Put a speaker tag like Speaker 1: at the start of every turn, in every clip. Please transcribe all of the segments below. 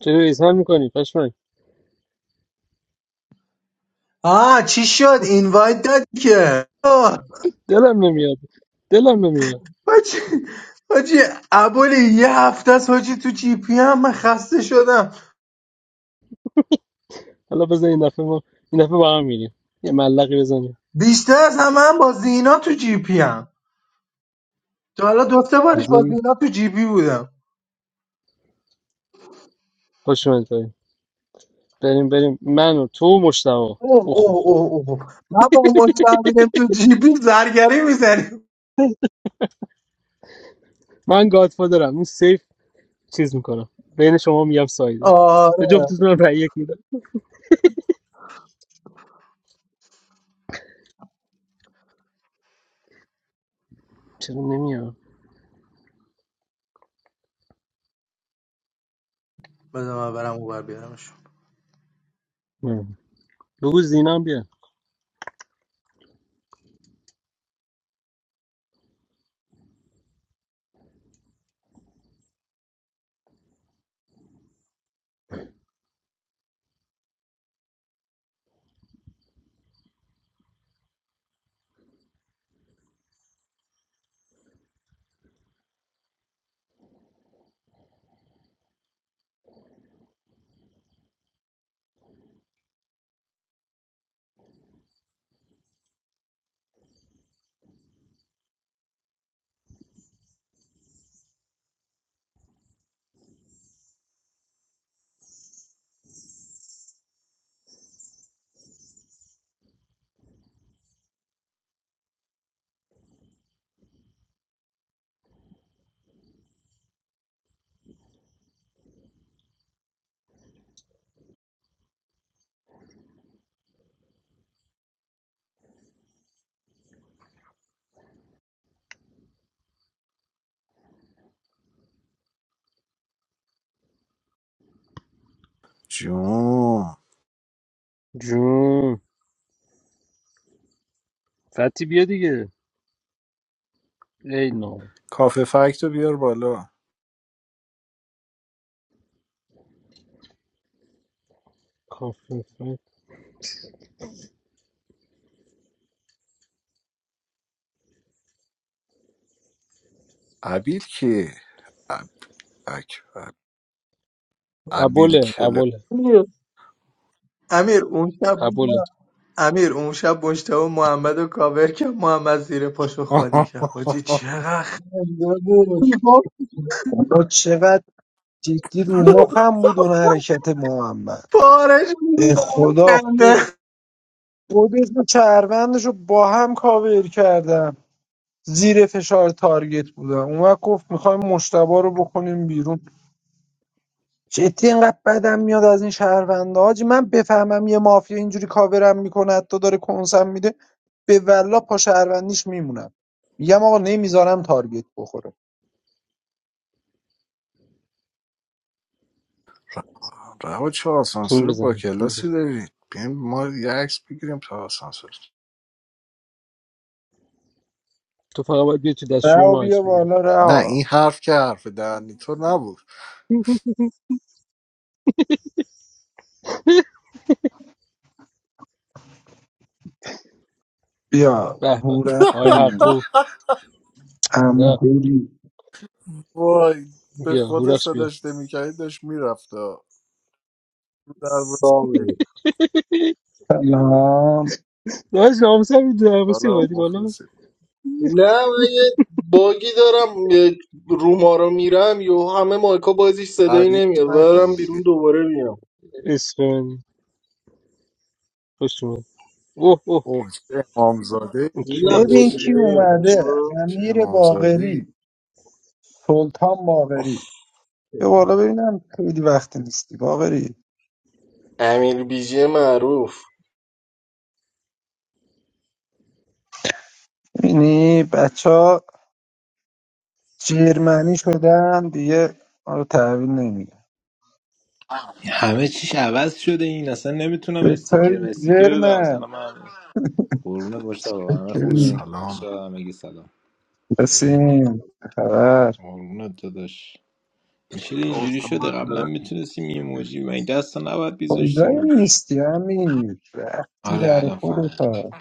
Speaker 1: چرا ایسهال میکنی پشمک
Speaker 2: آه چی شد اینوایت داد که آه،
Speaker 1: دلم نمیاد دلم نمیاد
Speaker 2: حاجی حاجی ابولی یه هفته است حاجی تو جی پی هم من خسته شدم
Speaker 1: حالا بزن این دفعه ما این دفعه با هم میریم یه ملقی بزنیم
Speaker 2: بیشتر از همه هم با زینا تو جی پی هم تا حالا دو سه بارش با
Speaker 1: میگیم
Speaker 2: زینا تو جی پی بودم
Speaker 1: خوش اومدید بریم بریم من و تو و مشتبا
Speaker 2: اوه
Speaker 1: اوخ
Speaker 2: اوه
Speaker 1: اوخ اوخ
Speaker 2: اوه اوه من با مستمیم تو جی پی زرگری میزنیم
Speaker 1: من گادفادرم این سیف چیز میکنم بین شما میگم سایده به
Speaker 2: آره
Speaker 1: جفتتون هم رأی یک میدم چرا نمیاد؟
Speaker 2: بذار من برم اوبر بیارمشون
Speaker 1: ام. بگو زینم بیا
Speaker 3: جون
Speaker 1: جون فتی بیا دیگه ای نام
Speaker 3: کافه فکت رو بیار بالا
Speaker 1: کافه فت.
Speaker 3: ابیل کی اب... اکبر ابیل
Speaker 1: ابوله
Speaker 3: کله
Speaker 1: ابوله
Speaker 2: امیر امیر، اون شب بود
Speaker 1: ابوله
Speaker 2: امیر اون شب مجتبی محمد رو کاور کرد محمد زیر پاشو خالی کرد حاجی چقدر خنده بود گفت
Speaker 4: خدا چقدر جدی رو مخم بود اون حرکت محمد
Speaker 2: پارش
Speaker 4: به
Speaker 2: بود از
Speaker 4: خدا
Speaker 2: خنده
Speaker 4: خود خودش و چربندش رو با هم کاور کردم زیر فشار تارگت بودم اون وقت گفت میخوایم مشتبا رو بکنیم بیرون جدی اینقدر بدم میاد از این شهرونده حاجی من بفهمم یه مافیا اینجوری کاورم میکنه حتی داره کنسم میده به ولا پا شهروندیش میمونم میگم آقا نمیذارم تارگت بخوره
Speaker 3: رها چه
Speaker 1: پینگ
Speaker 3: آسانسور با
Speaker 1: بزنیم
Speaker 3: کلاسی دارید بیایم ما یه عکس بگیریم تا آسانسور
Speaker 1: تو فقط باید بیای تو دستشوی
Speaker 4: رها
Speaker 1: ما عکس
Speaker 4: بیا
Speaker 1: بگیری
Speaker 4: بالا
Speaker 3: نه این
Speaker 4: رها
Speaker 3: حرف که حرف دهنی تو نبود
Speaker 4: بیا
Speaker 1: به به آقای
Speaker 4: هورفتم
Speaker 1: حقو
Speaker 4: عمو
Speaker 1: ده
Speaker 4: حیلی
Speaker 3: وای به
Speaker 1: بیا
Speaker 3: خدا
Speaker 1: هورخش بیا
Speaker 3: صداش نمیکردی داشت میرفت در
Speaker 5: سامی
Speaker 3: وسیلی.
Speaker 4: سلام
Speaker 1: ناز ناموس هم میدونه ناموسی
Speaker 3: حالا
Speaker 1: اومدی بالا
Speaker 3: مخلصی
Speaker 5: نه من یه باگی دارم یه روما رو میرم یا همه مایکا بازیش صدایی
Speaker 3: تعویض
Speaker 5: نمیاد
Speaker 3: نکن
Speaker 5: برم
Speaker 3: دیگه
Speaker 5: بیرون دوباره میام
Speaker 1: عشق منی خوش اومد اوه اوه
Speaker 3: اوه چه امامزاده ای.
Speaker 1: این کی
Speaker 5: نه
Speaker 1: اومده
Speaker 5: خود
Speaker 4: ببین کی
Speaker 3: چه,
Speaker 4: اومده
Speaker 5: نمی‌کنه.
Speaker 3: چه
Speaker 4: امیر
Speaker 3: امامزاده ای
Speaker 4: باقری سلطان باقری یه بالا ببینم خیلی وقت نیستی باقری
Speaker 5: امیر بیجی معروف
Speaker 4: ببینی بچه ها جرمنی شدن دیگه ما رو تحویل نمیگن
Speaker 6: همه چیش عوض شده این اصلا نمیتونم استیکر
Speaker 4: چطوری
Speaker 6: استیکر بدارم
Speaker 4: جرمن
Speaker 6: سلام من قربونت مشتاق همه خوبین
Speaker 4: بکرین
Speaker 3: سلام
Speaker 6: بچه همگی سلام
Speaker 4: بسیم خبر
Speaker 6: قربونت داداش این چرا اینجوری شده
Speaker 7: Awesome.
Speaker 6: قبلا میتونستیم یه موجی و این دستا نباید بیذاشتی
Speaker 4: کجای
Speaker 6: روش
Speaker 4: نیستی امیر رفتی
Speaker 6: آره
Speaker 4: بر
Speaker 6: الان فهم
Speaker 4: خودتا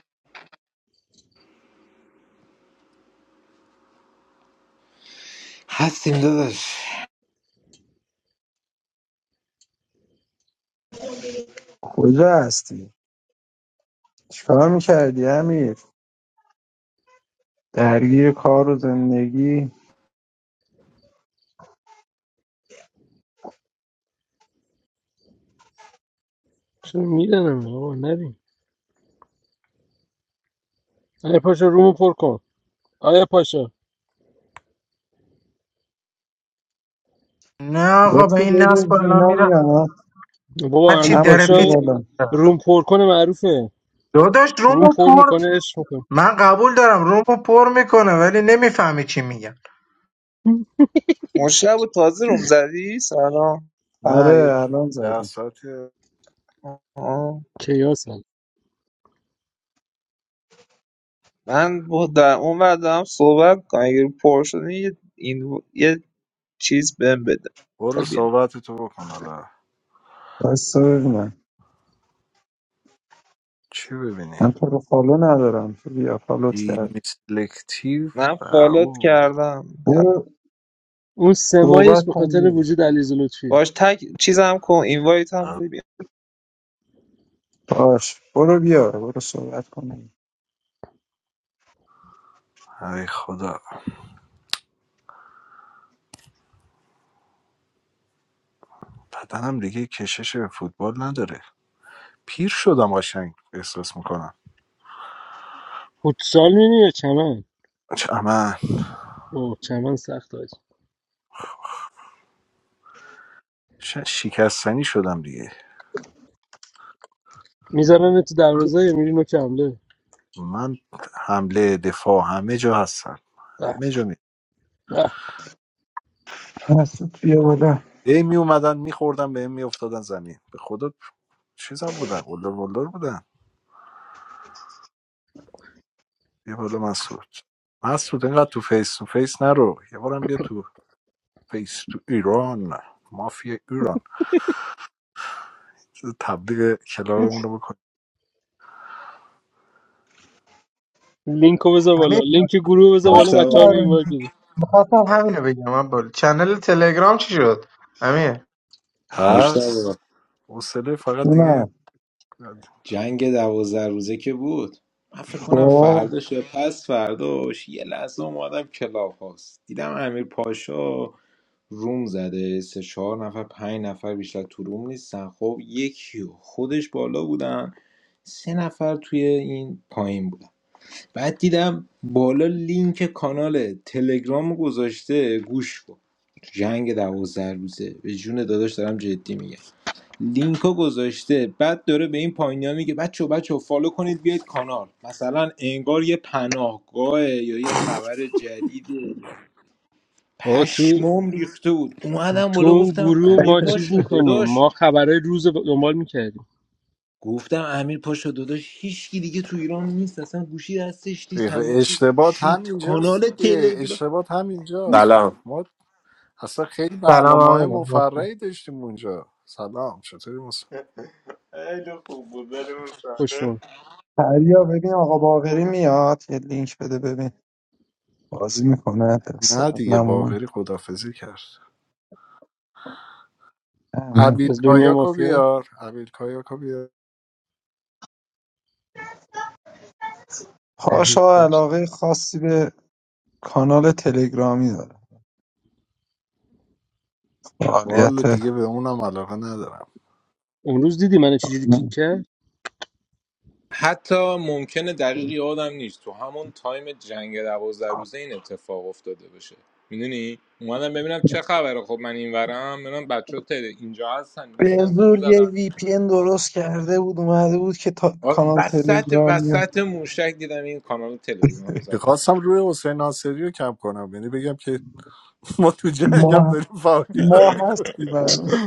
Speaker 6: هستیم داداش
Speaker 4: کجا هستی چیکار میکردی امیر درگیر کار و زندگی
Speaker 1: چرا میدنم آقا نریم امیر پاشا رومو پر کن آیا پاشا
Speaker 2: نه آقا به
Speaker 4: لطفی
Speaker 2: این
Speaker 4: ببین
Speaker 2: نصب الان
Speaker 4: زینا
Speaker 2: میره
Speaker 4: میاد
Speaker 1: بابا امیر
Speaker 2: هرچی در
Speaker 4: عمود
Speaker 1: پاشا
Speaker 4: بیا
Speaker 2: پیت
Speaker 4: بالا
Speaker 1: روم پر کنه معروفه
Speaker 2: داداش
Speaker 1: روم
Speaker 2: رومو
Speaker 1: پر
Speaker 2: پر
Speaker 1: میکنه عشق میکنه
Speaker 2: من قبول دارم رومو پر میکنه ولی نمیفهمی چی میگم
Speaker 8: مشتبه تازه روم زدی؟ سلام
Speaker 3: نه یه
Speaker 4: آره الان
Speaker 3: ده
Speaker 4: زده
Speaker 3: ساعت
Speaker 8: آها.
Speaker 1: کیاس هم.
Speaker 8: من با در اون ور دارم صحبت کنم اگه پر شده یه, این یه چیز بهم بده تا
Speaker 3: برو
Speaker 8: بیام
Speaker 3: صحبت تو بکن حالا
Speaker 4: بس ببینم
Speaker 3: چی ببینی
Speaker 4: من تو رو فالو ندارم تو بیا فالوت کرد
Speaker 3: دیمی سلکتیو
Speaker 8: من فالوت
Speaker 3: او
Speaker 8: کردم الان.
Speaker 4: برو
Speaker 1: اون سمایش به
Speaker 4: صحبت کن
Speaker 1: خاطر
Speaker 4: بیا
Speaker 1: وجود علیزه لطفیه
Speaker 8: باش تک چیزم کن اینوایت هم
Speaker 3: او،
Speaker 8: بده
Speaker 4: باش برو بیا برو صحبت کن بیا
Speaker 3: ای خدا بدنم دیگه کشش به فوتبال نداره پیر شدم قشنگ احساس میکنم
Speaker 1: فوتسال می‌بینی یا چمن
Speaker 3: من
Speaker 1: اوه چمن سخت آج
Speaker 3: ش- شکستنی شدم دیگه
Speaker 1: میذارن تو دروازه یا میری نوک حمله
Speaker 3: من حمله دفاع همه جا هستم
Speaker 1: به
Speaker 3: همه جا می
Speaker 1: به
Speaker 4: مسعود بیا بالا
Speaker 3: ای می اومدن میخوردم به می افتادن زمین به خدا چیزم بودن قلدر بلدر بودن بیا بالا مسعود مسعود اینقدر تو فیس تو فیس نرو یه بارم بیا تو فیس تو ایران مافیا ایران چیز تبلیغ کلابمون رو بکن
Speaker 1: لینک رو بذار بالا
Speaker 2: امیر
Speaker 1: لینک گروه بذار بالا بچه ها رو
Speaker 6: مشتاق
Speaker 1: اینوایت بده
Speaker 2: خواستم همینو بگم من بول چنل تلگرام چی شد امیر
Speaker 6: مشتاق
Speaker 3: هست حوصله فقط دیگه
Speaker 4: نه
Speaker 6: جنگ دوازده روزه که بود من فکر کنم
Speaker 4: خب
Speaker 6: فرداش یا پس فرداش یه لحظه اومدم کلاب هاست دیدم امیر پاشا روم زده سه چهار نفر پنج نفر بیشتر تو روم نیستن خب یکی و خودش بالا بودن سه نفر توی این پایین بودن بعد دیدم بالا لینک کانال تلگرام گذاشته گوش کن تو جنگ دوازده روزه به جون داداش دارم جدی میگم لینکو گذاشته بعد داره به این پایینیا میگه بچه بچه فالو کنید بیاید کانال مثلا انگار یه پناهگاه یا یه خبر جدیده
Speaker 1: آقا تو
Speaker 6: پشمام ریخته بود اومدم
Speaker 1: تو
Speaker 6: بالا
Speaker 1: اون
Speaker 6: گفتم
Speaker 1: گروه
Speaker 6: امیر
Speaker 1: ما چیز
Speaker 6: پاشا
Speaker 1: میکنیم
Speaker 6: داداش
Speaker 1: ما خبرهای روز رو دنبال میکردیم
Speaker 6: گفتم امیر پاشا داداش هیچکی دیگه تو ایران نیست اصلا گوشی دستش نیست همه چی
Speaker 3: اشتباط
Speaker 6: شیت
Speaker 3: همینجاست
Speaker 6: کانال
Speaker 3: دیگه
Speaker 6: تلگرام
Speaker 3: اشتباط همینجاست
Speaker 9: سلام
Speaker 3: ما اصلا خیلی
Speaker 2: سلام
Speaker 3: برنامه
Speaker 2: امیر
Speaker 3: مفرحی داشتیم اونجا سلام چطوری مصطفی
Speaker 6: خیلی خوب بود بریم صحنه
Speaker 1: خوشون
Speaker 4: پریا ببین آقا باقری میاد یه لینک بده ببین بازی میکنه
Speaker 3: نه
Speaker 4: درستم
Speaker 3: دیگه
Speaker 4: نمومن
Speaker 3: باقری خدافزی کرد
Speaker 4: امین.
Speaker 3: ابیل
Speaker 1: از دنیای
Speaker 3: کایاکو
Speaker 1: مافیا
Speaker 3: بیار ابیل کایاکو بیار
Speaker 1: امیر
Speaker 4: پاشا
Speaker 1: پاش
Speaker 4: علاقه خاصی به کانال تلگرامی داره
Speaker 3: والا
Speaker 4: فعالیت
Speaker 3: دیگه به اونم علاقه ندارم
Speaker 1: امروز دیدی من چجوری کیک کرد
Speaker 6: حتی ممکنه دقیق یادم نیست تو همون تایم جنگ دوازده روزه این اتفاق افتاده باشه میدونی اومدم ببینم چه خبره خب من اینورم ببینم بچه ها اینجا هستن
Speaker 4: به
Speaker 6: نیستن گروه
Speaker 4: زور یه
Speaker 6: زدن
Speaker 4: وی پی ان درست کرده بود اومده بود که تا...
Speaker 6: آره،
Speaker 4: کانال
Speaker 6: وسط
Speaker 4: تلگرامی هم.
Speaker 6: وسط موشک دیدم این کانال تلگرام زده
Speaker 3: میخواستم روی حسین ناصری رو کم کنم یعنی بگم که ما تو جنگ هم
Speaker 4: ما
Speaker 3: داریم
Speaker 4: ما
Speaker 3: فعالیت
Speaker 4: هستی
Speaker 3: میکنیم
Speaker 4: هنوز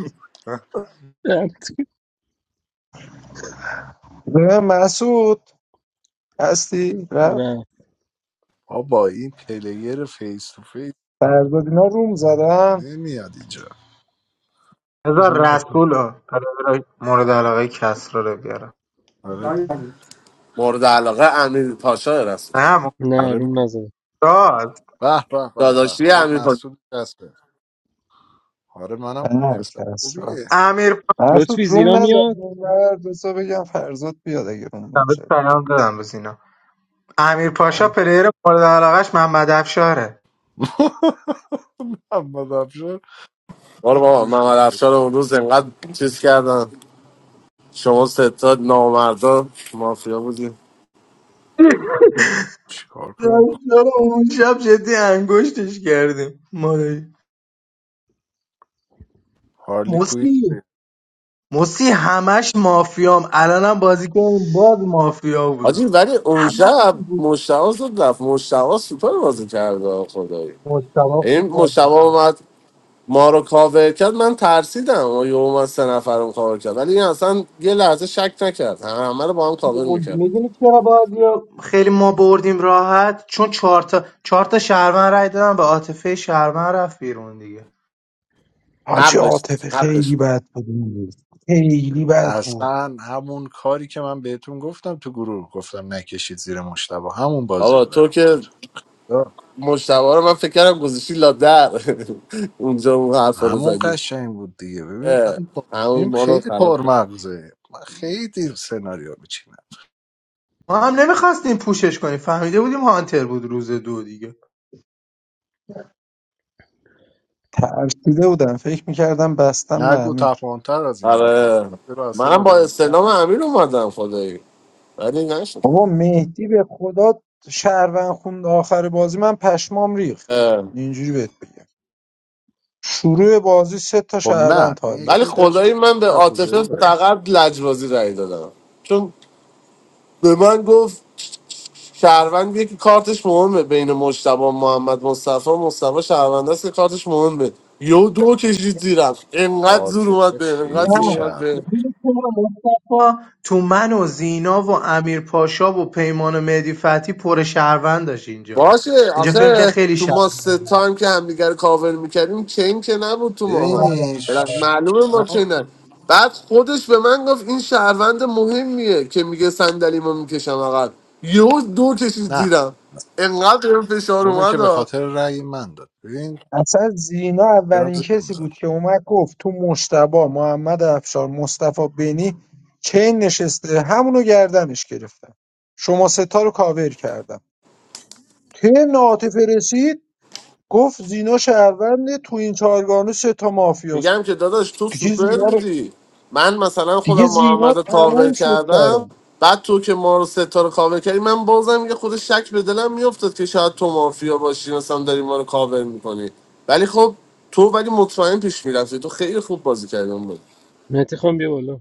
Speaker 1: رفت
Speaker 4: ببین مسعود هستی رفت
Speaker 1: رفت.
Speaker 3: با این پلیر فیس تو فیس
Speaker 4: فرداد اینا روم زدن
Speaker 3: نمیاد اینجا
Speaker 1: بذار
Speaker 2: بذار
Speaker 1: نگاه کن.
Speaker 2: رسول رو مورد علاقه کس رو بیارم
Speaker 3: آره
Speaker 9: مورد علاقه امیر پاشا رسول
Speaker 2: نه
Speaker 1: نه
Speaker 3: آره
Speaker 1: روم نزد
Speaker 2: راست
Speaker 3: به به به به
Speaker 9: داداشی
Speaker 3: آقای
Speaker 9: امیر پاشا
Speaker 3: مسعود جسته آره منم
Speaker 4: هر
Speaker 3: پسر
Speaker 4: کس را
Speaker 3: خوبیه
Speaker 2: امیر پاشا
Speaker 4: مسعود
Speaker 1: لطفی
Speaker 4: روم
Speaker 1: زیرا
Speaker 4: نزد
Speaker 1: میاد
Speaker 4: روم نزد بسا بگم فرزاد بیاد اگه روم
Speaker 2: بهش
Speaker 4: نزد
Speaker 2: پیام دادم بس اینا امیر پاشا پلیر مورد علاقش محمد افشاره
Speaker 3: محمد افشار
Speaker 9: برو بابا
Speaker 3: گوش
Speaker 9: محمد
Speaker 3: می‌ده.
Speaker 9: افشار اون روز انقدر چیز کردن شما ستا نامردا مافیا بودیم
Speaker 3: چیکار کنیم
Speaker 2: افشار اون شب جدی انگشتش کردیم مادری
Speaker 3: هارلی کوین
Speaker 2: موسی موسی همش مافیام الانم بازی کردیم باز مافیا بودم
Speaker 9: آجی ولی اون شب مشتبه زد رفت مشتبه سوپر بازی کرده آه خدایی
Speaker 2: مشتبه خوب
Speaker 9: این
Speaker 2: بازی
Speaker 9: مشتبه اومد ما رو کاور کرد من ترسیدم و یه اومد سه نفر رو کاور کرد ولی این اصلا یه لحظه شک نکرد همه همه رو با هم کاور میکرد
Speaker 2: میدونی چرا بازی رو خیلی ما بردیم راحت چون چهار تا چهار تا شهروند رای دادن به عاطفه شهروند رفت بیرون دیگه
Speaker 4: حاجی
Speaker 9: حقش بود،
Speaker 4: عاطفه
Speaker 9: حقش
Speaker 4: خیلی
Speaker 9: بود.
Speaker 4: بد بود اون روز. خیلی بد بود
Speaker 3: اصلا همون کاری که من بهتون گفتم تو گروه گفتم نکشید زیر مشتبه همون بازی
Speaker 9: بابا
Speaker 3: رو در
Speaker 9: تو که
Speaker 3: آورد
Speaker 9: مشتبه رو من فکر کردم گذاشتی لا در اونجا اون حرفا رو
Speaker 3: همون
Speaker 9: زدی
Speaker 3: قشنگ بود دیگه ببین من
Speaker 9: اه، همون
Speaker 3: بازیم
Speaker 9: ما رو
Speaker 3: خیلی
Speaker 9: خراب کرد.
Speaker 3: پرمغزه من خیلی سناریو میچینم
Speaker 2: ما هم نمیخواستیم پوشش کنیم فهمیده بودیم هانتر بود روز دو دیگه
Speaker 4: ترسیده بودم فکر میکردم بستم به
Speaker 3: نگو
Speaker 4: امیر
Speaker 3: تپانتر از این حرفا
Speaker 9: آره
Speaker 3: رفته راسته به
Speaker 9: منم با
Speaker 3: روی این تن.
Speaker 9: استعلام امیر اومدم خدایی ولی نشد
Speaker 4: بابا مهدی به خدا شهروند خوند آخر بازی من پشمام ریخت
Speaker 9: اه،
Speaker 4: اینجوری بهت بگم شروع بازی سه تا
Speaker 3: خب نه
Speaker 4: شهروند تارگت
Speaker 9: ولی
Speaker 3: میتی
Speaker 4: کرد
Speaker 3: داشت
Speaker 9: خدایی من به
Speaker 3: یاکوزایی
Speaker 9: عاطفه
Speaker 3: بازی
Speaker 9: فقط لجبازی رأی دادم چون به من گفت شهروند یکی کارتش مهمه بین مجتبی و محمد مصطفی مصطفی شهروند است که کارتش مهمه یه دو کشید زیرم انقدر زور اومد
Speaker 3: عاطفه
Speaker 9: به انقدر
Speaker 2: نه
Speaker 3: خیلی
Speaker 9: زور اومد
Speaker 3: شهر بود.
Speaker 9: به
Speaker 2: ببین چرا مصطفی تو من و زینا و امیر پاشا و پیمان و مهدی فتی پر شهروند داشت اینجا
Speaker 9: باشه
Speaker 2: اینجا فهم که
Speaker 9: آخه
Speaker 2: خیلی
Speaker 9: تو
Speaker 2: شهر
Speaker 9: ما سه تایم که همدیگه رو کاور میکردیم چین که نبود تو ماها
Speaker 3: ببینی
Speaker 9: بلخ معلومه ما
Speaker 3: ما
Speaker 9: چینن بعد خودش به من گفت این شهروند مهمیه که میگه صندلیمو میکشم عقب یهو دو کشید
Speaker 3: نه
Speaker 9: زیرم انقدر این فشار
Speaker 3: اونو که
Speaker 9: اومد
Speaker 3: به
Speaker 9: ها.
Speaker 3: خاطر رأی من داد ببین
Speaker 4: اصلا زینا
Speaker 3: دارم
Speaker 4: اولین
Speaker 3: زر
Speaker 4: کسی بود
Speaker 3: میزنم
Speaker 4: که اومد گفت تو مشتبا محمد افشار مصطفی بنی چین نشسته همونو گردنش گرفتم شما ستا رو کاور کردم که ناطف رسید گفت زینا شهرونده تو این چهارگانه سه تا مافیاست
Speaker 9: میگم که داداش تو
Speaker 4: دیگه
Speaker 9: سوپر
Speaker 4: زینا رو
Speaker 9: بودی من مثلا
Speaker 4: دیگه
Speaker 9: خودم
Speaker 4: زینا
Speaker 9: محمد رو کاور
Speaker 4: تموم شد
Speaker 9: کردم
Speaker 4: برام
Speaker 9: بعد تو که ما رو ستاره کاور کردی من بازم یه خود شک به دلم میافتاد که شاید تو مافیا باشی مثلا داری ما رو کاور میکنی ولی خب تو ولی مطمئن پیش میرفتی تو خیلی خوب بازی کردی اون بود
Speaker 1: مهدی خان بیا بالا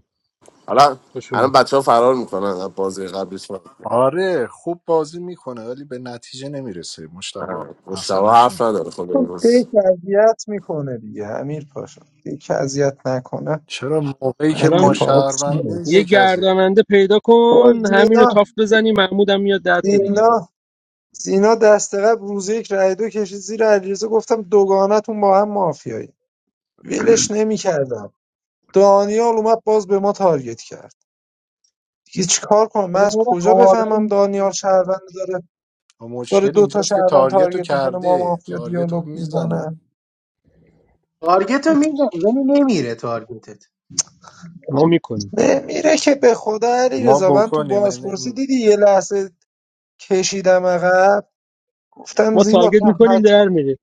Speaker 9: حالا
Speaker 1: خوش
Speaker 9: الان
Speaker 1: اومد
Speaker 9: بچه ها فرار میکنن از بازی قبلیش
Speaker 3: آره خوب بازی میکنه ولی به نتیجه نمیرسه مشتبه
Speaker 9: مشتبه
Speaker 3: مسئله
Speaker 9: حرف
Speaker 3: شنه.
Speaker 9: نداره خود این
Speaker 4: خب،
Speaker 9: روز
Speaker 4: دیک اذیت میکنه دیگه امیر پاشا دیک اذیت نکنه
Speaker 3: چرا موقعی
Speaker 4: این
Speaker 3: که ما
Speaker 1: الان
Speaker 4: اتفاقات میاد
Speaker 3: شهروندیم
Speaker 1: یه
Speaker 3: یک از
Speaker 1: گرداننده پیدا
Speaker 4: با
Speaker 1: کن همینو
Speaker 4: زینا
Speaker 1: تافت بزنی محمود هم میاد ده تا دیگه آقا.
Speaker 4: زینا زینا دست قبل روز یک رای دو کشید زیر علیرضا گفتم دوگانتون با هم مافیایی ولش نمیکردم دانیال اومد باز به ما تارگت کرد دیگه چیکار کنم من از
Speaker 2: پلیر
Speaker 4: کجا
Speaker 2: قابل
Speaker 4: بفهمم دانیال شهروند داره
Speaker 3: و
Speaker 4: داره
Speaker 3: مشکل
Speaker 4: دو تا
Speaker 3: اینجاست که
Speaker 4: شهروند
Speaker 3: تارگت رو
Speaker 4: تارگت میکنه ما
Speaker 3: کرده
Speaker 4: مافیا
Speaker 3: تارگت رو
Speaker 4: دیالوگ
Speaker 3: میزنن
Speaker 4: میکنه
Speaker 2: تارگت رو میدم ولی نمیره تارگتت
Speaker 1: ما میکنیم
Speaker 4: میره که به خدا
Speaker 3: ما
Speaker 4: علیرضا من تو
Speaker 3: بکنیم
Speaker 4: بازپرسی
Speaker 3: یعنی-
Speaker 4: دیدی یه لحظه کشیدم عقب گفتم
Speaker 1: ما
Speaker 4: زینا
Speaker 1: تارگت
Speaker 4: تو
Speaker 1: میکنیم
Speaker 4: حت...
Speaker 1: در میره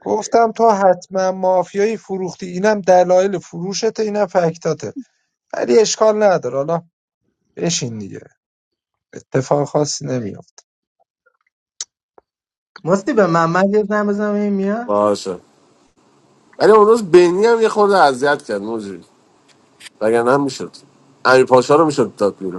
Speaker 4: گفتم تو حتما مافیایی فروختی اینم دلایل فروشته اینم فکتاته ولی اشکال نداره حالا بشین دیگه اتفاق خاصی نمیاد
Speaker 2: مستی به محمد یه زن بزنم این میاد
Speaker 9: باشه ولی اون روز بینی هم یه خورده اذیت کرد موجی وگرنه هم میشد امیر پاشا رو میشد داد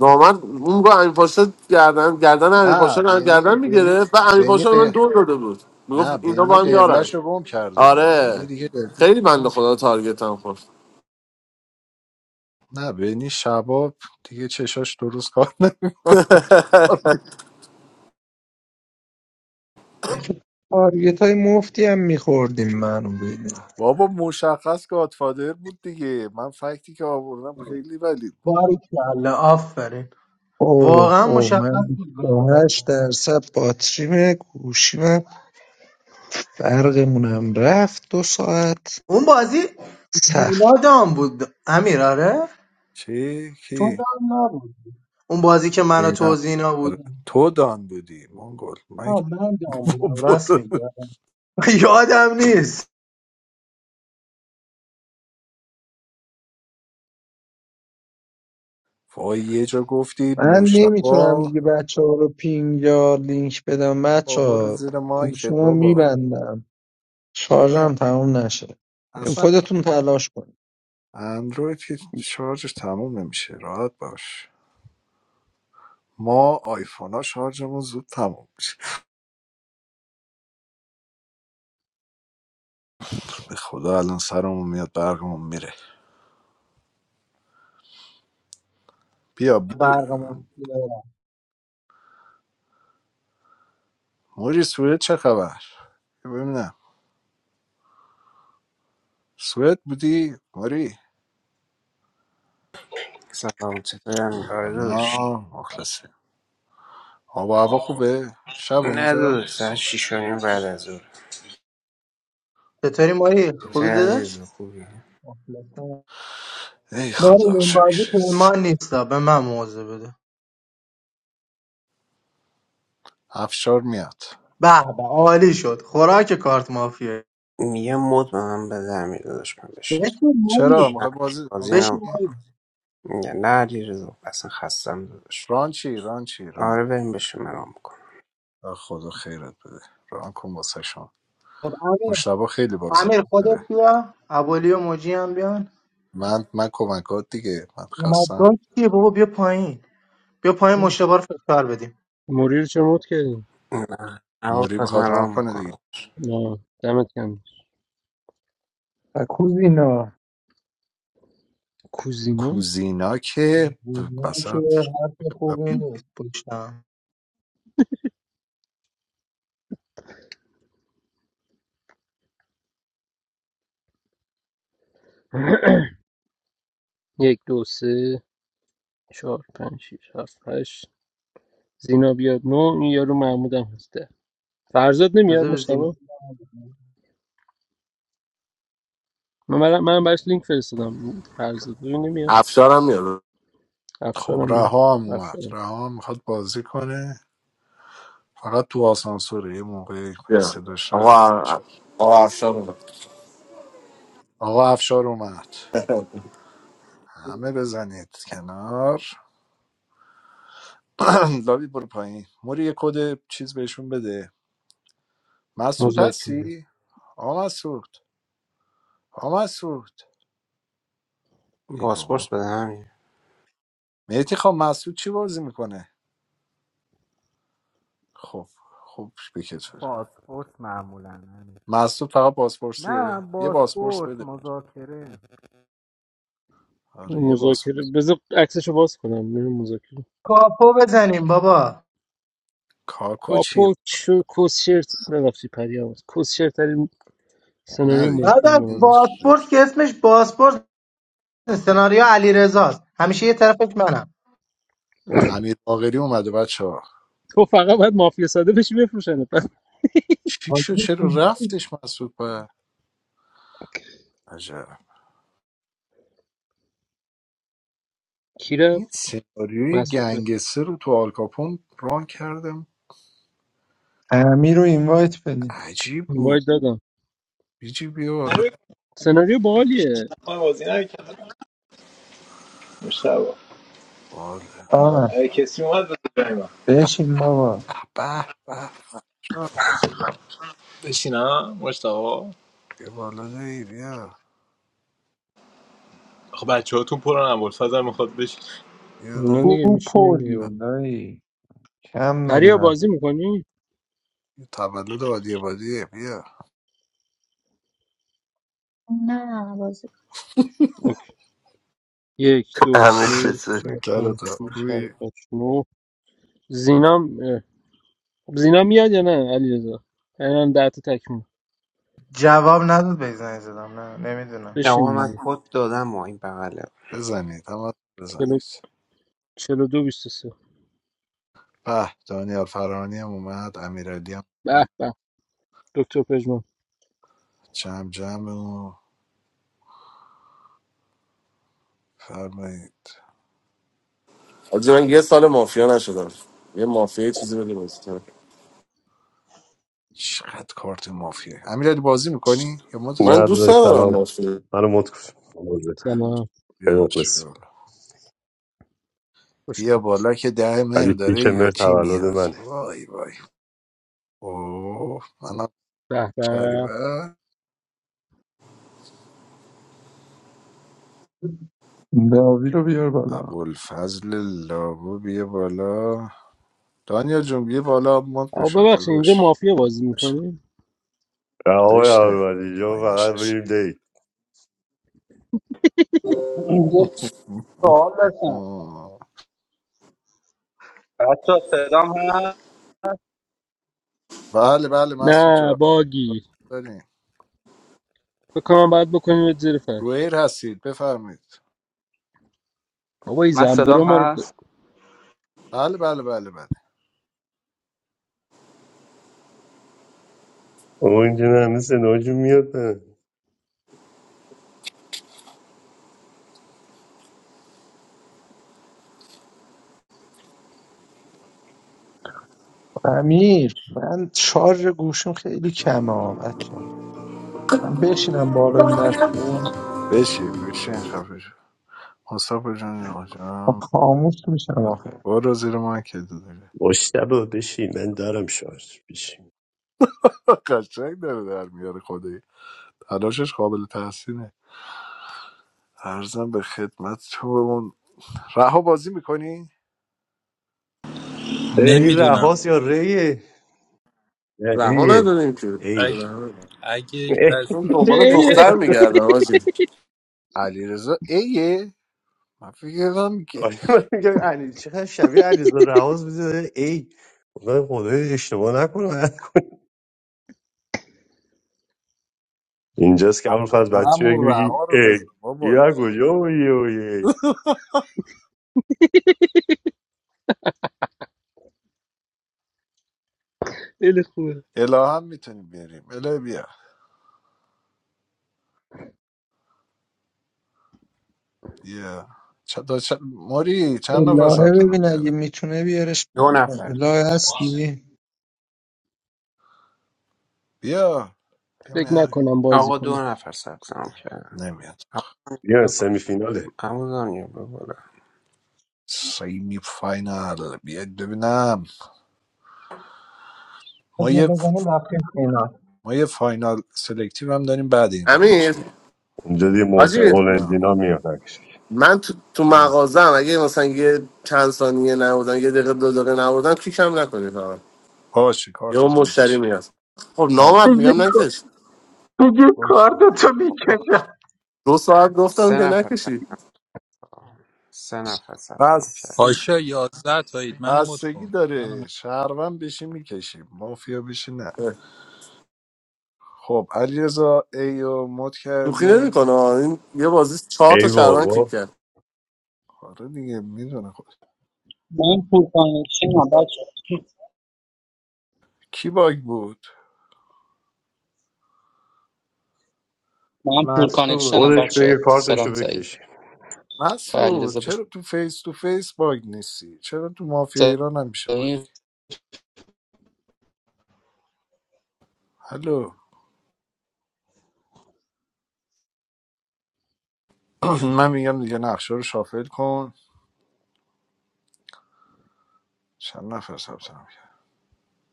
Speaker 9: نامرد اون رو امیر پاشا گردن گردن امیر پاشا
Speaker 3: نه
Speaker 9: رو
Speaker 3: بینی
Speaker 9: گردن
Speaker 3: بینی
Speaker 9: میگرفت و امیر
Speaker 3: بینی
Speaker 9: پاشا به من
Speaker 3: ق-
Speaker 9: دور داده بود
Speaker 3: نه
Speaker 9: میگفت اینا
Speaker 3: بینی
Speaker 9: با هم یارن
Speaker 3: قبلش رو گم کرده بود بینی
Speaker 9: آره
Speaker 3: دیگه قبلش
Speaker 9: خیلی
Speaker 3: رو
Speaker 9: بنده
Speaker 3: گم کرد.
Speaker 9: خدا تارگت هم خورد
Speaker 3: نه بینی شباب دیگه چشاش درست کار نمیکنه
Speaker 4: تارگت های مفتی هم میخوردیم منو ببین
Speaker 3: بابا مشخص گادفادر بود دیگه من فکتی که آوردم خیلی ولید بود
Speaker 2: باریکلا آفرین
Speaker 4: اوه
Speaker 2: واقعا
Speaker 4: اوه
Speaker 2: مشخص
Speaker 4: من
Speaker 2: بود گاد
Speaker 4: 28
Speaker 2: فادر.
Speaker 4: درصد باتریم گوشیمم برقمونم رفت دو ساعت
Speaker 2: اون بازی زینا دام بود امیر آره
Speaker 3: چه
Speaker 2: تو
Speaker 3: کی
Speaker 2: دام نبودی اون بازی که من و تو و
Speaker 3: نه
Speaker 2: زینا
Speaker 3: آره.
Speaker 2: بودیم
Speaker 3: تو دان بودی مانگل من
Speaker 2: آه
Speaker 3: که
Speaker 2: من دام بودم راست میگی
Speaker 3: بابا
Speaker 2: یادم نیست
Speaker 3: وای یه جا گفتی
Speaker 4: من نمیتونم
Speaker 3: مشتبه
Speaker 4: دیگه بچه ها رو پینگ یا لینک بدم
Speaker 3: بابا
Speaker 4: بچه
Speaker 3: برو
Speaker 4: ها
Speaker 3: زیر مایکت
Speaker 4: گوشمو
Speaker 3: بابا
Speaker 4: میبندم
Speaker 3: ببن
Speaker 4: شارژم تموم نشه
Speaker 3: اصلا
Speaker 4: خودتون تلاش کنید
Speaker 3: اندروید که شارژش تموم نمیشه راحت باش ما آیفون ها شارژمون زود تموم میشه به خدا الان سرمون میاد برقمون میره بیا برو
Speaker 2: برق مفتی دارم.
Speaker 3: موری سوئد چه خبر بیا ببینم سوئد بودی موری
Speaker 10: سلام چطوری کاردوش
Speaker 3: سلام مخلصیم آب و هوا خوبه شب
Speaker 10: نه
Speaker 3: اونجا
Speaker 10: داداش ساعت شیش و نیم بعد از ظهر
Speaker 2: چطوری ماری
Speaker 10: چطوری
Speaker 2: خوبی داداش
Speaker 10: عزیز خوبی
Speaker 2: مخلصم.
Speaker 3: ای
Speaker 2: ماری
Speaker 3: خدا
Speaker 2: این بازی
Speaker 3: شکرت
Speaker 2: پیمان نیست به من موضوع بده
Speaker 3: افشار میاد
Speaker 2: به به عالی شد خوراک کارت مافیه
Speaker 10: میگم مد به من بده امیر داداش من بشین
Speaker 2: بشین
Speaker 3: چرا
Speaker 2: ماری
Speaker 10: نه
Speaker 3: میخوای بازی
Speaker 10: بازی
Speaker 2: بشین
Speaker 3: کنی
Speaker 10: نمیکنم
Speaker 2: ماری
Speaker 10: میگه نه علی اصلا خستم داداش
Speaker 3: رانچی رانچی ران چی؟ ران
Speaker 10: آره بریم بشین من رام میکنم
Speaker 3: و خدا خیرت بده ران کن واسه شما
Speaker 2: خب امیر
Speaker 3: مشتبه خیلی بازی
Speaker 2: امیر
Speaker 3: داره
Speaker 2: خودت بیا ابولی و موجی هم بیان
Speaker 3: من من کمکات دیگه من
Speaker 2: اومدگاه
Speaker 3: خستم
Speaker 2: کیه بابا بیا پایین بیا پایین مشتبه رو فشار بدیم
Speaker 1: موری رو چه مود کردیم
Speaker 10: نه
Speaker 3: موری
Speaker 10: عواف از
Speaker 3: میخواد
Speaker 10: من
Speaker 3: ران
Speaker 10: رام
Speaker 3: کنه دیگه
Speaker 10: میکنم
Speaker 1: نه دمت کم
Speaker 4: و کوزینا
Speaker 1: کوزینو
Speaker 3: کوزینا که
Speaker 2: زینا که
Speaker 3: بسط
Speaker 2: حرف خوبی نیست پشتم
Speaker 1: یک دو سه چهار پنج شیش هفت هشت زینا بیاد نو این یارو محمود هم هست ده. فرزاد نمیاد
Speaker 2: بذار به زینا
Speaker 1: مشتبه من برا- من براش لینک فرستادم فرزاد رو نمیاد
Speaker 9: افشارم میاد
Speaker 3: خب
Speaker 1: افشارم میاد
Speaker 3: رها هم اومد
Speaker 1: افشارم
Speaker 3: رها هم میخواد بازی کنه فقط تو آسانسوره یه موقع
Speaker 9: بیا.
Speaker 3: صداش رفت
Speaker 9: آقا
Speaker 3: شد
Speaker 9: آقا افشار اومد
Speaker 3: آقا افشار اومد همه بزنید کنار لابی برو پایین موری یه کد چیز بهشون بده مسعود
Speaker 1: مذاکره
Speaker 3: هستی؟ آقا مسعود آقا مسعود ای
Speaker 10: باسپورس
Speaker 3: بابا
Speaker 10: بده همین
Speaker 3: مهدی خب مسعود چی بازی میکنه خب خب بکت بره
Speaker 11: بازپرس معمولا همین.
Speaker 3: مسعود فقط
Speaker 11: نه
Speaker 3: بازپرسیه یه بازپرس
Speaker 11: بازپرس
Speaker 3: بده
Speaker 11: مذاکره
Speaker 3: آره یه باز
Speaker 1: مذاکره بذار عکسشو باز کنم میرم مذاکره
Speaker 2: کاپو بزنیم بابا
Speaker 3: کاکو چیه
Speaker 1: کاپو چو کوسشرت نرفتی پری هم کوسشرت ترین سناریو
Speaker 3: ندی
Speaker 2: بعد
Speaker 1: ممکن به
Speaker 3: این
Speaker 1: نظر
Speaker 3: ریپل
Speaker 2: باسپورس که اسمش باسپورس نیست. سناریو علی رزاست همیشه یه طرفش منم
Speaker 3: امیر باقری اومده بچه ها
Speaker 1: تو فقط باید مافیا ساده بشی بفروشنت بعد
Speaker 3: چی شد
Speaker 2: حاجی
Speaker 3: چرا رفتش مسعود به عجب
Speaker 1: کی
Speaker 3: این
Speaker 1: رفت
Speaker 3: سناریوی
Speaker 1: مسعود
Speaker 3: گنگستر رو تو آلکاپون ران کردم
Speaker 4: امیر رو اینوایت بدید
Speaker 3: عجیب
Speaker 1: وای
Speaker 3: بود
Speaker 1: دادم
Speaker 3: بیجی بیا بالا
Speaker 1: سناریو باحالیه
Speaker 6: من بازی نکردم مشتبه
Speaker 3: بالا
Speaker 4: آره
Speaker 6: اگه کسی اومد بزن جای من
Speaker 3: به
Speaker 4: بشین بابا
Speaker 3: به به
Speaker 6: بشینم مشتبه
Speaker 3: بیا بالا دی بیا
Speaker 6: خب بچه هاتون پرن ابوالفضل میخواد بشین
Speaker 3: بیا
Speaker 1: نه دیگه
Speaker 4: او
Speaker 1: میشینیم دیگه با
Speaker 4: پریم دایی کم داری
Speaker 1: پریا
Speaker 4: من
Speaker 1: بازی میکنی؟
Speaker 3: یه تولد آدیبادیه بیا
Speaker 12: نه بازی
Speaker 1: اوکی یک دو
Speaker 13: امیر
Speaker 1: سه
Speaker 13: چطور
Speaker 1: چهار پنج
Speaker 3: کرتا
Speaker 1: شیش هفت
Speaker 3: خوبی
Speaker 1: هشت نه زینام اه. زینا میاد یا نه علی رضا اینم ده تا تکمیل
Speaker 2: جواب نداد بزنی زدم نه نمیدونم
Speaker 10: آقا
Speaker 1: بشینیم
Speaker 10: من
Speaker 1: دیگه
Speaker 10: کد دادم و این بغله
Speaker 3: بزنید هم
Speaker 1: چلو
Speaker 3: بزنید
Speaker 1: چلو دو بیست و سه
Speaker 3: به دانیال فرانی هم اومد امیرالی هم
Speaker 1: به
Speaker 3: اومد.
Speaker 1: به دکتر پژمان
Speaker 3: جمع جمع و فرمایید
Speaker 9: حاجی، من یه سال مافیا نشدم یه مافیا یه چیزی بده بازی کنم.
Speaker 3: چقدر کارت مافیه امیرالی بازی میکنی یا مدت
Speaker 9: من
Speaker 14: نه
Speaker 3: کنم
Speaker 9: دوست
Speaker 14: داداش
Speaker 3: دیگه
Speaker 9: ندارم
Speaker 14: سلام
Speaker 9: مافیا
Speaker 14: منو مت کن
Speaker 1: سلام
Speaker 3: بیا
Speaker 14: خیلی
Speaker 3: داشت بیا
Speaker 14: مخلصی
Speaker 3: بالا
Speaker 1: خوش
Speaker 3: بیا
Speaker 1: اومد.
Speaker 3: بالا که ده مهر
Speaker 14: ولی پیش
Speaker 3: داره یا
Speaker 14: مر
Speaker 3: چی
Speaker 14: تولد
Speaker 3: میاد
Speaker 14: منه
Speaker 3: وای وای اوه منم
Speaker 1: به به
Speaker 3: شریبه
Speaker 4: داوی رو بیار بالا
Speaker 3: ابوالفضل لابو بیا بالا دانیا جون بیا بالا مد
Speaker 1: آقا
Speaker 3: بشه
Speaker 1: ببخشید اینجا
Speaker 3: داداش
Speaker 1: مافیا بازی
Speaker 3: آرش
Speaker 1: میکنی؟
Speaker 14: و آقای
Speaker 3: زشته
Speaker 14: عربادی جا
Speaker 3: پایین
Speaker 14: فقط بریم
Speaker 3: نشسته
Speaker 14: دی
Speaker 15: Hello sir.
Speaker 3: آه.
Speaker 15: Hello Saddam Haas.
Speaker 3: بله بله مسعود
Speaker 1: نه
Speaker 3: جان
Speaker 1: باگی
Speaker 3: داریم
Speaker 1: فکر بکنم باید بکنیم زیر فرش
Speaker 3: رویر هستید بفرمایید
Speaker 1: بابا این
Speaker 15: Mas Saddam
Speaker 1: زنبورا ما رو
Speaker 15: Haas.
Speaker 1: گ-
Speaker 3: بله بله بله بله
Speaker 14: اون نه مثل ناجون میاد نه
Speaker 4: امیر من شارژ گوشم خیلی کمه ها بچه ها. من بشینم بالا این دست رو
Speaker 3: بشین بشین خفه شو مصطفی جان آجام
Speaker 4: خاموش میشم آخه
Speaker 3: برو زیر ما که داره
Speaker 14: مشتبه بشین من دارم شارژ بشین
Speaker 3: قشنگ داره در میاره خدایی تلاشش قابل تحسینه ارزم به خدمت تو اون رها بازی میکنی؟
Speaker 14: اه، این رهاس
Speaker 16: نمیدونم
Speaker 14: یا ریه نه،
Speaker 9: رها
Speaker 14: ایه
Speaker 9: نداریم که
Speaker 16: اگه,
Speaker 14: ایه
Speaker 9: رها نداریم.
Speaker 16: اگه
Speaker 14: اه.
Speaker 16: کس
Speaker 9: من
Speaker 1: اینجا
Speaker 9: دنبال
Speaker 1: ای- ای-
Speaker 9: دختر میگردم آجی
Speaker 3: علی رزا ایه من فکر کردم
Speaker 14: آره، من میگم علی چقدر شبیه علیزا رهاس میزه ای خدا خدای اشتباه نکنه اینجاست که اول
Speaker 3: ا-
Speaker 14: فاز بچه بگی
Speaker 3: همون
Speaker 14: بگی
Speaker 3: رها رو بزن
Speaker 14: ای
Speaker 3: بابا
Speaker 14: یا کجا بودی و یه
Speaker 1: خیلی خوبه
Speaker 3: اله هم میتونیم بیاریم اله بیا بیا چ... دا چ... موری چند نفر
Speaker 4: الهه
Speaker 3: ثبت نام
Speaker 4: ببین اگه
Speaker 3: کرده
Speaker 4: میتونه بیارش
Speaker 10: دو نفر
Speaker 4: الهه
Speaker 10: داشت.
Speaker 4: هستی
Speaker 3: بیا
Speaker 1: فکر
Speaker 3: نمیاد
Speaker 1: نکنم بازی
Speaker 10: آقا دو
Speaker 1: کنه
Speaker 10: نفر ثبت نام کردن
Speaker 3: نمیاد
Speaker 14: یا سمی فیناله
Speaker 10: عمو دنیا به بالا
Speaker 3: سیمی فاینال بیاد ببینم ما
Speaker 2: اگه
Speaker 3: یه
Speaker 2: بزنیم رفتیم سینا
Speaker 3: ما یه فاینال سلکتیو هم داریم بعد این رام
Speaker 9: امیر
Speaker 3: میشه
Speaker 14: اینجا دیگه محسن
Speaker 9: حاجی
Speaker 3: آه.
Speaker 14: قلندینا میاد عکسش.
Speaker 9: من تو, تو
Speaker 3: آه.
Speaker 9: مغازم اگه مثلا یه چند ثانیه نبودن یه دقیقه دو دقیقه نبودن کیکم نکنید آقا
Speaker 3: باشه
Speaker 9: یه اون
Speaker 3: کارتتو
Speaker 9: مشتری
Speaker 3: میکشی
Speaker 9: میاد خب
Speaker 3: بله بله.
Speaker 9: نامد
Speaker 2: دیگه
Speaker 9: میگم نکش
Speaker 2: دیگه
Speaker 3: اوکی
Speaker 2: کارتو
Speaker 10: آقا
Speaker 2: میکشم
Speaker 9: دو ساعت گفتم
Speaker 10: سه
Speaker 9: که نکشی
Speaker 10: نفر سه نفر ثبت نام کرد
Speaker 3: بستگی
Speaker 16: پاشا یازده تایید منو مد
Speaker 3: بستگی
Speaker 16: کن منو
Speaker 3: داره
Speaker 16: مد...
Speaker 3: شهروند بشی میکشیم مافیا بشی
Speaker 9: اه.
Speaker 3: خب علیرضا ای رو مد
Speaker 9: شوخی
Speaker 3: کردیم
Speaker 9: نمیکنه این یه بازی چهار تا
Speaker 14: ای
Speaker 9: شهروند کیک
Speaker 14: بابا
Speaker 9: کرد
Speaker 3: آره دیگه میدونه خود
Speaker 15: Manpur connection, dad.
Speaker 3: کی باگ بود
Speaker 15: Manpur connection,
Speaker 2: مسعود
Speaker 14: خودش
Speaker 15: dad.
Speaker 14: بگه کارتشو
Speaker 15: Hello.
Speaker 14: بکشه
Speaker 3: مسعود چرا تو فیس تو فیس باگ نیستی چرا تو مافیا ایران نمیشه باگی هلو من میگم دیگه نقشه رو شافل کن چند نفر ثبت نام کرد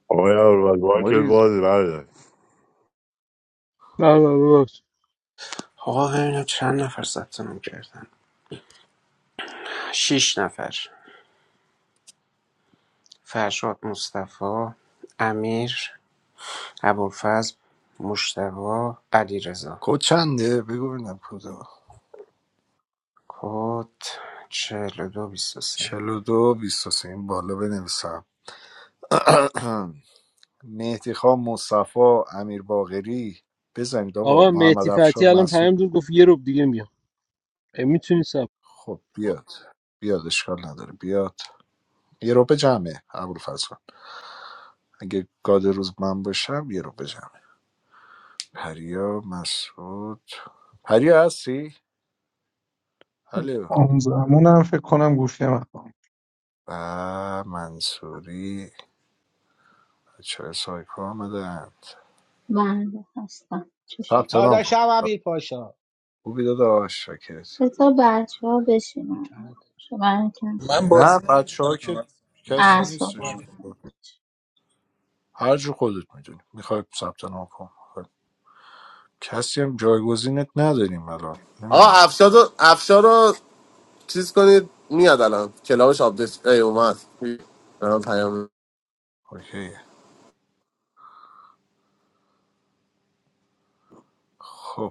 Speaker 14: آقای اول که
Speaker 3: مریض
Speaker 14: باز بردار
Speaker 1: نه نه ببخش.
Speaker 10: آقا ببینم چند نفر ثبت نام کردن شش نفر فرشاد مصطفی امیر ابوالفضل مشتبا علیرضا
Speaker 3: کد چنده بگو ببینم کدا
Speaker 10: کد چهل و دو بیست و سه
Speaker 3: 42 23 این بالا بنویسم مهدی خان مصطفی امیر باقری بزنید آقا
Speaker 1: آقا
Speaker 3: محمد
Speaker 1: مهدی فتی الان
Speaker 3: افشار
Speaker 1: پیام داد گفت یه روب دیگه میام میتونی سب
Speaker 3: خب بیاد بیاد اشکال نداره بیاد یه رو به جمعه ابوالفضل خان. اگه گاد روز من باشم یه رو به جمعه پریا مسعود پریا هستی؟ الو
Speaker 4: اون زمان هم فکر کنم گوشی من خاموش.
Speaker 3: و منصوری بچه های سایکو آمدند
Speaker 12: بنده هستم چشم
Speaker 3: ثبت
Speaker 17: No,
Speaker 3: نام
Speaker 17: da.
Speaker 3: کن خوبی داداش شاکرت
Speaker 12: بذار بچه ها بشینن شما من کم
Speaker 16: کن. من
Speaker 3: نه
Speaker 16: بازی
Speaker 3: بچه ها که
Speaker 16: نمیکنم
Speaker 3: کسی نیستش
Speaker 12: اعصابم نمی‌کشه.
Speaker 3: هر جو خودت میدونی میخوای ثبت نام کن خب. کسی هم جایگزینت نداریم الان
Speaker 9: آقا
Speaker 3: نمیدونم
Speaker 9: افشار رو افشار رو چیز کنید میاد الان کلاوش آپدیت ای اومد الان پیام
Speaker 3: اوکی خب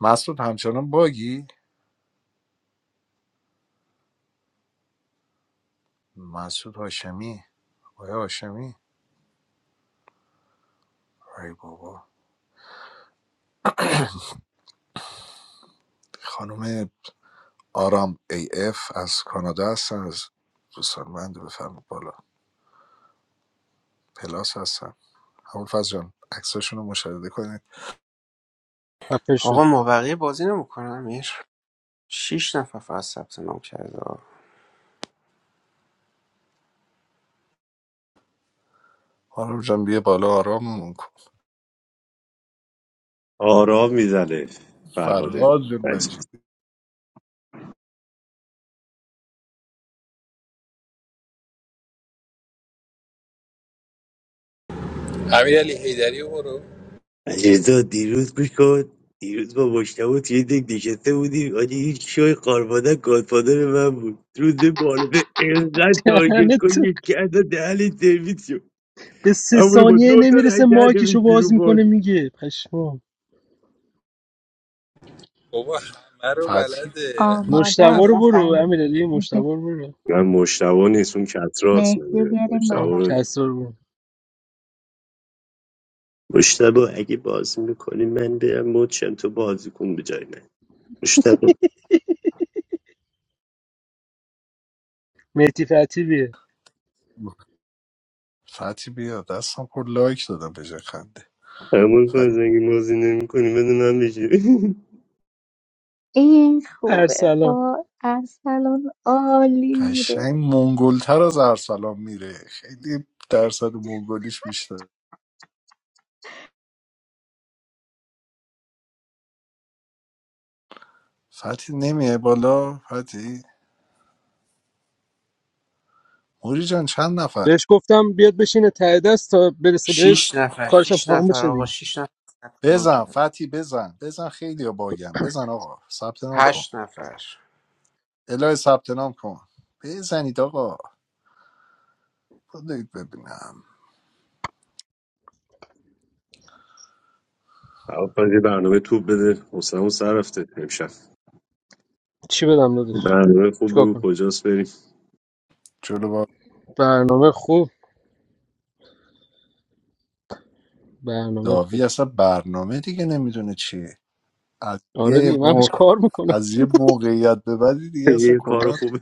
Speaker 3: مسعود همچنان باگی مسعود هاشمی آیا هاشمی ای بابا خانم آرام ای اف از کانادا هستن از دوستان من رو بفرمایید بالا پلاس هستن همون فاز جان عکساشون رو مشاهده کنید
Speaker 1: خفه شو
Speaker 10: آقا ما بقیه بازی نمیکنه امیر شش نفر فقط ثبت نام کرده
Speaker 3: آرام جان بیه بالا آراممون کن
Speaker 14: آرام میزنه فرهاده
Speaker 3: فرهاد جان
Speaker 14: مجید.
Speaker 3: مجیدی
Speaker 16: امیر علی حیدری برو
Speaker 14: اجازه دیروز گوش کن دیروز با مشتبه توی دک نشسته بودیم آجه هیچ شوی قارمادن گادفادر من بود روز معارفه اینقدر تارگت
Speaker 1: دهنت
Speaker 14: کن
Speaker 1: تو.
Speaker 14: یک کرده دهن سرویس شد
Speaker 1: به سه
Speaker 14: همونه با
Speaker 1: ثانیه
Speaker 14: دو تا
Speaker 1: نمیرسه
Speaker 14: رای کرده
Speaker 1: مایکشو
Speaker 14: بیش بیرون
Speaker 1: باز میکنه
Speaker 14: بود
Speaker 1: میگه پشمام
Speaker 16: بابا همه رو
Speaker 3: فتی
Speaker 16: بلده
Speaker 3: من
Speaker 12: آماده
Speaker 16: همه
Speaker 1: مشتبا
Speaker 12: است
Speaker 16: رو
Speaker 1: رو برو
Speaker 12: اصلا
Speaker 16: میگه
Speaker 1: امیرعلی مشتبا رو برو
Speaker 14: من مشتبه نیست اون کتراست
Speaker 12: مهدی رو بیاریم
Speaker 1: آه،
Speaker 14: مشتبه
Speaker 12: بالا
Speaker 1: کس رو برو
Speaker 14: مشتبه اگه بازی میکنی من برم مد شم تو بازی کن به جای من مشتبه
Speaker 1: مهدی فتی بیه
Speaker 3: فتی بیا دستم پر لایک دادم به جای خنده
Speaker 14: همون
Speaker 3: فتی
Speaker 14: فرز اگه بازی نمیکنی بده من بشه
Speaker 12: این خوبه
Speaker 1: ارسلان
Speaker 12: با ارسلان عالی میره
Speaker 3: قشنگ منگلتر از ارسلان میره خیلی درصد منگلیش بیشتر فتی نمیه بالا فتی موری جان چند نفر
Speaker 1: بهش گفتم بیاد بشینه ته دست تا برسه
Speaker 10: شش
Speaker 1: بهش
Speaker 10: نفر
Speaker 1: کارشم
Speaker 10: شش
Speaker 1: تمام
Speaker 10: نفر
Speaker 1: بشه
Speaker 10: آقا
Speaker 1: دیگه
Speaker 10: شش نفر ثبت نام
Speaker 3: بزن
Speaker 10: کرد
Speaker 3: فتی بزن بزن خیلی باگم بزن آقا ثبت نام کن
Speaker 10: هشت نفر
Speaker 3: الهی ثبت نام کن بزنید آقا بذارید ببینم
Speaker 14: اول یه برنامه توپ بده حسنمون سر رفته امشب
Speaker 1: چی بدم دادش
Speaker 14: برنامه خوب
Speaker 1: چیکار
Speaker 14: بگو
Speaker 1: کنم
Speaker 14: کجاست بریم
Speaker 3: جلو با
Speaker 1: برنامه خوب برنامه
Speaker 3: لاوی
Speaker 1: خوب
Speaker 3: اصلا برنامه دیگه نمیدونه چیه از
Speaker 1: آره دیگه
Speaker 3: یه
Speaker 1: من
Speaker 3: مو...
Speaker 1: بهش کار میکنم
Speaker 3: از یه موقعیت به بعدی دیگه اصلا
Speaker 14: یه کار
Speaker 3: کلا
Speaker 14: خوبه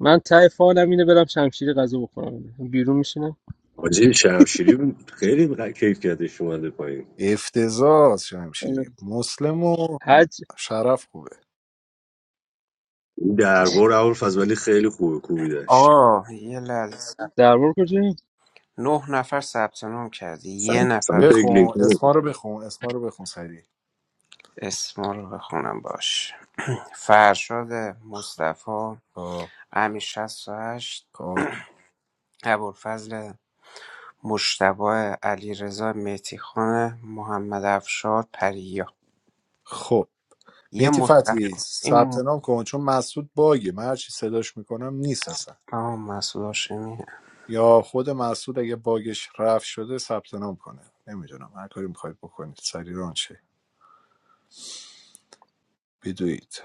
Speaker 1: من ته فالم اینه برم شمشیر غذا بخورم بیرون میشینم
Speaker 14: حاجی شمشیری خیلی ق- کیفیتش اومده پایین
Speaker 3: افتضاح چه میشه دیگه مسلم و
Speaker 1: حج
Speaker 3: شرف خوبه
Speaker 14: این دربار اول فضلی خیلی خوبه کوبیدش
Speaker 10: آه یه لحظه
Speaker 1: دربار کجایی
Speaker 10: نه نفر ثبت نام کردی. یه
Speaker 14: سمت سمت
Speaker 10: نفر
Speaker 3: بخون
Speaker 14: لینکن
Speaker 3: اسما رو بخون اسما رو بخون سریع
Speaker 10: اسما رو بخونم باش فرشاد مصطفی
Speaker 3: آه،
Speaker 10: امی 68
Speaker 3: آه.
Speaker 10: ابوالفضل مشتبه علیرضا رضا محمد افشار پریا
Speaker 3: خب
Speaker 10: یه
Speaker 3: مهدی
Speaker 10: مصطفی
Speaker 3: فتحی ثبت
Speaker 10: این
Speaker 3: نام کن چون مسعود باگه من هرچی صداش میکنم نیست اصلا
Speaker 10: آه مسعود هاشمی
Speaker 3: یا خود مسعود اگه باگش رفت شده ثبت نام کنه نمیدونم هر کاری میخواید بکنید سری ران شه بدوید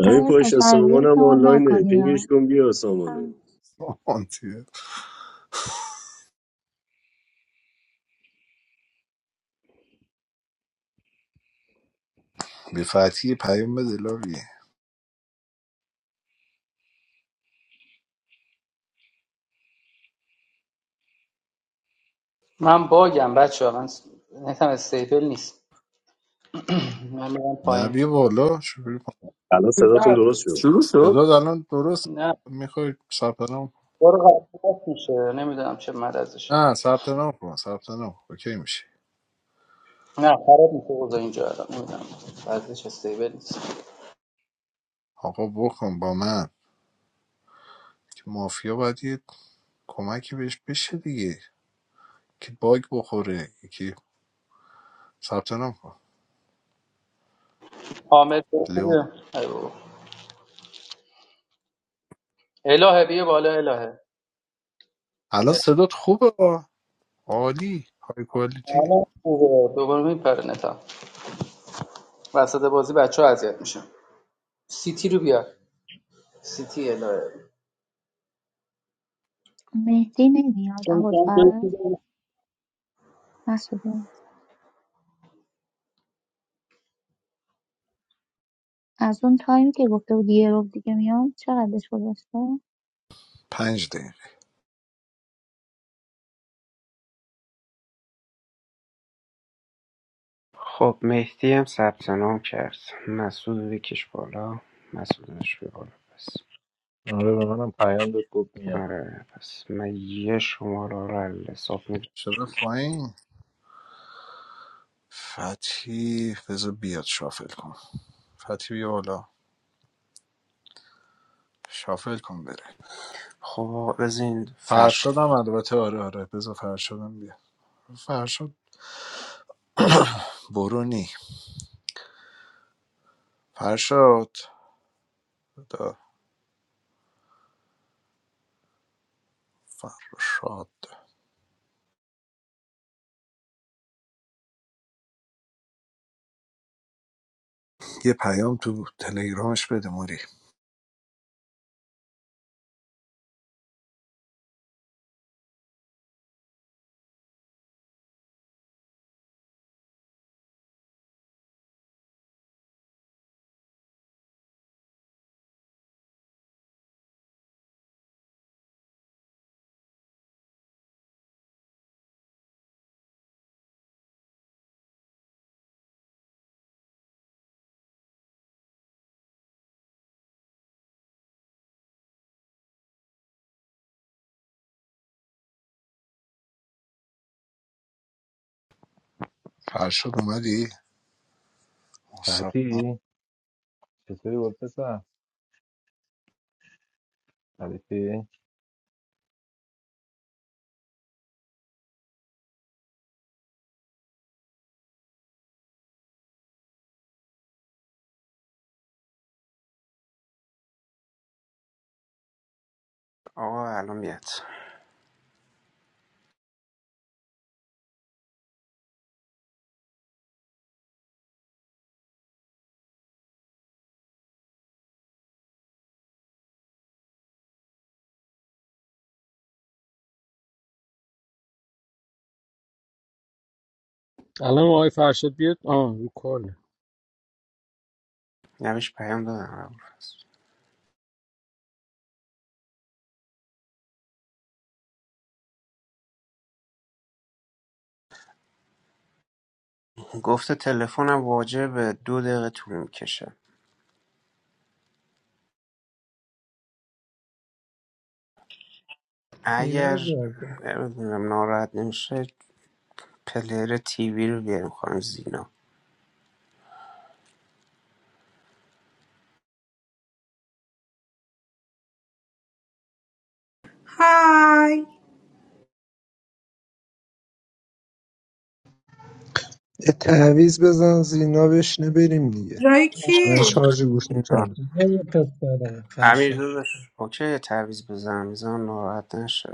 Speaker 14: همین
Speaker 12: امیر
Speaker 14: پشت
Speaker 12: پاشا
Speaker 14: سامان هم
Speaker 12: اذیتمون
Speaker 14: آنلاینه
Speaker 12: نکنی
Speaker 14: پینگش
Speaker 12: ها.
Speaker 14: کن بیا
Speaker 12: آه.
Speaker 14: سامانو
Speaker 3: آنتیه. به فتحی پیام بده لاوی نه بیا بالا شروع کن
Speaker 14: الان صداتون درست شد
Speaker 9: شروع شد
Speaker 3: صدا الان درست
Speaker 15: Hello.
Speaker 3: میخوای ثبت نام کن؟
Speaker 15: Hello.
Speaker 3: نه ثبت نام کن ثبت نام اوکی میشه آقا بکن با من که مافیا باید یه کمکی بهش بشه دیگه که باگ بخوره یکی ثبت نام کن لیون
Speaker 15: Hello.
Speaker 3: الان صدات خوبه آ. عالی های کوالیتی
Speaker 15: آره خوبه دوباره میپره نتا وسط بازی بچه ها اذیت میشن سیتی رو بیار سیتی الهه
Speaker 12: مهدی نمیاد
Speaker 15: چون
Speaker 12: اول فرد
Speaker 15: جان
Speaker 12: مسئوله از اون تایمی که گفته بود یه رو دیگه میام چقدرش گذاشته
Speaker 3: پنج دقیقه
Speaker 10: خب مهدی هم ثبت نام کرد مسعود رو بکش بالا مسعود بیا بکش بالا پس
Speaker 6: گفت میام
Speaker 10: آره پس من یه شماره رو حساب می‌کنم.
Speaker 3: شده فاین فتی بذار بیاد شافل کن فتی بیا بالا شافل کن بره
Speaker 10: خب از این
Speaker 3: فرشاد
Speaker 10: فرش
Speaker 3: هم البته آره آره بذار فرشاد هم بیا فرشاد برونی فرشاد بدا فرشاد یه پیام تو تلگرامش بده موری فرشاد اومدی؟ مصطفی.
Speaker 6: فتی چطوری بود پسر؟
Speaker 10: آقا الان میاد
Speaker 1: الان آقای فرشاد بیاد آه رو کاله
Speaker 10: نه پیام دادم ابوالفضل گفته تلفنم واجه به دو دقیقه طول میکشه
Speaker 2: سینا رو
Speaker 10: اگر
Speaker 2: بیار کن.
Speaker 10: نمیدونم ناراحت نمیشه پلیر تیوی رو بیاریم خانم زینا
Speaker 18: های
Speaker 4: یه تعویز بزن زینا بشینه بریم دیگه
Speaker 18: جای
Speaker 4: من
Speaker 18: کی؟
Speaker 4: شارژ گوشی
Speaker 10: نه.
Speaker 4: کم
Speaker 2: یه یه پس داره
Speaker 10: امیر
Speaker 2: فرشاد
Speaker 10: داداش اوکی یه تعویض بزنم بزنم ناراحت نشه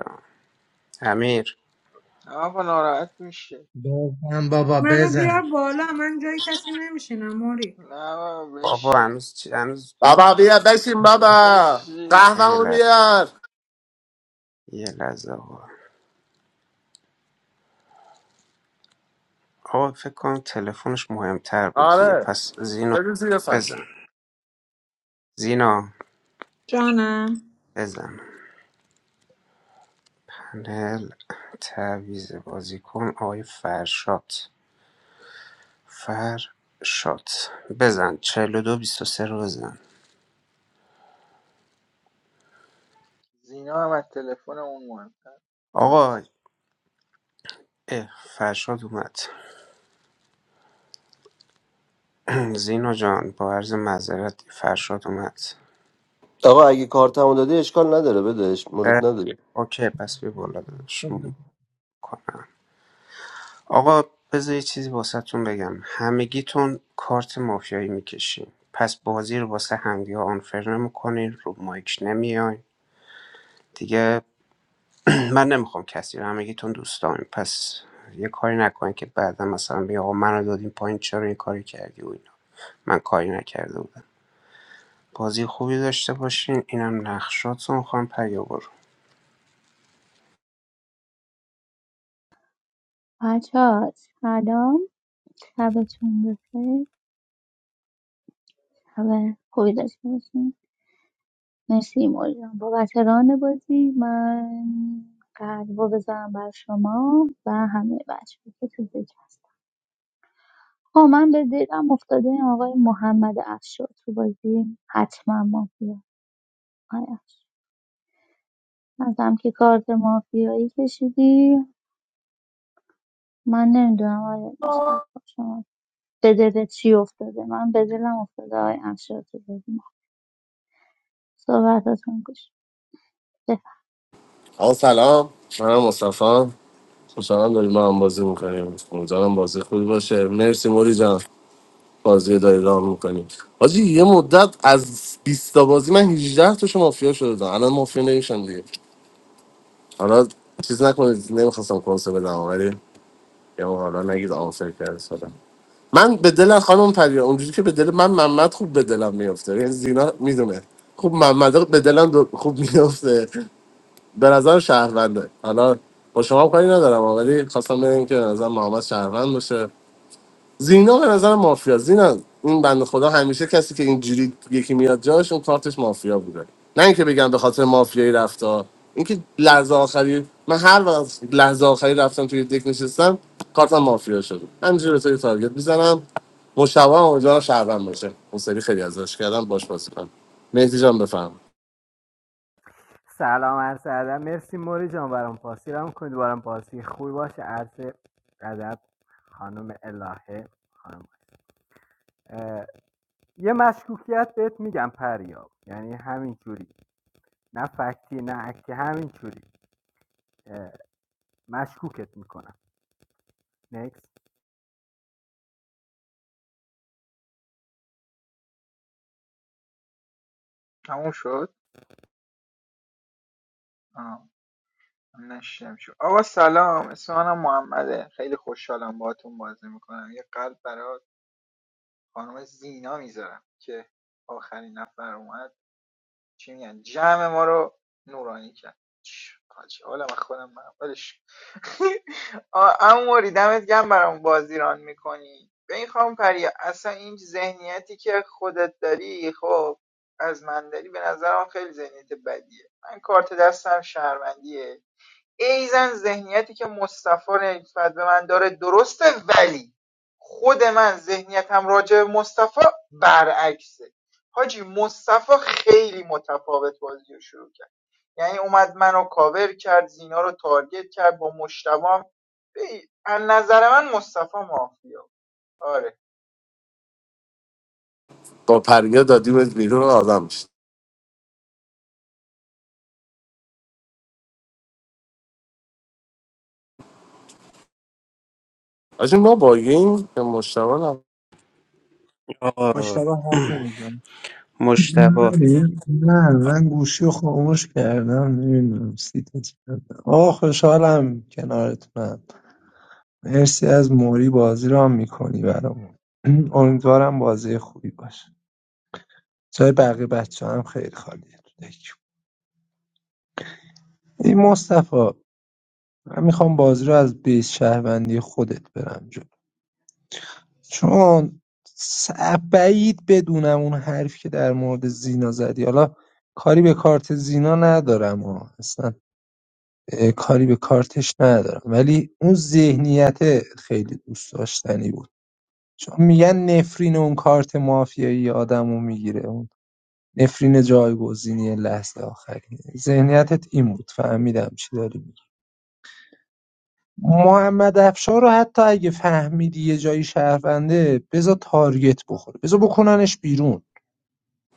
Speaker 10: امیر
Speaker 19: نه آقا ناراحت میشه
Speaker 2: بزن بابا
Speaker 18: منو بیار
Speaker 2: بزن
Speaker 18: بالا من جای کسی نمیشینم موری
Speaker 19: نه آقا
Speaker 10: بابا
Speaker 19: بشین
Speaker 10: هنوز چی- هنوز
Speaker 9: بابا بیا بشین بابا
Speaker 19: بشین
Speaker 10: آقا یه
Speaker 9: قهوه
Speaker 10: لحظه
Speaker 9: بیار
Speaker 10: یه لحظه آقا آقا فکر کنم تلفنش مهمتر بود دیگه
Speaker 9: آره
Speaker 10: پس زینا
Speaker 9: بگو زیر فرش
Speaker 10: بزن زینا
Speaker 18: جانم
Speaker 10: بزن پنل تعویض بازیکن آقای فرشاد فرشاد بزن ۴۲ ۲۳ رو بزن
Speaker 19: زینا هم از تلفن اون مهمتر بس.
Speaker 10: آقا اه فرشاد اومد زینا جان با عرض معذرت فرشاد اومد
Speaker 13: آقا اگه کارتمو دادی اشکال نداره بدش
Speaker 10: اه،
Speaker 13: مورد نداره
Speaker 10: اوکی پس بی بالا داداش کنم آقا بذار یه چیزی واسهتون بگم همگیتون کارت مافیایی میکشین پس بازی رو واسه همگی ها آنفر نمیکنین رو مایک نمیاین دیگه من نمیخوام کسی رو همگیتون دوست دارم پس یه کاری نکنید که بعدا مثلا بگه آقا منو دادیم پایین چرا این کاری کردی و اینا من کاری نکرده بودم بازی خوبی داشته باشین اینم نقشاتون خواهم پیا برو
Speaker 12: بچه ها شبتون بخیر شب خوبی داشته باشین مرسی مولیان بابت ران بازی من قلب رو بذارم بر شما و همه بچه که تو دک هستن آه من به دلم افتاده این آقای محمد افشار تو بازی حتما مافیا آقای افشار نظرم که کارت مافیایی کشیدی من نمیدونم آقای مصطفی شما به دلت چی افتاده من به دلم افتاده آقای افشار تو بازی صحبتاتون گوش
Speaker 9: آقا سلام منم مصطفی خوشحالم داریم ما هم بازی میکنیم امیدوارم بازی خوبی باشه مرسی موری جان بازی داری راه میکنیم حاجی یه مدت از 20 تا بازی من هجده تا شما مافیا شده بودم. الان مافیا نمیشم دیگه حالا چیز نکنید نمیخواستم کنسه بدم ولی یا حالا نگید آنفر کرد سادم من به دل خانم پریا اونجوری که به دل من محمد خوب به دلم میفته یعنی زینا میدونه خوب محمد به دلم دو- خوب میفته به نظر شهرونده حالا با شما هم کاری ندارم ولی خواستم بگم که به نظر محمد شهروند باشه زینا به نظر مافیا زینا این بنده خدا همیشه کسی که اینجوری یکی میاد جاش اون کارتش مافیا بوده نه اینکه بگم به خاطر مافیایی رفتا اینکه لحظه آخری من هر وقت لحظه آخری رفتم توی دک نشستم کارتم مافیا شد همینجوری به تو یه تارگت میزنم مشابه هم امیدوارم شهروند باشه اون سری خیلی ازش کردم باش بازی کنم مهدی جان بفهم
Speaker 11: سلام عرض ادب مرسی موری جان برام پاسی رام کنید برام پاسی خوبی باشه عرض ادب خانم الهه خانم یه مشکوکیت بهت میگم پریاب یعنی همینجوری نه فکتی نه اکتی همینجوری اه، مشکوکت میکنم نیکس.
Speaker 19: تموم شد آه. نشیدم شد آقا سلام اسم منم محمده خیلی خوشحالم باهاتون بازی میکنم یه قلب برای خانم زینا میذارم که آخرین نفر اومد چی میگن جمع ما رو نورانی کرد چ- حاجی حالا من خودم من اموری دمت گرم برام بازیران ران میکنی به این خانم پریا اصلا این ذهنیتی که خودت داری خب از من داری به نظرم خیلی ذهنیت بدیه من کارت دستم شهروندیه ایزن ذهنیتی که مصطفی نسبت به من داره درسته ولی خود من ذهنیتم راجع به مصطفی برعکسه حاجی مصطفی خیلی متفاوت بازی رو شروع کرد یعنی اومد منو کاور کرد زینا رو تارگت کرد با مشتبه. بی- از نظر من مصطفی مافیا آره
Speaker 9: با پریا دادیمت بیرون آدم میشه آجی ما باگیم یا مشتبه نه
Speaker 10: آقا
Speaker 2: مشتبه حرف نمی‌زنه.
Speaker 10: مشتبه
Speaker 4: نه من گوشی رو خاموش کردم نمیدونم سیتت کردم آه خوشحالم کنارتونم مرسی از موری بازی رو هم میکنی برامون امیدوارم بازی خوبی باشه جای بقیه بچه هم خیلی خالیه تو دک. این مصطفی من میخوام بازی رو از بیس شهروندی خودت برم جلو چون س- بعید بدونم اون حرف که در مورد زینا زدی حالا کاری به کارت زینا ندارم ها اصلا اه، کاری به کارتش ندارم ولی اون ذهنیت خیلی دوست داشتنی بود چون میگن نفرین اون کارت مافیایی آدمو میگیره اون نفرین جایگزینی لحظه آخری ذهنیتت این بود فهمیدم چی داری میگی. محمد افشار رو حتی اگه فهمیدی یه جایی شهرونده بذار تارگت بخوره بذار بکننش بیرون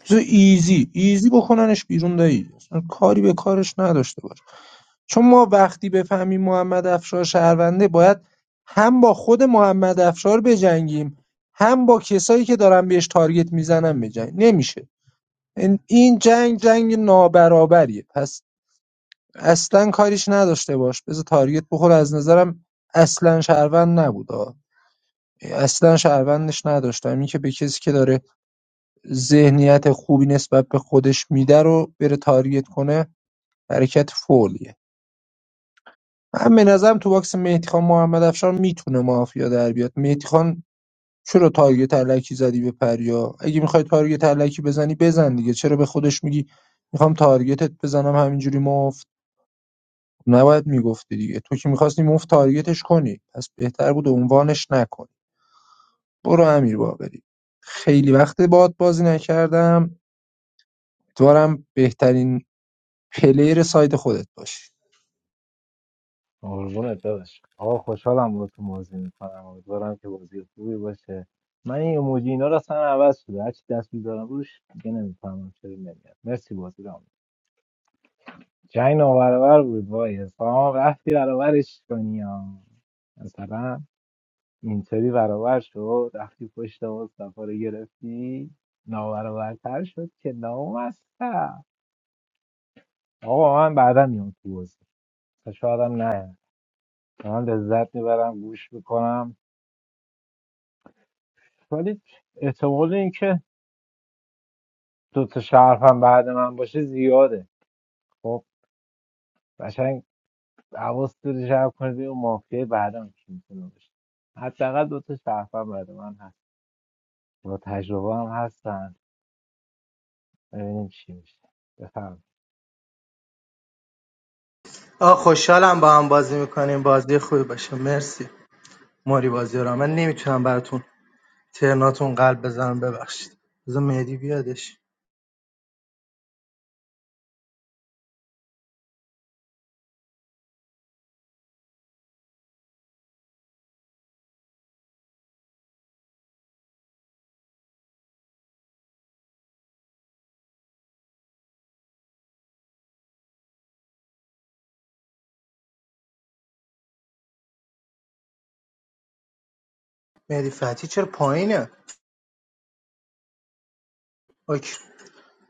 Speaker 4: بذار ایزی ایزی بکننش بیرون دایی اصلا کاری به کارش نداشته باش چون ما وقتی بفهمیم محمد افشار شهرونده باید هم با خود محمد افشار بجنگیم هم با کسایی که دارن بهش تارگت میزنن بجنگیم نمیشه این این جنگ جنگ نابرابریه پس اصلا کاریش نداشته باش بذار تارگت بخوره از نظرم اصلا شهروند نبود آه. اصلا شهروندش نداشتم این که به کسی که داره ذهنیت خوبی نسبت به خودش میده رو بره تارگت کنه حرکت فولیه من به نظرم تو باکس مهدی خان محمد افشار میتونه مافیا در بیاد مهدی خان چرا تارگت علکی زدی به پریا اگه میخوای تارگت علکی بزنی بزن دیگه چرا به خودش میگی میخوام تارگتت بزنم همینجوری مفت نباید میگفتی دیگه تو که میخواستی مفت تارگتش کنی پس بهتر بود عنوانش نکنی برو امیر باقری خیلی وقت باد بازی نکردم امیدوارم بهترین پلیر سایت خودت باشی
Speaker 6: قربونت داداش آقا خوشحالم با تو بازی میکنم امیدوارم که بازی خوبی باشه من این ایموجی اینا رو اصلا عوض شده هرچی دست می‌ذارم روش دیگه نمیفهمم چرا نمیاد مرسی بازی رو جنگ نابرابر بود وای حسام رفتی برابرش کنی ها. مثلا اینطوری برابر شد رفتی پشت مصطفی رو گرفتی نابرابرتر شد که نامستم آقا من بعدا میام تو بازی شاید هم نه من لذت میبرم گوش میکنم ولی احتمال اینکه دو تا شهر هم بعد من باشه زیاده خب قشنگ حواس داری جمع کنی ببین اون مافیای بعدم کی میتونه باشه حداقل دو تا شهر هم بعد من هست با تجربه هم هستن ببینیم چی میشه بفهم
Speaker 2: آه خوشحالم با هم بازی میکنیم بازی خوبی باشه مرسی ماری بازی رو من نمیتونم براتون ترناتون قلب بزنم ببخشید بذار مهدی بیادش مهدی فتی چرا پایینه اوکی.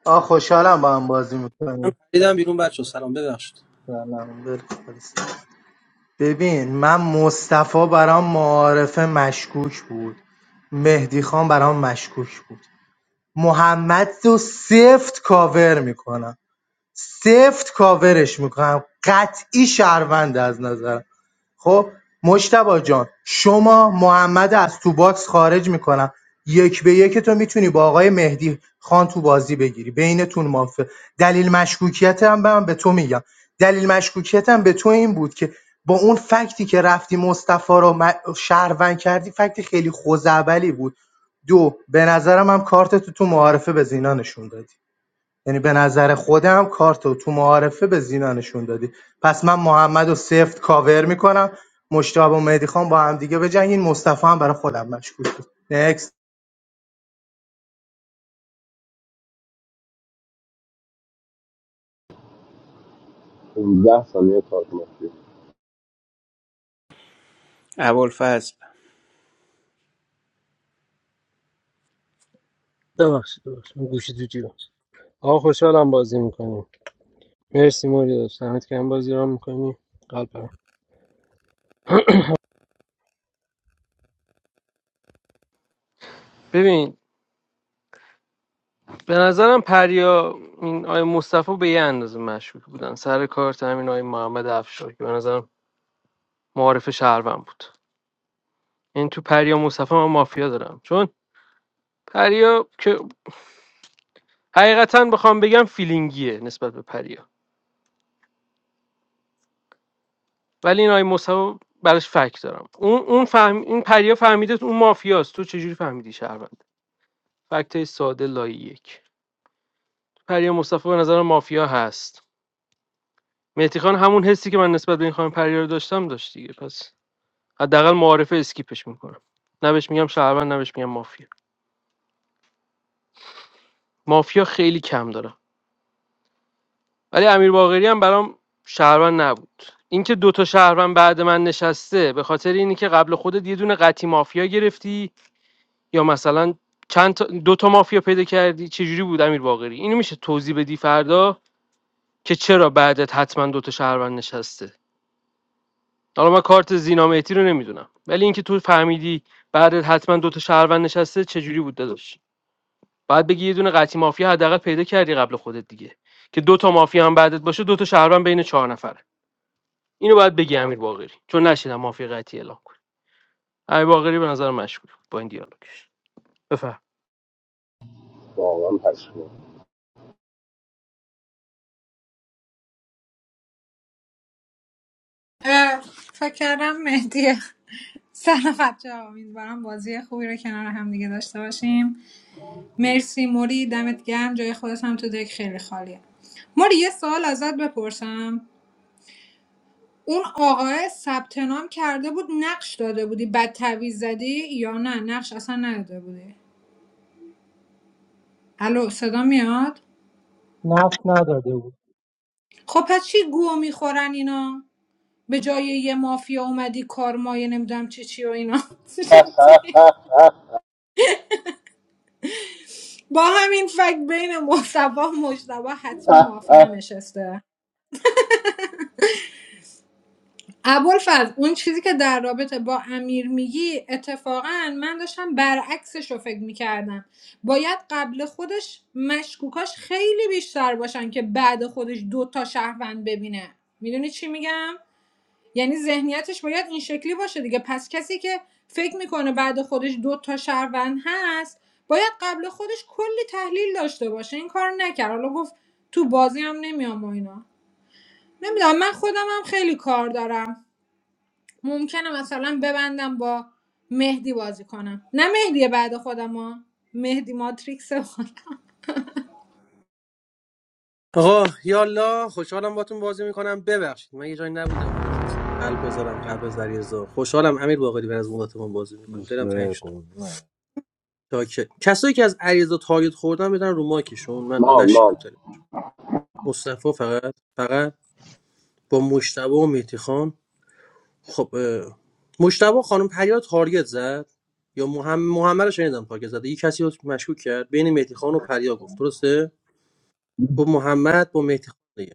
Speaker 2: آه خوشحالم با هم بازی
Speaker 20: من
Speaker 2: میکنیم
Speaker 20: پریدم بیرون بچه سلام ببخشید
Speaker 2: ببین من مصطفی برام معارفه مشکوک بود مهدی خان برام مشکوک بود محمد رو سفت کاور میکنم سفت کاورش میکنم قطعی شهروند از نظرم خب مجتبی جان شما محمد از تو باکس خارج میکنم یک به یک تو میتونی با آقای مهدی خان تو بازی بگیری بینتون مافه دلیل مشکوکیت هم به من به تو میگم دلیل مشکوکیت هم به تو این بود که با اون فکتی که رفتی مصطفی رو م- شهروند کردی فکت خیلی خوزعبلی بود دو به نظرم هم کارت تو تو معارفه به زینا نشون دادی یعنی به نظر خودم کارتو تو معارفه به زینا نشون دادی پس من محمد و سفت کاور میکنم مشتاق و مهدی خان با هم دیگه بجنگین مصطفی هم برای خودم مشکوک بود نکست
Speaker 9: 15 ثانیه کار کنید
Speaker 10: ابوالفضل
Speaker 1: ببخشید ببخشید من گوشی تو جیبم آقا خوشحالم بازی میکنیم مرسی موری داشت همت که هم بازی را میکنی قلب برم. ببین به نظرم پریا این آقای مصطفی به یه اندازه مشکوک بودن سر کار همین آقای محمد افشار که به نظرم معارف شهروند بود این تو پریا مصطفی من مافیا دارم چون پریا که حقیقتا بخوام بگم فیلینگیه نسبت به پریا ولی این آی مصطفی براش فکت دارم اون اون فهم این پریا فهمیده اون مافیاست تو چجوری فهمیدی شهروند فکت ساده لای یک پریا مصطفی به نظر مافیا هست مهدی خان همون حسی که من نسبت به این خانم پریا رو داشتم داشت دیگه پس حداقل معارفه اسکیپش میکنم نه بهش میگم شهروند نه بهش میگم مافیا مافیا خیلی کم داره. ولی امیر باقری هم برام شهروند نبود اینکه دو تا شهروند بعد من نشسته به خاطر اینی که قبل خودت یه دونه قطی مافیا گرفتی یا مثلا چند تا دو تا مافیا پیدا کردی چجوری بود امیر باقری اینو میشه توضیح بدی فردا که چرا بعدت حتما دو تا شهروند نشسته حالا من کارت زینامتی رو نمیدونم ولی اینکه تو فهمیدی بعدت حتما دو تا شهروند نشسته چجوری بود داداش بعد بگی یه دونه قطی مافیا حداقل پیدا کردی قبل خودت دیگه که دو تا مافیا هم بعدت باشه دو تا شهروند بین چهار نفره اینو باید بگی امیر باقری چون نشیدم مافی قطعی اعلام کنه امیر باقری به نظر مشکوک با این دیالوگش بفهم
Speaker 9: واقعا پشمام
Speaker 18: اه، فکر کردم مهدیه سلام بچه ها امیدوارم بازی خوبی رو کنار هم دیگه داشته باشیم مرسی موری دمت گرم جای خودت هم تو دک خیلی خالیه موری یه سوال ازت بپرسم اون آقای ثبت نام کرده بود نقش داده بودی بد تعویض زدی یا نه نقش اصلا نداده بودی الو صدا میاد
Speaker 2: نفت نداده بود
Speaker 18: خب پس چی گو میخورن اینا به جای یه مافیا اومدی کارمایه نمیدونم چه چی و اینا شدی.
Speaker 9: اخوان
Speaker 18: با همین فکت بین مصطفی و مجتبی حتمی مافیا نشسته ابوالفضل اون چیزی که در رابطه با امیر میگی اتفاقا من داشتم برعکسش رو فکر میکردم باید قبل خودش مشکوکاش خیلی بیشتر باشن که بعد خودش دو تا شهروند ببینه میدونی چی میگم یعنی ذهنیتش باید این شکلی باشه دیگه پس کسی که فکر میکنه بعد خودش دو تا شهروند هست باید قبل خودش کلی تحلیل داشته باشه این کار نکرد حالا گفت تو بازی هم نمیام و اینا نمیدونم من خودم هم خیلی کار دارم ممکنه مثلا ببندم با مهدی بازی کنم نه مهدی بعد خودم ها مهدی ماتریکس خودم.
Speaker 20: آقا یالا خوشحالم باتون بازی میکنم ببخشید من یه جایی نبودم نمیخواستم قلب بذارم قلب از علیرضا خوشحالم امیر باقری بر از مدتمون بازی میکنیم
Speaker 6: دوست
Speaker 20: دلم تنگ
Speaker 6: به
Speaker 20: شد
Speaker 6: قربونه
Speaker 20: چاکر. کسایی که از علیرضا تارگت خوردن بدن رو ماکشون من نشیدم تلفن مصطفی فقط فقط با مشتبه و مهدی خان خب اه، مشتبه خانم پریا تارگت زد یا محمد محمد رو شنیدم تارگت زد یه کسی رو مشکوک کرد بین مهدی خان و پریا گفت درسته گفت محمد با مهدی خان دیگه.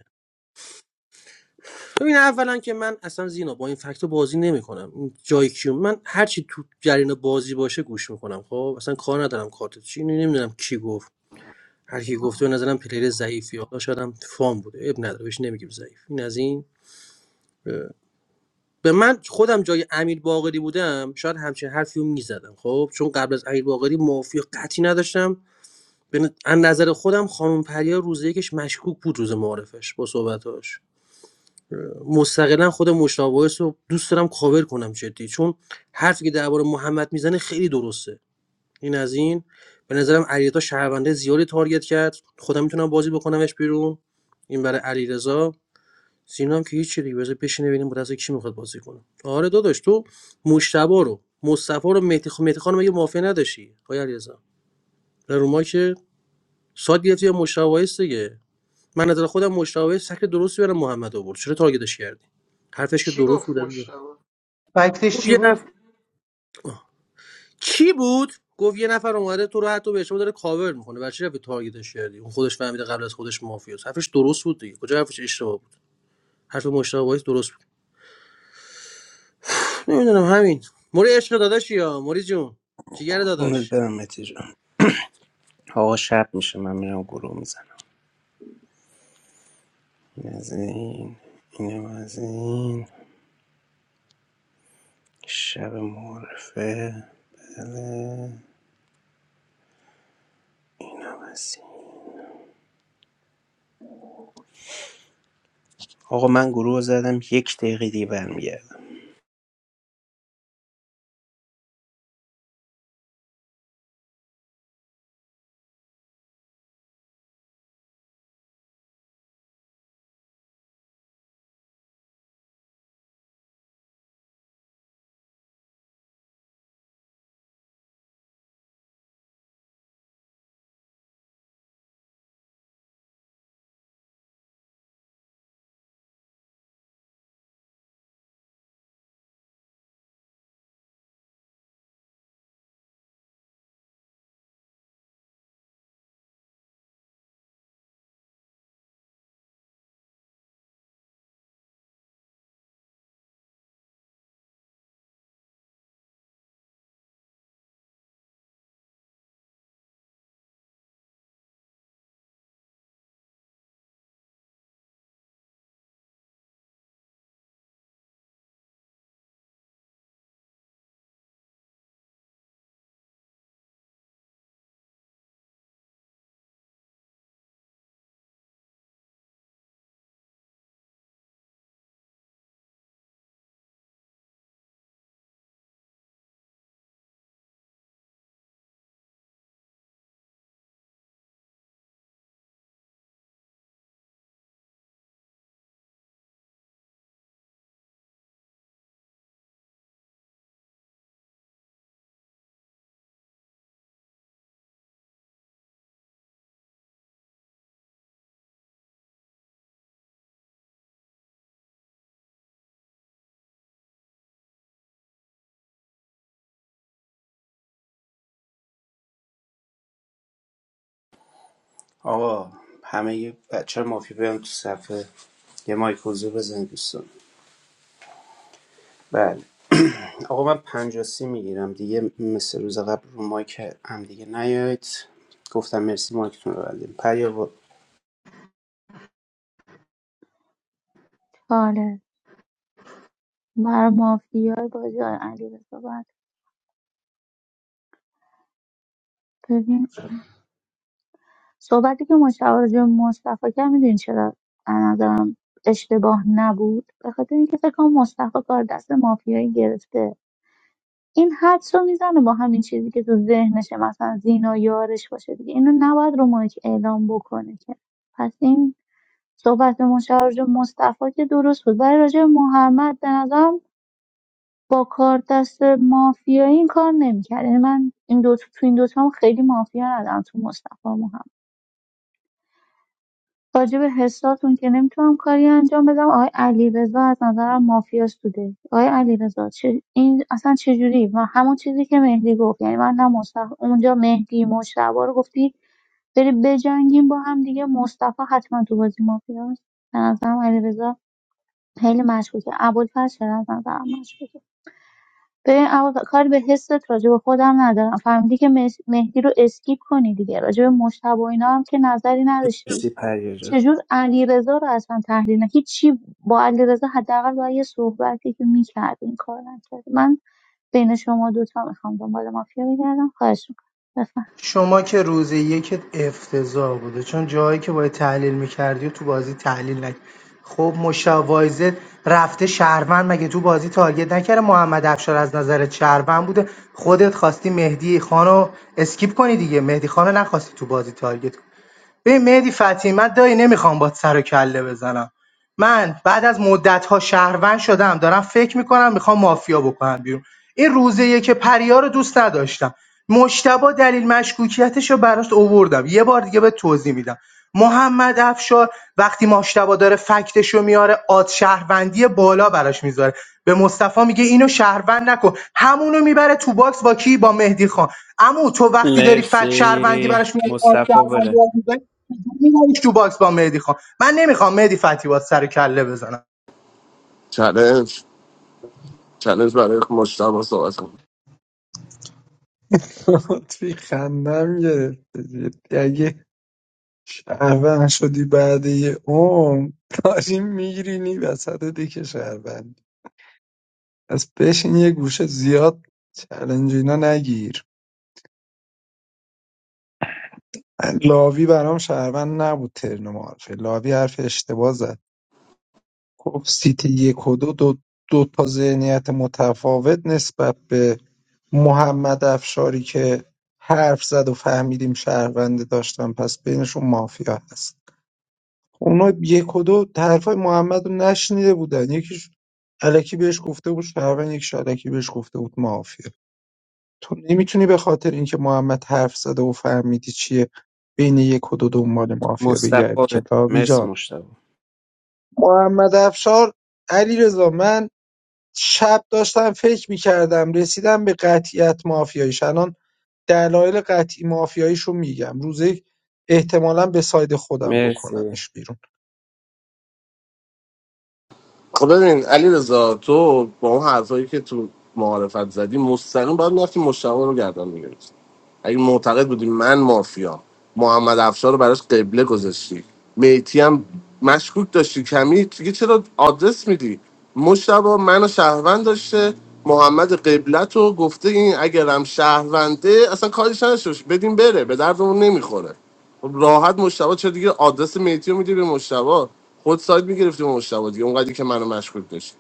Speaker 20: ببین اولا که من اصلا زینا با این فکتو بازی نمیکنم این جای کیو من هرچی تو جریان بازی باشه گوش میکنم خب اصلا کار ندارم کارت چی نمیدونم کی گفت هر کی گفته به نظرم پلیر ضعیفی حالا شاید هم فام بوده اب نداره بهش نمیگیم ضعیف این از این به من خودم جای امیر باقری بودم شاید همچین حرفی رو میزدم خب چون قبل از امیر باقری مافیا قطعی نداشتم به نظر خودم خانم پریا روز یکش مشکوک بود روز معارفش با صحبتاش مستقلا خود مشتاق وایس رو دوست دارم کاور کنم جدی چون حرفی که درباره محمد میزنه خیلی درسته این از این به نظرم علیرضا شهرونده زیادی تارگت کرد خودم میتونم بازی بکنمش بیرون این برای علیرضا سینا هم که هیچ دیگه بذار بشینه ببینیم با دست کی میخواد بازی کنه آره داداش تو مشتبا رو مصطفی رو مهدی خ... مهدی خانم مگه مافیا نداشتی آقای علیرضا نه رو ما که ساد گرفتی مشتاق وایس دیگه من نظر خودم مشتاق وایس شکل درستی برای محمد آورد چرا تارگتش کردی حرفش که
Speaker 19: چی
Speaker 20: درست
Speaker 19: گفت
Speaker 20: بود
Speaker 19: مشتبا
Speaker 2: فکتش
Speaker 20: گفت
Speaker 2: چی
Speaker 20: یه
Speaker 2: بود
Speaker 20: نفر چی بود گفت یه نفر اومده تو رو حتی به اشتباه داره کاور میکنه برای چی رفتی تارگتش کردی اون خودش فهمیده قبل از خودش مافیاست. حرفش درست بود دیگه کجا حرفش اشتباه بود حرف مشتبه وایس درست بود نمیدونم همین موری عشق داداشی یا موری جون جیگر
Speaker 10: اونت
Speaker 20: داداش
Speaker 10: برم متی جان آقا شب میشه من میرم گروه میزنم این از این اینم از این شب معرفه بله بس. آقا من گروه رو زدم یک دقیقه دیگه برمیگردم آقا همه یه بچه مافیا بیان تو صفحه یه مایک حضور دوستان بله آقا من پنجاسی میگیرم دیگه مثل روز قبل رو مایک هم دیگه نیاید گفتم مرسی مایکتون رو بردیم پریا با
Speaker 12: بفرمایید. بر مافیای بازی های علی صحبت ببین صحبتی که مشتاق راجع به مصطفی کرد میدونی چرا از نظرم اشتباه نبود به خاطر اینکه فکر کنم مصطفی کار دست مافیایی گرفته این حدس رو میزنه با همین چیزی که تو ذهنشه مثلا زینا یارش باشه دیگه اینو نباید رو مایک اعلام بکنه که پس این صحبت مشتاق راجع به مصطفی که درست بود برای راجع به محمد به نظرم با کار دست مافیایی این کار نمیکرد یعنی من این دو تو این دوتا هم خیلی مافیا ندارم تو مصطفی و محمد راجع به حساتون که نمیتونم کاری انجام بدم آقای علیرضا از نظرم مافیاست بوده آقای علیرضا چه این اصلا چه جوری و همون چیزی که مهدی گفت یعنی من نه مصطفی اونجا مهدی مشتبا رو گفتی بری بجنگیم با هم دیگه مصطفی حتما تو بازی مافیاست به نظرم علیرضا خیلی مشکوکه ابوالفضل چرا از نظرم مشکوکه ببین اول کاری به حست راجع به خودم ندارم فهمیدی که مس- مهدی رو اسکیپ کنی دیگه راجع به مجتبی و اینا هم که نظری نداشتی
Speaker 10: مرسی پریا جان.
Speaker 12: چجور علیرضا رو اصلا تحلیل نه هیچی با علیرضا حداقل با یه صحبتی که میکرد این کار نکرد من بین شما دوتا میخوام دنبال مافیا بگردم خواهش میکنم بفهم
Speaker 2: شما که روز یکت افتضاح بوده چون جایی که باید تحلیل میکردی و تو بازی تحلیل نکردی خب مشاوایزه رفته شهروند مگه تو بازی تارگت نکرده محمد افشار از نظر شهروند بوده خودت خواستی مهدی خانو اسکیپ کنی دیگه مهدی خانو نخواستی تو بازی تارگت کنی ببین مهدی فتحی من دایی نمیخوام باد سر و کله بزنم من بعد از مدت‌ها شهروند شدم دارم فکر می‌کنم میخوام مافیا بکنم بیرون این روزه که پریا رو دوست نداشتم مشتبه دلیل مشکوکیتش رو براش اووردم یه بار دیگه به توضیح میدم محمد افشار وقتی مشتبه داره فکتش رو میاره آد شهروندی بالا براش میذاره به مصطفی میگه اینو شهروند نکن همونو میبره تو باکس با کی با مهدی خان اما تو وقتی داری فک شهروندی
Speaker 10: مرسی
Speaker 2: براش میاری آد
Speaker 10: مصطفی
Speaker 2: شهروندی
Speaker 10: بره
Speaker 2: براش می‌ذاری، میدم تو باکس با مهدی خان من نمیخوام مهدی فتی با سر کله بزنم
Speaker 9: چالش چالش برای مشتبه صحبت کنم
Speaker 4: توی خندم گرفته جدی. اگه شهروند شدی بعد یه عمر داری میگیرینی وسط دیگه شهروند پس بشین یه گوشه زیاد چلنج اینا نگیر من لاوی برام شهروند نبود ترن معارفه لاوی حرف اشتباه زد گفت سیت یک و دو, دو دو تا ذهنیت متفاوت نسبت به محمد افشاری که حرف زد و فهمیدیم شهرونده داشتن پس بینشون مافیا هست خب اونا یک و دو حرفای محمد رو نشنیده بودن یکیش علکی بهش گفته بود شهروند یکیش علکی بهش گفته بود مافیا تو نمیتونی به خاطر اینکه محمد حرف زده و فهمیدی چیه بین یک و دو دنبال مافیا
Speaker 10: مصطفی
Speaker 4: بگردی
Speaker 10: بره
Speaker 4: کتابی
Speaker 10: مرسی
Speaker 4: جان
Speaker 10: مصطفی
Speaker 4: محمد افشار علی رضا، من شب داشتم فکر می‌کردم رسیدم به قطعیت مافیاییش الان دلایل قطعی مافیاییشو میگم روز یک احتمالا به ساید خودم
Speaker 10: مرسی
Speaker 4: بکنمش بیرون
Speaker 9: خب ببین علی رضا تو با اون حرفایی که تو معارفت زدی مستقیم باید میرفتی مشتبه رو گردن میگرفتی اگه معتقد بودی من مافیا محمد افشار رو براش قبله گذاشتی میتی هم مشکوک داشتی کمی دیگه چرا آدرس میدی مشتبه منو شهروند داشته محمد قبلت رو گفته این اگرم شهرونده اصلا کارش نداشته باش. بدین بره به دردمون نمیخوره خب راحت مشتبه چرا دیگه آدرس مهدی رو میدی به مشتبه خود سایت میگرفتی به مشتبه دیگه اونقدری که منو مشکوک داشت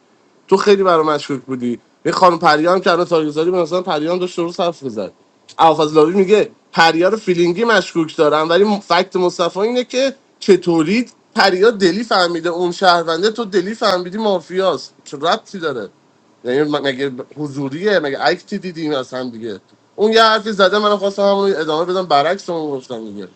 Speaker 9: تو خیلی برام مشکوک بودی یه خانم پریان که الان تاریخ‌گذاری به نظرم پریان داشت درست حرف می‌زد ابوالفضلاوی میگه پریا رو فیلینگی مشکوک دارم ولی م- فکت مصطفی اینه که چطوری پریا دلی فهمیده اون شهرونده تو دلی فهمیدی مافیاست چه ربطی داره یعنی م- مگه حضوریه مگه اکتی دیدیم از هم دیگه اون یه حرفی زده من خواستم همون رو ادامه بدم برعکس اون گفتم دیگه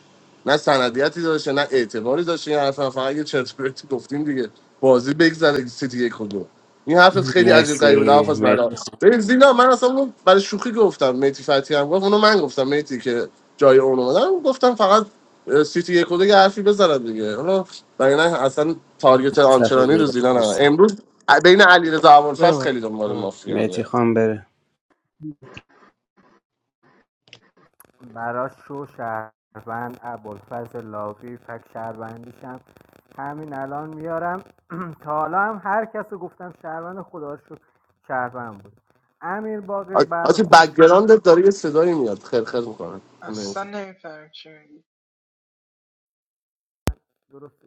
Speaker 9: نه سندیتی داشته نه اعتباری داشته این حرف فقط یه چرت و پرتی گفتیم دیگه بازی بگذره سیتی یک و دو این حرفت خیلی عجیب
Speaker 10: مرسی
Speaker 9: غریب بود حرف از برا
Speaker 10: مرسی
Speaker 9: ببین زینا من اصلا اونو برای شوخی گفتم میتی فتی هم گفت اونو من گفتم میتی که جای اون اومدم گفتم فقط اه، سیتی یک و دو یه حرفی بزنم دیگه حالا برای نه اصلا تارگت آنچنانی
Speaker 10: مصطفی
Speaker 9: رو
Speaker 10: داداش
Speaker 9: زینا نه
Speaker 10: مرسی
Speaker 9: امروز بین علیرضا ابوالفضل
Speaker 1: بفهم.
Speaker 9: خیلی دنبال مافیا
Speaker 10: مهتی
Speaker 9: میاد
Speaker 10: خان بره
Speaker 11: براش شو شهروند ابوالفضل لاوی فک شهروندیشم همین الان میارم تا حالا هم هر کس رو گفتم شهروند خدا رو شکر شهروند بود امیر باقری
Speaker 9: آ-
Speaker 11: بعد
Speaker 9: آجی
Speaker 11: خودش
Speaker 9: بک‌گراندت داره یه صدایی میاد خرخر میکنه
Speaker 19: اصلا نمیفهمم چی میگی
Speaker 11: درست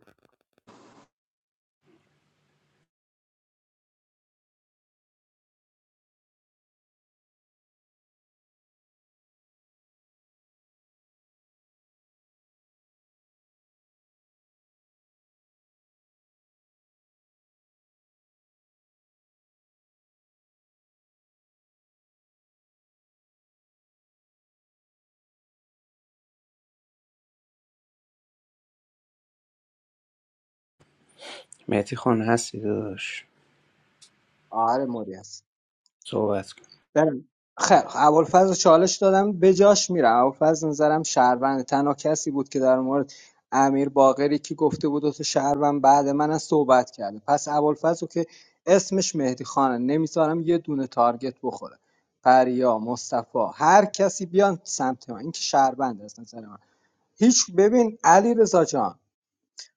Speaker 10: مهتی خان هستی داداش
Speaker 11: آره موری هست
Speaker 10: صحبت کن
Speaker 11: برم خیر ابوالفضل رو چالش دادم به جاش میرم ابوالفضل نظرم شهروند تنها کسی بود که در مورد امیر باقری که گفته بود تو شهروند بعد من از صحبت کرده پس ابوالفضل رو که اسمش مهدی خانه نمیذارم یه دونه تارگت بخوره پریا مصطفی هر کسی بیان سمت من این که شهروند از نظر من هیچ ببین علی رضا جان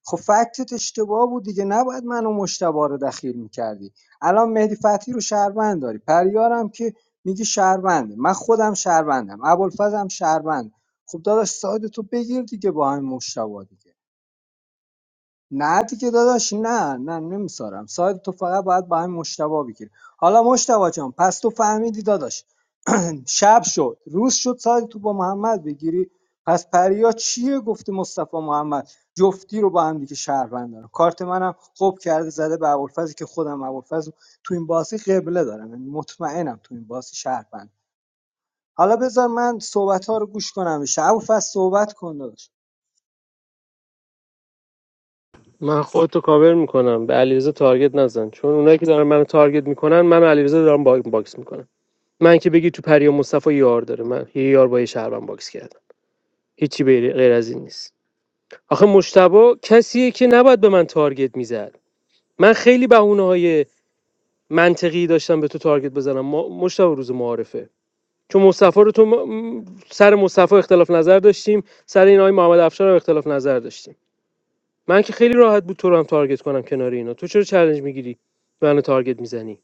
Speaker 11: خب فکتت اشتباه بود دیگه نباید منو و مشتبه رو دخیل میکردی الان مهدی فتحی رو شهروند داری پریارم که میگی شهرونده من خودم شهروندم ابوالفضل هم شهروند خب داداش ساید تو بگیر دیگه با هم مشتبه دیگه نه دیگه داداش نه نه نمیسارم ساید تو فقط باید با همین مشتبا بگیری حالا مشتبا جان پس تو فهمیدی داداش شب شد روز شد ساید تو با محمد بگیری پس پریا چیه گفته مصطفی محمد جفتی رو با هم دیگه شهروند دارم کارت منم خوب کرده زده به ابوالفضل که خودم ابوالفضل تو این بازی قبله دارم یعنی مطمئنم تو این بازی شهروند حالا بذار من صحبت ها رو گوش کنم میشه ابوالفضل صحبت کن داداش
Speaker 1: من خودتو کاور میکنم به علیرضا تارگت نزن چون اونایی که دارن منو تارگت میکنن من و علیرضا دارم با- باکس میکنم من که بگی تو پری و مصطفی یار داره من یه یار با یه شهروند باکس کردم هیچی به- غیر از این نیست آخه مشتبه کسیه که نباید به من تارگت میزد من خیلی بهونه منطقی داشتم به تو تارگت بزنم ما مشتبه روز معارفه چون مصطفی رو تو م- سر مصطفی اختلاف نظر داشتیم سر این آقای محمد افشار هم اختلاف نظر داشتیم من که خیلی راحت بود تو رو هم تارگت کنم کنار اینا تو چرا چالش میگیری منو تارگت میزنی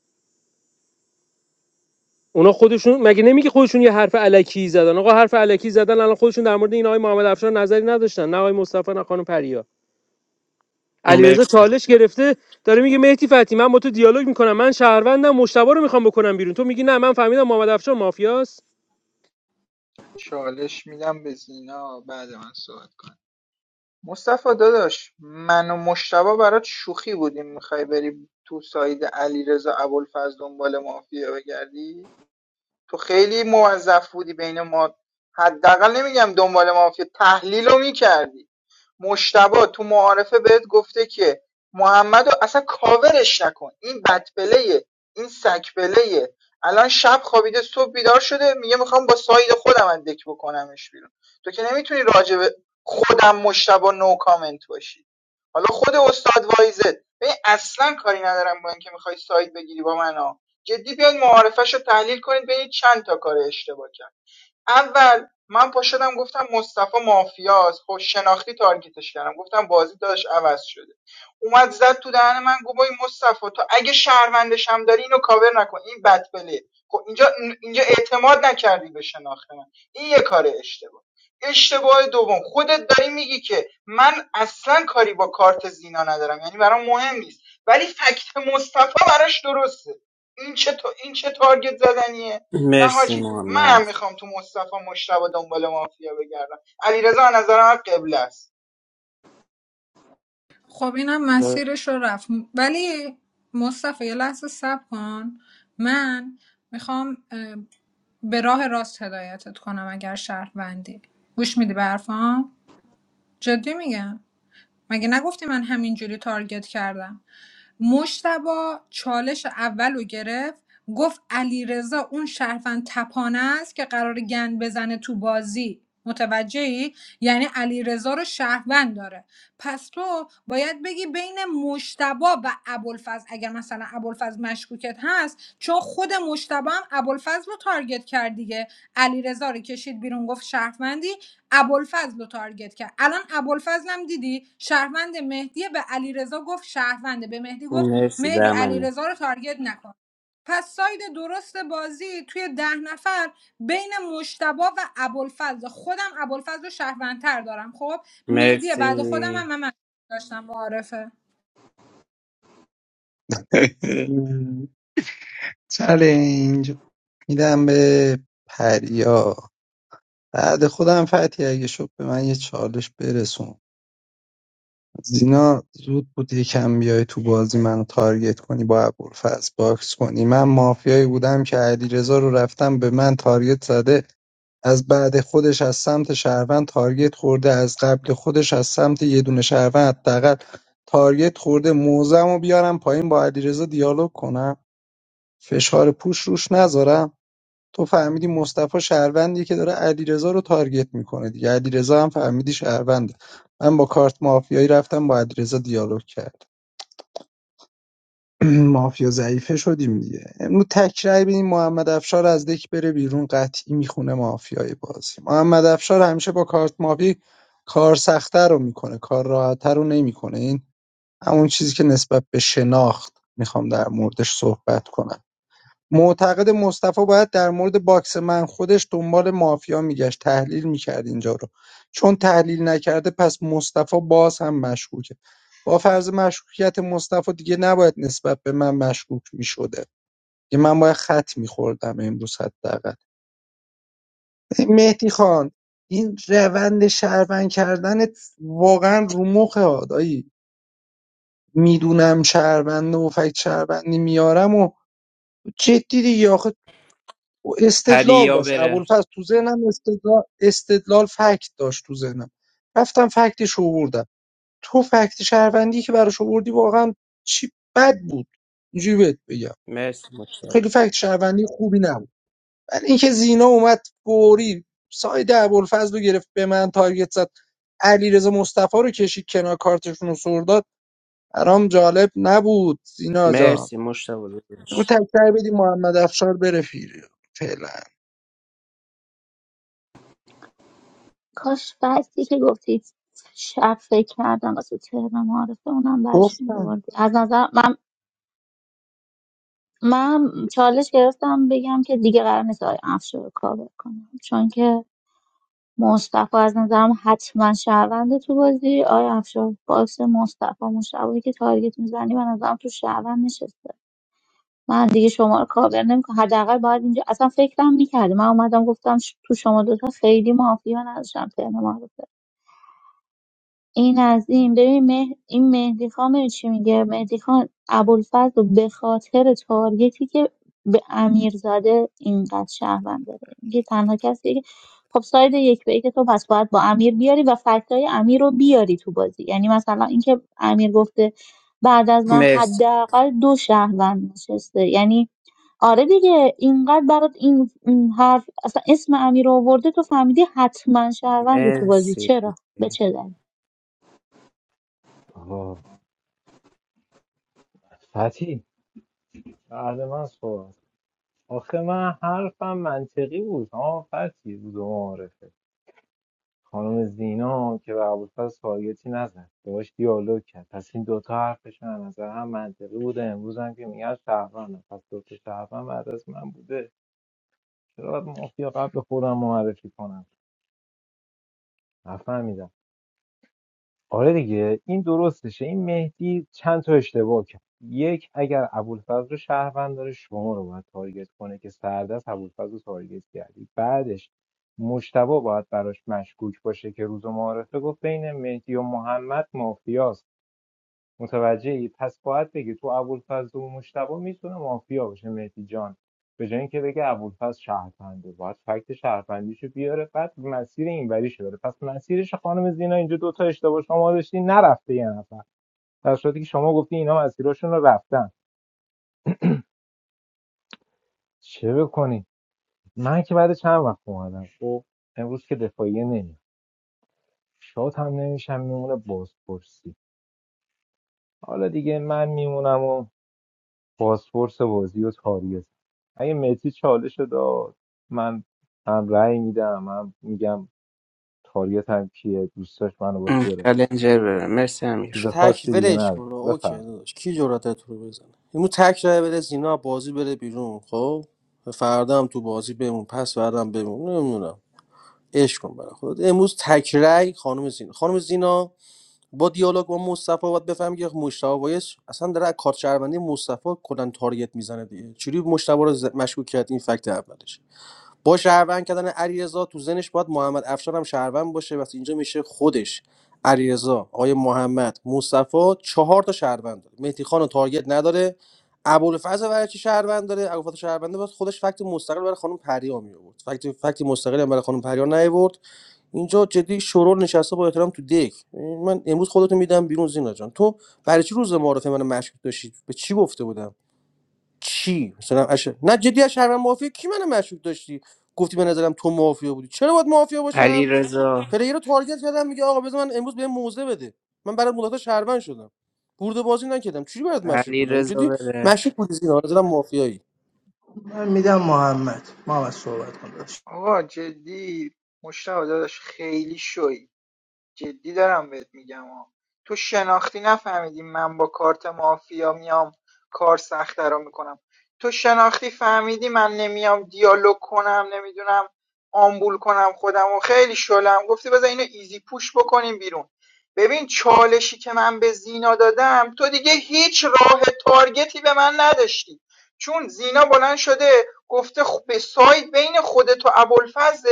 Speaker 1: اونا خودشون مگه نمیگه خودشون یه حرف الکی زدن آقا حرف الکی زدن الان خودشون در مورد این آقای محمد افشار نظری نداشتن نه آقای مصطفی نه خانم پریا علیرضا
Speaker 10: مرسی
Speaker 1: چالش گرفته داره میگه مهدی فتی من با تو دیالوگ میکنم من شهروندم مشتبه رو میخوام بکنم بیرون تو میگی نه من فهمیدم محمد افشار مافیاست
Speaker 19: چالش میدم به زینا بعد من صحبت کنم مصطفی داداش من و مجتبی برات شوخی بودیم میخوای بری تو ساید علیرضا ابوالفضل دنبال مافیا بگردی تو خیلی موظف بودی بین ما حداقل نمیگم دنبال مافیا تحلیل رو میکردی مجتبی تو معارفه بهت گفته که محمدو اصلا کاورش نکن این بدبله این سگبله الان شب خوابیده صبح بیدار شده میگه میخوام با ساید خودم اندک بکنمش بیرون تو که نمیتونی راجع به خودم مشتبه نو کامنت باشی حالا خود استاد وایزد. ببین اصلا کاری ندارم با اینکه میخوای ساید بگیری با من ها جدی بیاین معارفش رو تحلیل کنید ببینید چند تا کار اشتباه کرد اول من پا گفتم مصطفی مافیاست خب شناختی تارگتش کردم گفتم بازی داداش عوض شده اومد زد تو دهن من گفت وای مصطفی تو اگه شهروندش هم داری اینو کاور نکن این بد خب اینجا اینجا اعتماد نکردی به شناخت من این یه کار اشتباه اشتباه دوم خودت داری میگی که من اصلا کاری با کارت زینا ندارم یعنی برام مهم نیست ولی فکت مصطفی براش درسته این چه تا... این چه تارگت زدنیه نه
Speaker 10: مرسی
Speaker 19: حاجی
Speaker 10: محمد
Speaker 19: منم میخوام تو مصطفی مشتبه دنبال مافیا بگردم علیرضا از نظر من قبله است
Speaker 18: خب اینم مسیرش رو رفت ولی مصطفی یه لحظه صبر کن من میخوام اه، به راه راست هدایتت کنم اگر شهروندی گوش میدی به حرفام جدی میگم مگه نگفتی من همینجوری تارگت کردم مشتبا چالش اول رو گرفت گفت علیرضا اون شرفن تپانه است که قرار گند بزنه تو بازی متوجهی یعنی علیرضا رو شهروند داره پس تو باید بگی بین مشتبا و ابوالفضل اگر مثلا ابوالفضل مشکوکت هست چون خود مشتبا هم ابوالفضل رو تارگت کرد دیگه علیرضا رو کشید بیرون گفت شهروندی ابوالفضل رو تارگت کرد الان ابوالفضل هم دیدی شهروند مهدی به علیرضا گفت شهرونده به مهدی گفت
Speaker 10: مرسی
Speaker 18: مهدی
Speaker 10: بهمنه
Speaker 18: علیرضا رو تارگت نکن پس ساید درست بازی توی ده نفر بین مشتبا و ابوالفضل خودم ابوالفضل رو شهروندتر دارم خب مهدی بعد خودم هم
Speaker 10: مرسی
Speaker 18: من مشکوک داشتم معارفه
Speaker 4: چلنج میدم به پریا بعد خودم فتی اگه شد به من یه چالش برسون زینا زود بود یکم بیای تو بازی منو تارگت کنی با ابوالفضل باکس کنی من مافیایی بودم که علیرضا رو رفتم به من تارگت زده از بعد خودش از سمت شهروند تارگت خورده از قبل خودش از سمت یه دونه شهروند حداقل تارگت خورده موزم رو بیارم پایین با علیرضا دیالوگ کنم فشار پوش روش نذارم تو فهمیدی مصطفی شهروندیه که داره علیرضا رو تارگت میکنه دیگه علیرضا هم فهمیدی شهرونده من با کارت مافیایی رفتم با علیرضا دیالوگ کرد مافیا ضعیفه شدیم دیگه امروز تکرای ببینیم محمد افشار از دک بره بیرون قطعی میخونه مافیای بازی محمد افشار همیشه با کارت مافی کار سختتر رو میکنه کار راحتتر رو نمیکنه این همون چیزی که نسبت به شناخت میخوام در موردش صحبت کنم معتقد مصطفی باید در مورد باکس من خودش دنبال مافیا میگشت تحلیل میکرد اینجا رو چون تحلیل نکرده پس مصطفی باز هم مشکوکه با فرض مشکوکیت مصطفی دیگه نباید نسبت به من مشکوک میشده که من باید خط میخوردم امروز حداقل مهدی خان این روند شهروند کردنت واقعا رو مخ دایی میدونم شهرونده و فکت شهروندی میارم و جدی دیگه آخه و استدلال
Speaker 10: هریا
Speaker 4: داشت
Speaker 10: بره
Speaker 4: ابوالفضل تو ذهنم استدلال استدلال فکت داشت تو ذهنم رفتم فکتش رو آوردم تو فکت شهروندی که براش آوردی واقعا چی بد بود اینجوری بهت بگم
Speaker 10: مرسی مشتاق
Speaker 4: خیلی فکت شهروندی خوبی نبود ولی اینکه زینا اومد فوری ساید ابوالفضل رو گرفت به من تارگت زد علیرضا مصطفی رو کشید کنار کارتشون رو سر داد برام جالب نبود زینا جان
Speaker 10: مرسی مشتاق
Speaker 4: رو
Speaker 10: داداش.
Speaker 4: تکرار بدی محمد افشار بره فیره فعلا
Speaker 12: کاش بعدی که گفتید شب فکر کردم واسه تهران معرفه اونم براش
Speaker 4: گفتم
Speaker 12: میآوردی از نظر من من چالش گرفتم بگم که دیگه قرار نیست آقای افشار رو کاور کنم چون که مصطفی از نظرم حتما شهرونده تو بازی آقای افشار باکس مصطفی مشابهی که تارگت میزنی من نظرم تو شهروند نشسته من دیگه شما رو کاور نمیکنم حداقل باید اینجا اصلا فکرم میکردی من اومدم گفتم ش- تو شما دوتا خیلی معافی من نداشتم ترم معرفه این از این ببین مه... این مهدی خان می‌دونی چی میگه مهدی خان ابوالفضل رو به خاطر تارگتی که به امیر زاده اینقدر شهروند داره میگه تنها کسی که خب ساید یک به یک تو پس باید با امیر بیاری و فکتای امیر رو بیاری تو بازی یعنی مثلا اینکه امیر گفته بعد از من
Speaker 10: مرسی
Speaker 12: حداقل دو شهروند نشسته یعنی آره دیگه اینقدر برات این این حرف اصلا اسم امیر رو آورده تو فهمیدی حتما شهرونده تو بازی
Speaker 10: مرسی
Speaker 12: چرا به چه دلیل
Speaker 6: آقا فتی بعد من صحبت آخه من حرفم منطقی بود ها فتی بود و معارفه خانم زینا که به ابوالفضل تارگتی نزد باهاش دیالوگ کرد پس این دوتا حرفشون از نظر هم منطقی بوده امروز هم که میگن شهروند پس دوتا شهروند بعد از من بوده چرا باید مافیا قبل خودم معرفی کنم نفهمیدم آره دیگه این درستشه این مهدی چند تا اشتباه کرد یک اگر ابوالفضل رو شهروند داره شما رو باید تارگت کنه که سردست ابوالفضل رو تارگت کردی بعدش مشتبه باید براش مشکوک باشه که روز معارفه گفت بین مهدی و محمد مافیاست متوجهی پس باید بگی تو ابوالفضل و مشتبه میتونه مافیا باشه مهدی جان به جای اینکه بگه ابوالفضل شهرپنده باید فکت شهرپندیشو بیاره بعد مسیر اینوریشو بره پس مسیرش خانم زینا اینجا دوتا اشتباه شما داشتی نرفته یه نفر در صورتی که شما گفتی اینا مسیرشون رو رفتن چه بکنی من که بعد چند وقت اومدم خب امروز که دفاعیه نمیاد شاد هم نمیشم میمونه بازپرسی حالا دیگه من میمونم بازپرس بازی و تاریخ اگه مسی چالش رو داد من هم رأی میدم هم میگم تاریخ هم کیه دوست داشت منو باش بیاره بازپرس
Speaker 10: کلنجر بره مرسی
Speaker 20: بس
Speaker 6: چیز
Speaker 10: امیر
Speaker 20: تک
Speaker 6: خاصی دیگه
Speaker 20: ولش کن
Speaker 6: ندارم
Speaker 20: اوکی
Speaker 6: بفهم
Speaker 20: داداش کی جرأت تو رو بزنه اینو تک راه بره زینا بازی بره بیرون خب فردا هم تو بازی بمون پس فردا هم بمون نمیدونم عشق کن برای خودت امروز تک رای خانم زینا خانم زینا با دیالوگ با مصطفی باید بفهمی که مشتاق وایس اصلا داره از کارت شهروندی مصطفی کلا تارگت میزنه دیگه چوری مشتبه رو ز- مشکوک کرد این فکت اولش با شهروند کردن علیرضا تو زنش باید محمد افشار هم شهروند باشه وقتی اینجا میشه خودش علیرضا آقای محمد مصطفی چهار تا شهروند داره مهدی خان رو تارگت نداره ابوالفضل برای چی شهروند داره ابوالفضل شهروند باید خودش فکت مستقل برای خانم پریا می آورد فکت فکت مستقلی هم برای خانم پریا نیورد اینجا جدی شورور نشسته با احترام تو دک من امروز خودتو میدم بیرون زینا جان تو برای چی روز معارفه من مشکوک داشتی به چی گفته بودم چی مثلا اش... نه جدی از شهروند مافیا کی من مشکوک داشتی گفتی به نظرم تو مافیا بودی چرا باید مافیا
Speaker 10: علی
Speaker 20: باشم
Speaker 10: رضا
Speaker 20: پلیر رو تارگت کردم میگه آقا بذار من امروز بهم موزه بده من برات مدت شهروند شدم برده بازی نکردم چی برات مشکوک
Speaker 10: علی
Speaker 20: بودم
Speaker 10: رضا
Speaker 20: جدی
Speaker 10: بره
Speaker 20: مشکوک بودی زینا به نظرم مافیایی
Speaker 2: من میدم محمد محمد صحبت کن داداش
Speaker 19: آقا جدی مشتبه داداش خیلی شوی جدی دارم بهت میگم ها تو شناختی نفهمیدی من با کارت مافیا میام کار سخته رو میکنم تو شناختی فهمیدی من نمیام دیالوگ کنم نمیدونم آمبول کنم خودم و خیلی شلم گفتی بذار اینو ایزی پوش بکنیم بیرون ببین چالشی که من به زینا دادم تو دیگه هیچ راه تارگتی به من نداشتی چون زینا بلند شده گفته خ- به سایت بین خودت و ابوالفضل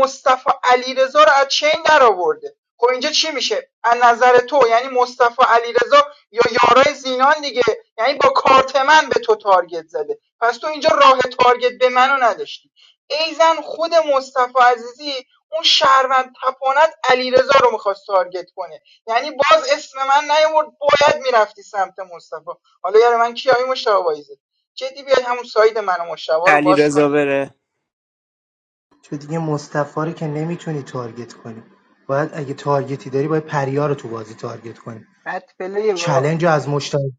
Speaker 19: مصطفی علیرضا رو از چین درآورده خب اینجا چی میشه از نظر تو یعنی مصطفی علیرضا یا یارای زینان دیگه یعنی با کارت من به تو تارگت زده پس تو اینجا راه تارگت به منو نداشتی ایزن خود مصطفی عزیزی اون شهروند تپانت علیرضا رو میخواست تارگت کنه یعنی باز اسم من نیورد باید میرفتی سمت مصطفی حالا یار من کی آیی مشتبه وایزه جدی بیاد همون ساید من و رو
Speaker 10: علی
Speaker 19: باز
Speaker 10: رضا
Speaker 19: کنی
Speaker 10: بره
Speaker 2: تو دیگه مصطفی رو که نمیتونی تارگت کنی باید اگه تارگتی داری باید پریا رو تو بازی تارگت کنی
Speaker 19: بد پلی با
Speaker 2: چلنج رو از مشتبه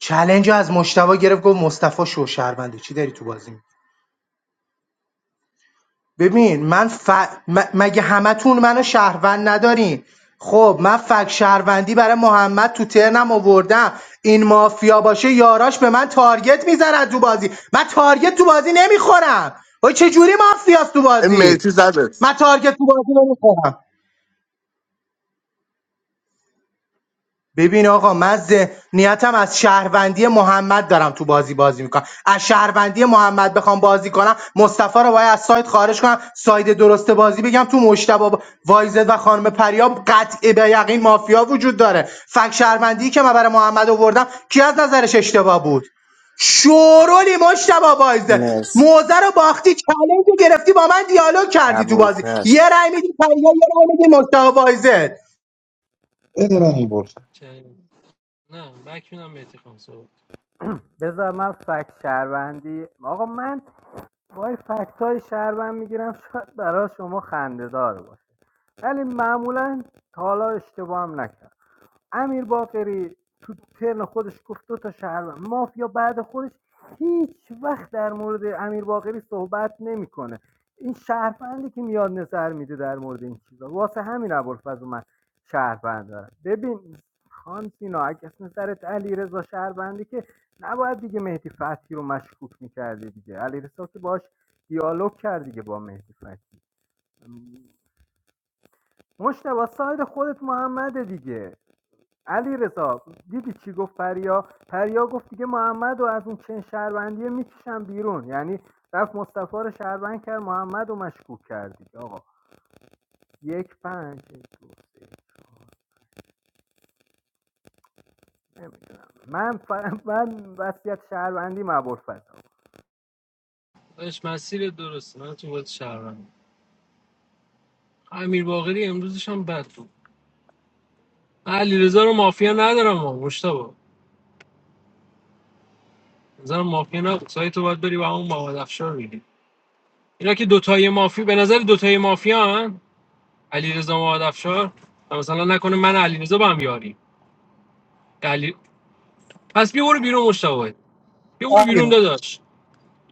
Speaker 2: چلنج رو از مشتبه گرفت گفت مصطفی شو شهرونده چی داری تو بازی ببین من ف... م... مگه همتون منو شهروند ندارین خب من فک شهروندی برای محمد تو ترنم آوردم این مافیا باشه یاراش به من تارگت میزنن تو بازی من تارگت تو بازی نمیخورم وای چه جوری مافیاست تو بازی
Speaker 9: مهدی
Speaker 2: من
Speaker 9: زدت
Speaker 2: تارگت تو بازی نمیخورم ببین آقا من ذهنیتم از شهروندی محمد دارم تو بازی بازی میکنم از شهروندی محمد بخوام بازی کنم مصطفی رو باید از سایت خارج کنم ساید درست بازی بگم تو مشتبه وایزد و خانم پریاب قطع به یقین مافیا وجود داره فک شهروندی که من برای محمد آوردم کی از نظرش اشتباه بود شورولی مشتبه بایزه
Speaker 10: مرسی
Speaker 2: موزه رو باختی چلنج رو گرفتی با من دیالوگ کردی تو بازی
Speaker 10: ابوالفضل
Speaker 2: یه رای میدی پریا یه رای میدی مشتبه بایزه
Speaker 4: بده من این برس.
Speaker 1: نه، بله،
Speaker 11: بذار من فکت شهروندی آقا من وای فکت های شهروند میگیرم شاید برای شما خنده دار باشه ولی معمولا تا حالا اشتباه هم نکردم امیر باقری تو ترن خودش گفت دو تا شهر مافیا بعد خودش هیچ وقت در مورد امیر باقری صحبت نمیکنه این شهروندی که میاد نظر میده در مورد این چیزا واسه همین ابوالفضل من شهروند دارم ببین خان سینا اگه از نظرت علی شهروندی که نباید دیگه مهدی فتحی رو مشکوک میکردی دیگه علیرضا که باش دیالوگ کرد دیگه با مهدی فتحی مشتبه ساید خودت محمده دیگه علیرضا رضا دیدی چی گفت پریا پریا گفت دیگه محمد و از اون چند شهروندیه میکشم بیرون یعنی رفت مصطفی رو شهروند کرد محمد رو مشکوک کرد دیگه آقا یک پنج دو سه من ف... من وصیت شهروندی مبور فضا
Speaker 1: داشت مسیر درسته من تو باید شهرم امیر باقری امروزش هم بد بود من علیرضا رو مافیا ندارم ها مشتبه نظرم مافیا نبود سعی تو باید بری و همون محمد افشار بگیری اینا که دوتای مافیا به نظر دوتای مافیا هن علیرضا محمد افشار و مثلا نکنه من علیرضا با هم یاریم علی... پس بیا برو بیرون مشتبه بیا برو بیرون داداش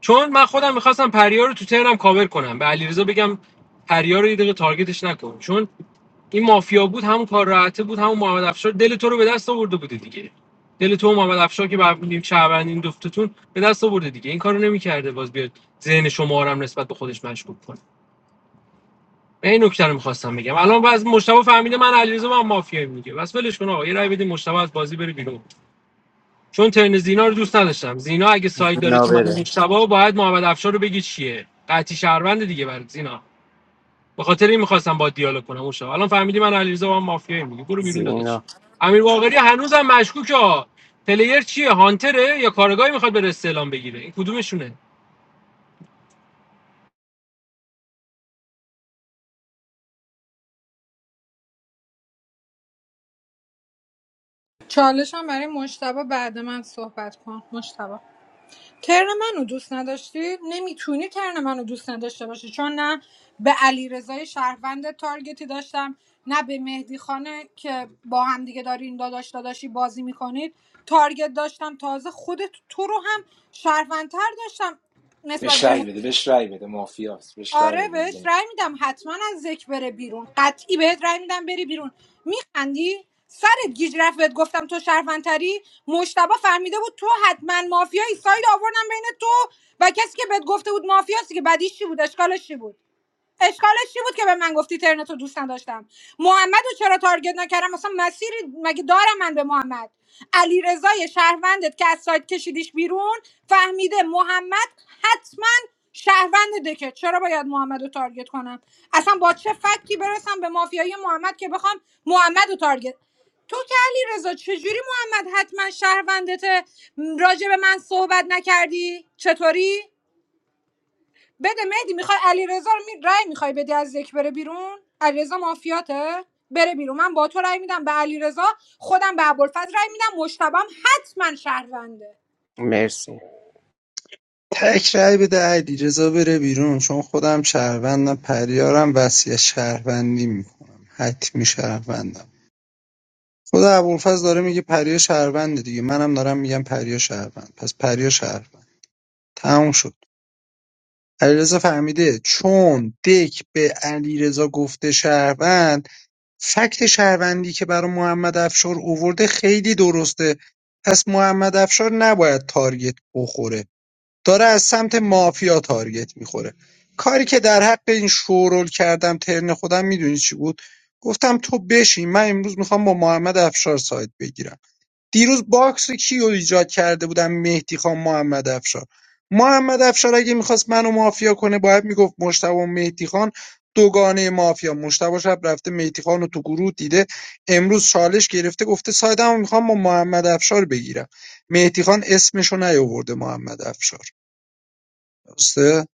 Speaker 1: چون من خودم میخواستم پریا رو تو ترنم کاور کنم به علیرضا بگم پریا رو یه دقیقه تارگتش نکن چون این مافیا بود همون کار راحته بود همون محمد افشار دل تو رو به دست آورده بوده دیگه دل تو و محمد افشار که ببینیم بودیم این دفتتون به دست آورده دیگه این کارو نمیکرده باز بیاد ذهن شما رو هم نسبت به خودش مشکوک کنه من این نکته رو میخواستم بگم الان باز مشتبه فهمیده من علیرضا من مافیا میگه بس ولش کن آقا یه رای بدید مشتبه از بازی بره بیرون چون ترن زینا رو دوست نداشتم زینا اگه ساید داره
Speaker 10: زینا
Speaker 1: تو من و
Speaker 10: بره
Speaker 1: مشتبه باید محمد افشار رو بگی چیه قطعی شهروند دیگه برای زینا به خاطر این میخواستم با دیالوگ کنم اون شب الان فهمیدی من علیرضا با هم مافیایی میگه برو بیرون داداش
Speaker 10: زینا
Speaker 1: امیر واقری هنوزم مشکوکه ها. پلیر چیه هانتره یا کارگاهی میخواد بره استعلام بگیره این کدومشونه
Speaker 18: چالشم برای مشتبا بعد من صحبت کن مشتبا ترن منو دوست نداشتی نمیتونی ترن منو دوست نداشته باشی چون نه به علیرضای رضای شهروند تارگتی داشتم نه به مهدی خانه که با هم دیگه دارین داداش داداشی بازی میکنید تارگت داشتم تازه خودت تو رو هم شهروندتر داشتم نسبت به آره بهش رأی میدم حتما از ذک بره بیرون قطعی بهت رأی میدم بری بیرون میخندی سرت گیج رفت بهت گفتم تو شهروندتری مشتبه فهمیده بود تو حتما مافیایی ساید آوردم بین تو و کسی که بهت گفته بود مافیاست که بدیش چی بود اشکالش چی بود اشکالش چی بود که به من گفتی ترنتو دوست نداشتم محمد رو چرا تارگت نکردم اصلا مسیری مگه دارم من به محمد علی رضای شهروندت که از سایت کشیدیش بیرون فهمیده محمد حتما شهروند دکه چرا باید محمد رو تارگت کنم اصلا با چه فکتی برسم به مافیایی محمد که بخوام محمد رو تارگت تو که علیرضا چجوری محمد حتما شهروندت راجع به من صحبت نکردی چطوری بده مهدی میخوای علیرضا رو می... رأی میخوای بدی از یک بره بیرون علیرضا مافیاته بره بیرون من با تو رای میدم به علیرضا خودم به ابوالفضل رای میدم مشتبم حتما شهرونده
Speaker 10: مرسی
Speaker 4: تک رأی بده علیرضا بره بیرون چون خودم شهروندم پریارم وصیت شهروندی میکنم حتمی شهروندم خود ابوالفضل داره میگه پریا شهرونده دیگه منم دارم میگم پریا شهروند پس پریا شهروند تموم شد علیرضا فهمیده چون دک به علیرضا گفته شهروند فکت شهروندی که برای محمد افشار اوورده خیلی درسته پس محمد افشار نباید تارگت بخوره داره از سمت مافیا تارگت میخوره کاری که در حق این شورول کردم ترن خودم میدونی چی بود گفتم تو بشین من امروز میخوام با محمد افشار سایت بگیرم دیروز باکس کیو ایجاد کرده بودم مهدی خان محمد افشار محمد افشار اگه میخواست منو مافیا کنه باید میگفت مشتبه و مهدی خان دوگانه مافیا مشتبه شب رفته مهدی خان رو تو گروه دیده امروز چالش گرفته گفته سایدم میخوام با محمد افشار بگیرم مهدی خان اسمشو نیاورده محمد افشار درسته؟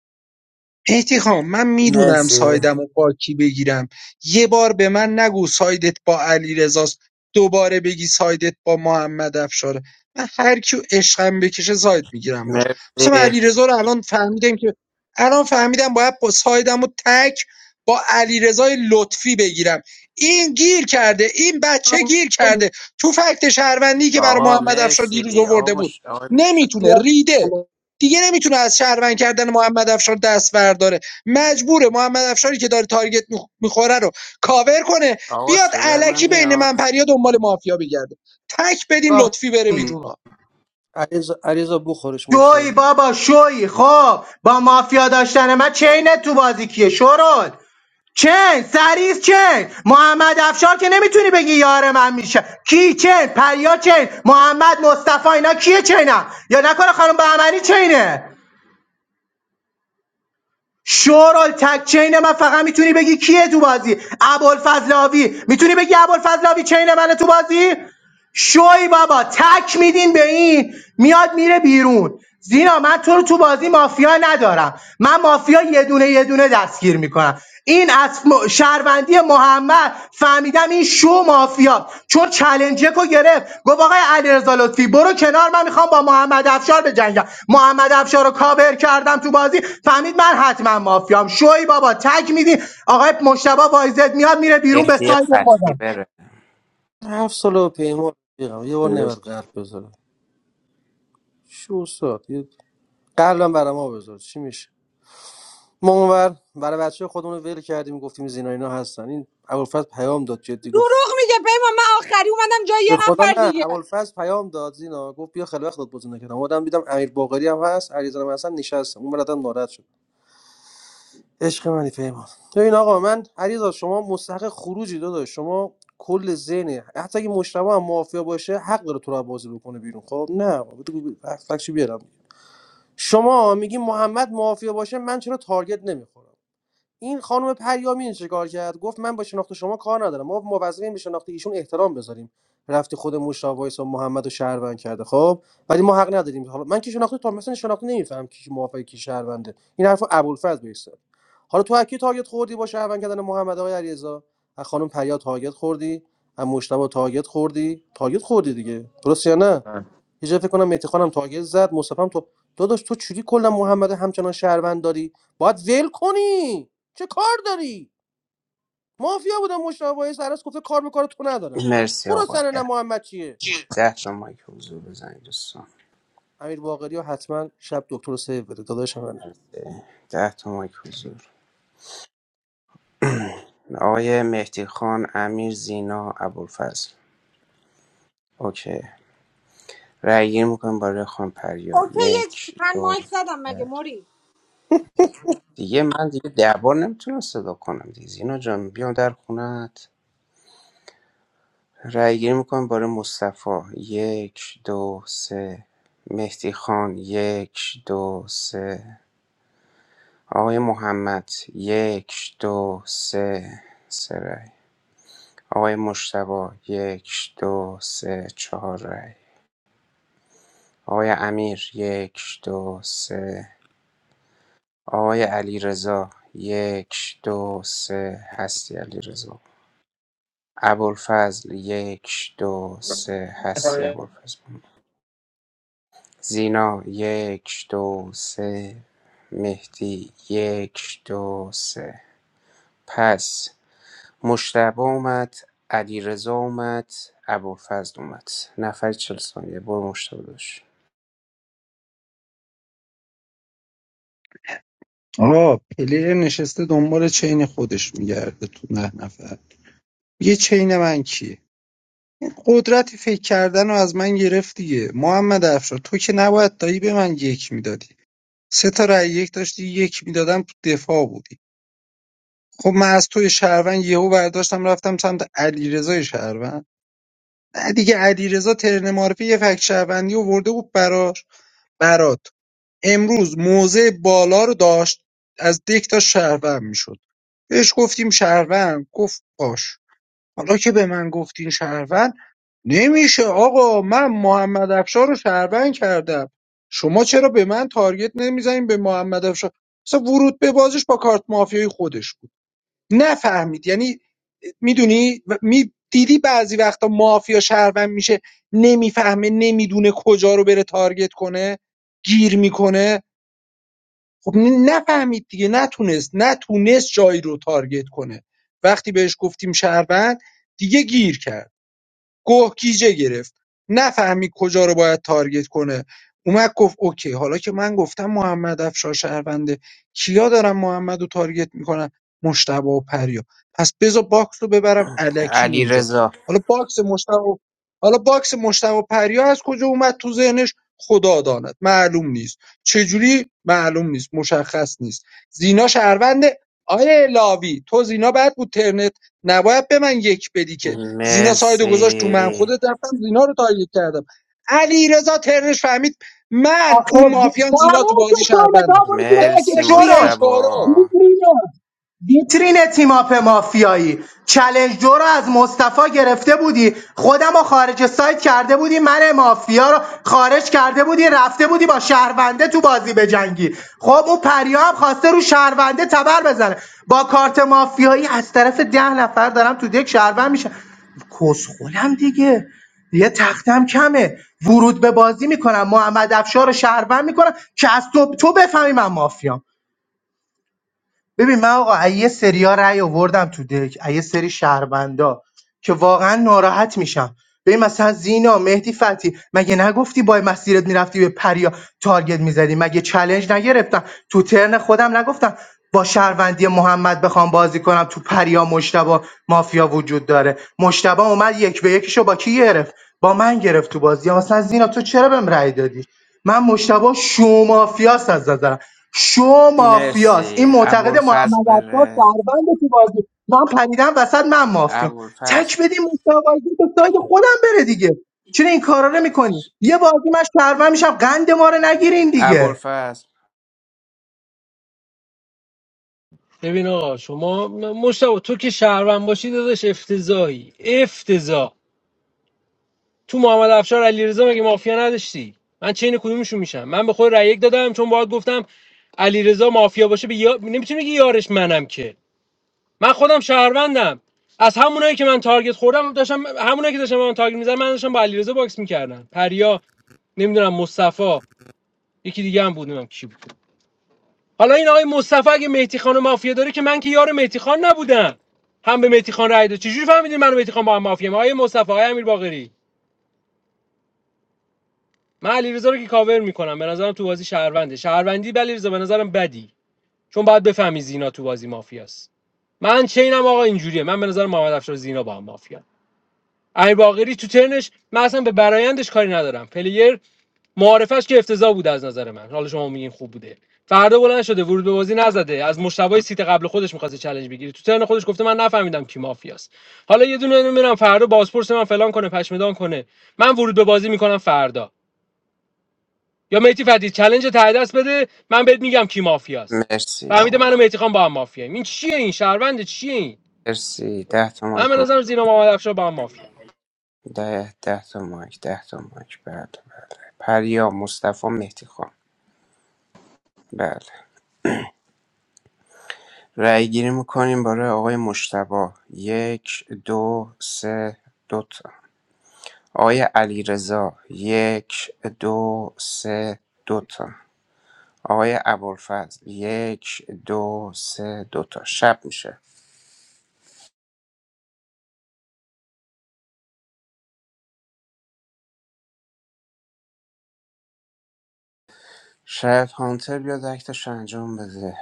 Speaker 4: احتیخام من میدونم
Speaker 10: مرسی
Speaker 4: سایدم و با کی بگیرم یه بار به من نگو سایدت با علی رزاست دوباره بگی سایدت با محمد افشاره من هر کیو عشقم بکشه ساید میگیرم باش مثلا من
Speaker 10: مرسی
Speaker 4: علیرضا رو الان فهمیدم که الان فهمیدم باید با سایدم و تک با علیرضای لطفی بگیرم این گیر کرده این بچه گیر کرده تو فکت شهروندی که برای
Speaker 10: آقا
Speaker 4: محمد افشار دیروز
Speaker 10: مرسی آقا
Speaker 4: آورده بود
Speaker 10: مش آقا مشتاق
Speaker 4: نمیتونه ریده دیگه نمیتونه از شهروند کردن محمد افشار دست برداره مجبوره محمد افشاری که داره تارگت میخ- میخوره رو کاور کنه
Speaker 10: آقا
Speaker 4: بیاد
Speaker 10: صدای
Speaker 4: علکی
Speaker 10: من
Speaker 4: بین من
Speaker 10: میاد
Speaker 4: پریا دنبال مافیا بگرده تک بدین لطفی بره بیرون ها
Speaker 20: علیرضا علیرضا بخورش
Speaker 2: شوی
Speaker 20: مشتاق
Speaker 2: بابا شوی خب با مافیا داشتن من چینت تو بازی کیه شورول چین سریس چین محمد افشار که نمیتونی بگی یار من میشه کی چین پریا چین محمد مصطفی اینا کیه چینم یا نکنه خانم بهمنی چینه شورال تک چین من فقط میتونی بگی کیه تو بازی ابوالفضلاوی میتونی بگی ابوالفضلاوی چین منه تو بازی شوی بابا تک میدین به این میاد میره بیرون زینا من تو رو تو بازی مافیا ندارم من مافیا یه دونه یه دونه دستگیر میکنم این از م- شهروندی محمد فهمیدم این شو مافیا چون چلنجکو گرفت گفت آقای علیرضا لطفی برو کنار من میخوام با محمد افشار بجنگم محمد افشار رو کاور کردم تو بازی فهمید من حتما مافیام شوی بابا تک میدین آقای مشتبه وایزد میاد میره بیرون به
Speaker 10: مهدی
Speaker 2: سایت خودم
Speaker 10: فتحی بره
Speaker 20: هفت سال پیمان رفیقم. یه بار نباید قلب بذاره شو ساعت یه قلبم برای ما بذار چی میشه ما اونور برای بچه خودمون رو ول کردیم گفتیم زینا اینا هستن این ابوالفضل پیام داد جدی گفت
Speaker 18: دروغ میگه پیمان من آخری اومدم جای یه
Speaker 20: به خدا
Speaker 18: نفر
Speaker 20: نه
Speaker 18: دیگه
Speaker 20: ابوالفضل پیام داد زینا گفت بیا خیلی وقت داد بزن نکردم اومدم دیدم امیر باقری هم هست علیرضا هم هستن نشستم اون برادرم ناراحت شد عشق منی پیمان ببین آقا من علیرضا شما مستحق خروجی داداش شما کل ذهنه حتی اگه مشتبه هم مافیا باشه حق داره تو رو از بازی بکنه بیرون خب نه بابا، بگو- بگو، فکرشو بیارم شما میگی محمد مافیا باشه من چرا تارگت نمیخورم این خانم پریامین چیکار کرد گفت من با شناخت شما کار ندارم ما موظفیم به شناخت ایشون احترام بذاریم رفتی خود مشتاق وایس و محمدو و شهروند کرده خب ولی ما حق نداریم حالا من که شناخته تو مثلا شناخته نمیفهم کی موافقه کی شهرونده این حرف ابوالفضل بیست حالا تو از کی تارگت خوردی با شهروند کردن محمد آقای علیرضا از خانم پریا تارگت خوردی از مشتاق تارگت خوردی تارگت خوردی دیگه درست یا نه یه جا فکر کنم مهدی خانم تاگل زد مصطفی تو داداش تو چوری کلا محمد همچنان شهروند داری باید ول کنی چه کار داری مافیا بودم مشابه سرس گفته کار به کار تو ندارم
Speaker 10: مرسی
Speaker 20: تو رو
Speaker 10: آقا
Speaker 20: سر نه
Speaker 10: ده
Speaker 20: محمد چیه
Speaker 10: ده تا مایک حضور بزنید دوستان
Speaker 20: امیر باقری و حتما شب دکتر رو سیو بده داداش منه
Speaker 10: مرسی. ده تا مایک حضور آقای مهدی خان امیر زینا ابوالفضل اوکی رأی گیری میکنیم برای خان پریا
Speaker 18: اوکی یه چی
Speaker 10: یک
Speaker 18: من
Speaker 10: دو
Speaker 18: مایک زدم مگه
Speaker 10: سه.
Speaker 18: موری
Speaker 10: دیگه من دیگه ده بار نمیتونم صدا کنم دیگه زینا جان بیام در خونت رأی گیری میکنم برای مصطفی یک دو سه مهدی خان یک دو سه آقای محمد یک دو سه سه رای آقای مشتبا یک دو سه چهار رای آقای امیر یک دو سه آقای علی رضا یک دو سه هستی علی رضا ابوالفضل یک دو سه هستی ابوالفضل زینا یک دو سه مهدی یک دو سه پس مجتبی اومد، علیرضا اومد، ابوالفضل اومد. نفر چهل ثانیه برو مجتبی داشت.
Speaker 4: آقا پلیر نشسته دنبال چین خودش میگرده تو نه نفر یه چین من کیه این قدرت فکر کردن رو از من گرفت دیگه محمد افشار تو که نباید دایی به من یک میدادی سه تا رأی یک داشتی یک میدادم تو دفاع بود خب من از توی شهروند یهو برداشتم رفتم سمت علیرضای شهروند نه دیگه علیرضا ترن معرفی یه فک شهروندی ورده بود براش برات امروز موزه بالا رو داشت از دک تا شهروند میشد بهش گفتیم شهروند گفت باش حالا که به من گفتین شهروند نمیشه آقا من محمد افشار رو شهروند کردم شما چرا به من تارگت نمیزنین به محمد افشار مثلا ورود به بازش با کارت مافیای خودش بود نفهمید یعنی میدونی می دیدی بعضی وقتا مافیا شهروند میشه نمیفهمه نمیدونه کجا رو بره تارگت کنه گیر میکنه خب ن- نفهمید دیگه نتونست نتونست جایی رو تارگت کنه وقتی بهش گفتیم شهروند دیگه گیر کرد گه گیجه گرفت نفهمید کجا رو باید تارگت کنه اومد گفت اوکی حالا که من گفتم محمد افشار شهرونده کیا دارم محمد رو تارگت میکنن مشتبه و پریا پس بذار باکس رو ببرم الکی اونجا
Speaker 10: علیرضا
Speaker 4: حالا باکس مشتبه حالا باکس مشتبه و پریا از کجا اومد تو ذهنش خدا داند معلوم نیست چجوری معلوم نیست مشخص نیست زینا شهرونده آیه لاوی تو زینا بعد بود ترنت نباید به من یک بدی که زینا سایدو گذاشت تو من
Speaker 10: مرسی
Speaker 4: خودت رفتم زینا رو تارگت کردم علیرضا رضا ترنش فهمید من
Speaker 2: آخه
Speaker 4: اون
Speaker 2: وی-
Speaker 4: مافیان زینا تو
Speaker 2: تمام شد
Speaker 4: بازی
Speaker 2: تایم دا
Speaker 4: شهربنده
Speaker 2: برو زیر
Speaker 10: مرسی
Speaker 2: بکش
Speaker 4: بکش زیر
Speaker 2: شورون
Speaker 4: این شورو
Speaker 2: دیوید
Speaker 10: مجتبا
Speaker 2: میلیون ویترین تیماپ مافیایی چلنج دو رو از مصطفی گرفته بودی خودم رو خارج سایت کرده بودی من مافیا رو خارج کرده بودی رفته بودی با شهرونده تو بازی بجنگی خب اون پریا هم خواسته رو شهرونده تبر بزنه با کارت مافیایی از طرف ده نفر دارم تو دک شهروند میشه کسخولم دیگه یه تختم کمه ورود به بازی میکنم محمد افشار رو شهروند میکنم که از تو, تو بفهمی من مافیام ببین من آقا از یه سریا رأی آوردم تو دک از یه سری شهروندا که واقعا ناراحت میشم ببین مثلا زینا مهدی فتی مگه نگفتی با مسیرت میرفتی به پریا تارگت میزدی مگه چلنج نگرفتم تو ترن خودم نگفتم با شهروندی محمد بخوام بازی کنم تو پریا مشتبا مافیا وجود داره مشتبا اومد یک به یکیشو با کی گرفت با من گرفت تو بازی مثلا زینا تو چرا بهم رأی دادی من مشتبه شو مافیاست از نظرم. شو مافیاست این
Speaker 10: مرسی
Speaker 2: معتقد محمد
Speaker 10: ابوالفضل
Speaker 2: عباس
Speaker 10: بره
Speaker 2: شهروند تو بازی من پریدم وسط من مافیام
Speaker 10: ابوالفضل
Speaker 2: تک بدیم مصطفی به ساید خودم بره دیگه چرا این کارا رو میکنی یه بازی من شهروند میشم قند ما رو نگیرین دیگه
Speaker 10: ابوالفضل
Speaker 1: ببین آقا شما مشتاق تو که شهروند باشی داداش افتضاحی افتضاح تو محمد افشار علیرضا مگه مافیا نداشتی من چین کدومشون میشم من به خود رأی یک دادم چون باید گفتم علیرضا مافیا باشه به یا... نمیتونی بگی یارش منم که من خودم شهروندم از همونایی که من تارگت خوردم داشتم همونایی که داشتم به من تارگت می‌زدن من داشتم با علیرضا باکس میکردم پریا نمیدونم مصطفی یکی دیگه هم بود نمیدونم کی بود حالا این آقای مصطفی اگه مهدی خان و مافیا داره که من که یار مهدی خان نبودم هم به مهدی خان رأی داد چجوری فهمیدین من و مهدی خان با هم مافیا آقای مصطفی آقای امیر باقری من علیرضا رو که کاور میکنم به نظرم تو بازی شهرونده شهروندی بلی علیرضا به نظرم بدی چون باید بفهمی زینا تو بازی مافیاست من چینم آقا اینجوریه من به نظر محمد افشار زینا با هم مافیا امیر باقری تو ترنش من اصلا به برایندش کاری ندارم پلیر معارفش که افتضاح بود از نظر من حالا شما میگین خوب بوده فردا بلند شده ورود به بازی نزده از مشتبه سیت قبل خودش میخواسته چالش بگیری تو ترن خودش گفته من نفهمیدم کی مافیاست حالا یه دونه میرم فردا بازپرس من فلان کنه پشمدان کنه من ورود به بازی میکنم فردا یا میتی فتی چالش ته دست بده من بهت میگم کی مافیاست
Speaker 10: مرسی
Speaker 1: فهمیده
Speaker 10: آقا
Speaker 1: منو میتی خان با هم مافیاییم این چیه این شهروند چیه این
Speaker 10: مرسی ده تا
Speaker 1: من
Speaker 10: مایک
Speaker 1: به
Speaker 10: رو-
Speaker 1: نظرم زینا محمد افشار با هم مافیا
Speaker 10: ده ده تا مایک ده تا مایک بله بله پریا مصطفی مهدی خان بله رای‌گیری می‌کنیم برای آقای مجتبی یک دو سه دوتا تا آقای علیرضا یک دو سه دوتا تا آقای ابوالفضل یک دو سه دوتا تا شب میشه شاید هانتر بیاد اکتش انجام بده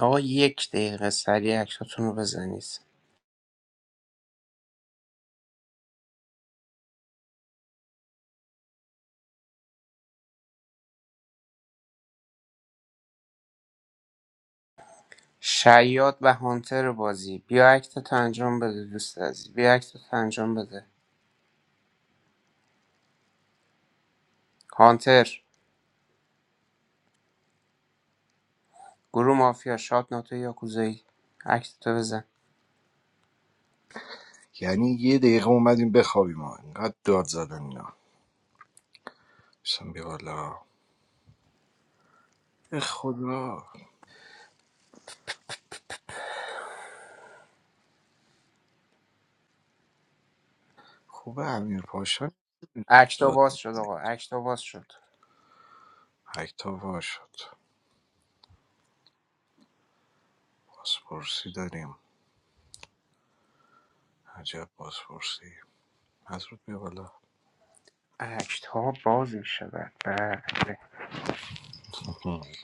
Speaker 10: آقا یک دقیقه سریع اکتاتون رو بزنید شیاد و هانتر بازی بیا اکتت انجام بده دوست عزیز بیا اکتت انجام بده هانتر گروه مافیا شاد ناتو یاکوزایی اکتتو بزن
Speaker 3: یعنی یه دقیقه اومدیم بخوابیم ما اینقدر داد زدن اینا بسن بیا بالا به خدا خوبه امیر پاشا
Speaker 10: اکتا
Speaker 3: داد
Speaker 10: باز شد
Speaker 3: میزنی
Speaker 10: آقا اکتا باز شد
Speaker 3: هکتا وا شد بازپرسی داریم عجب بازپرسی مزرود بیا بالا
Speaker 10: اکتا باز می شود بله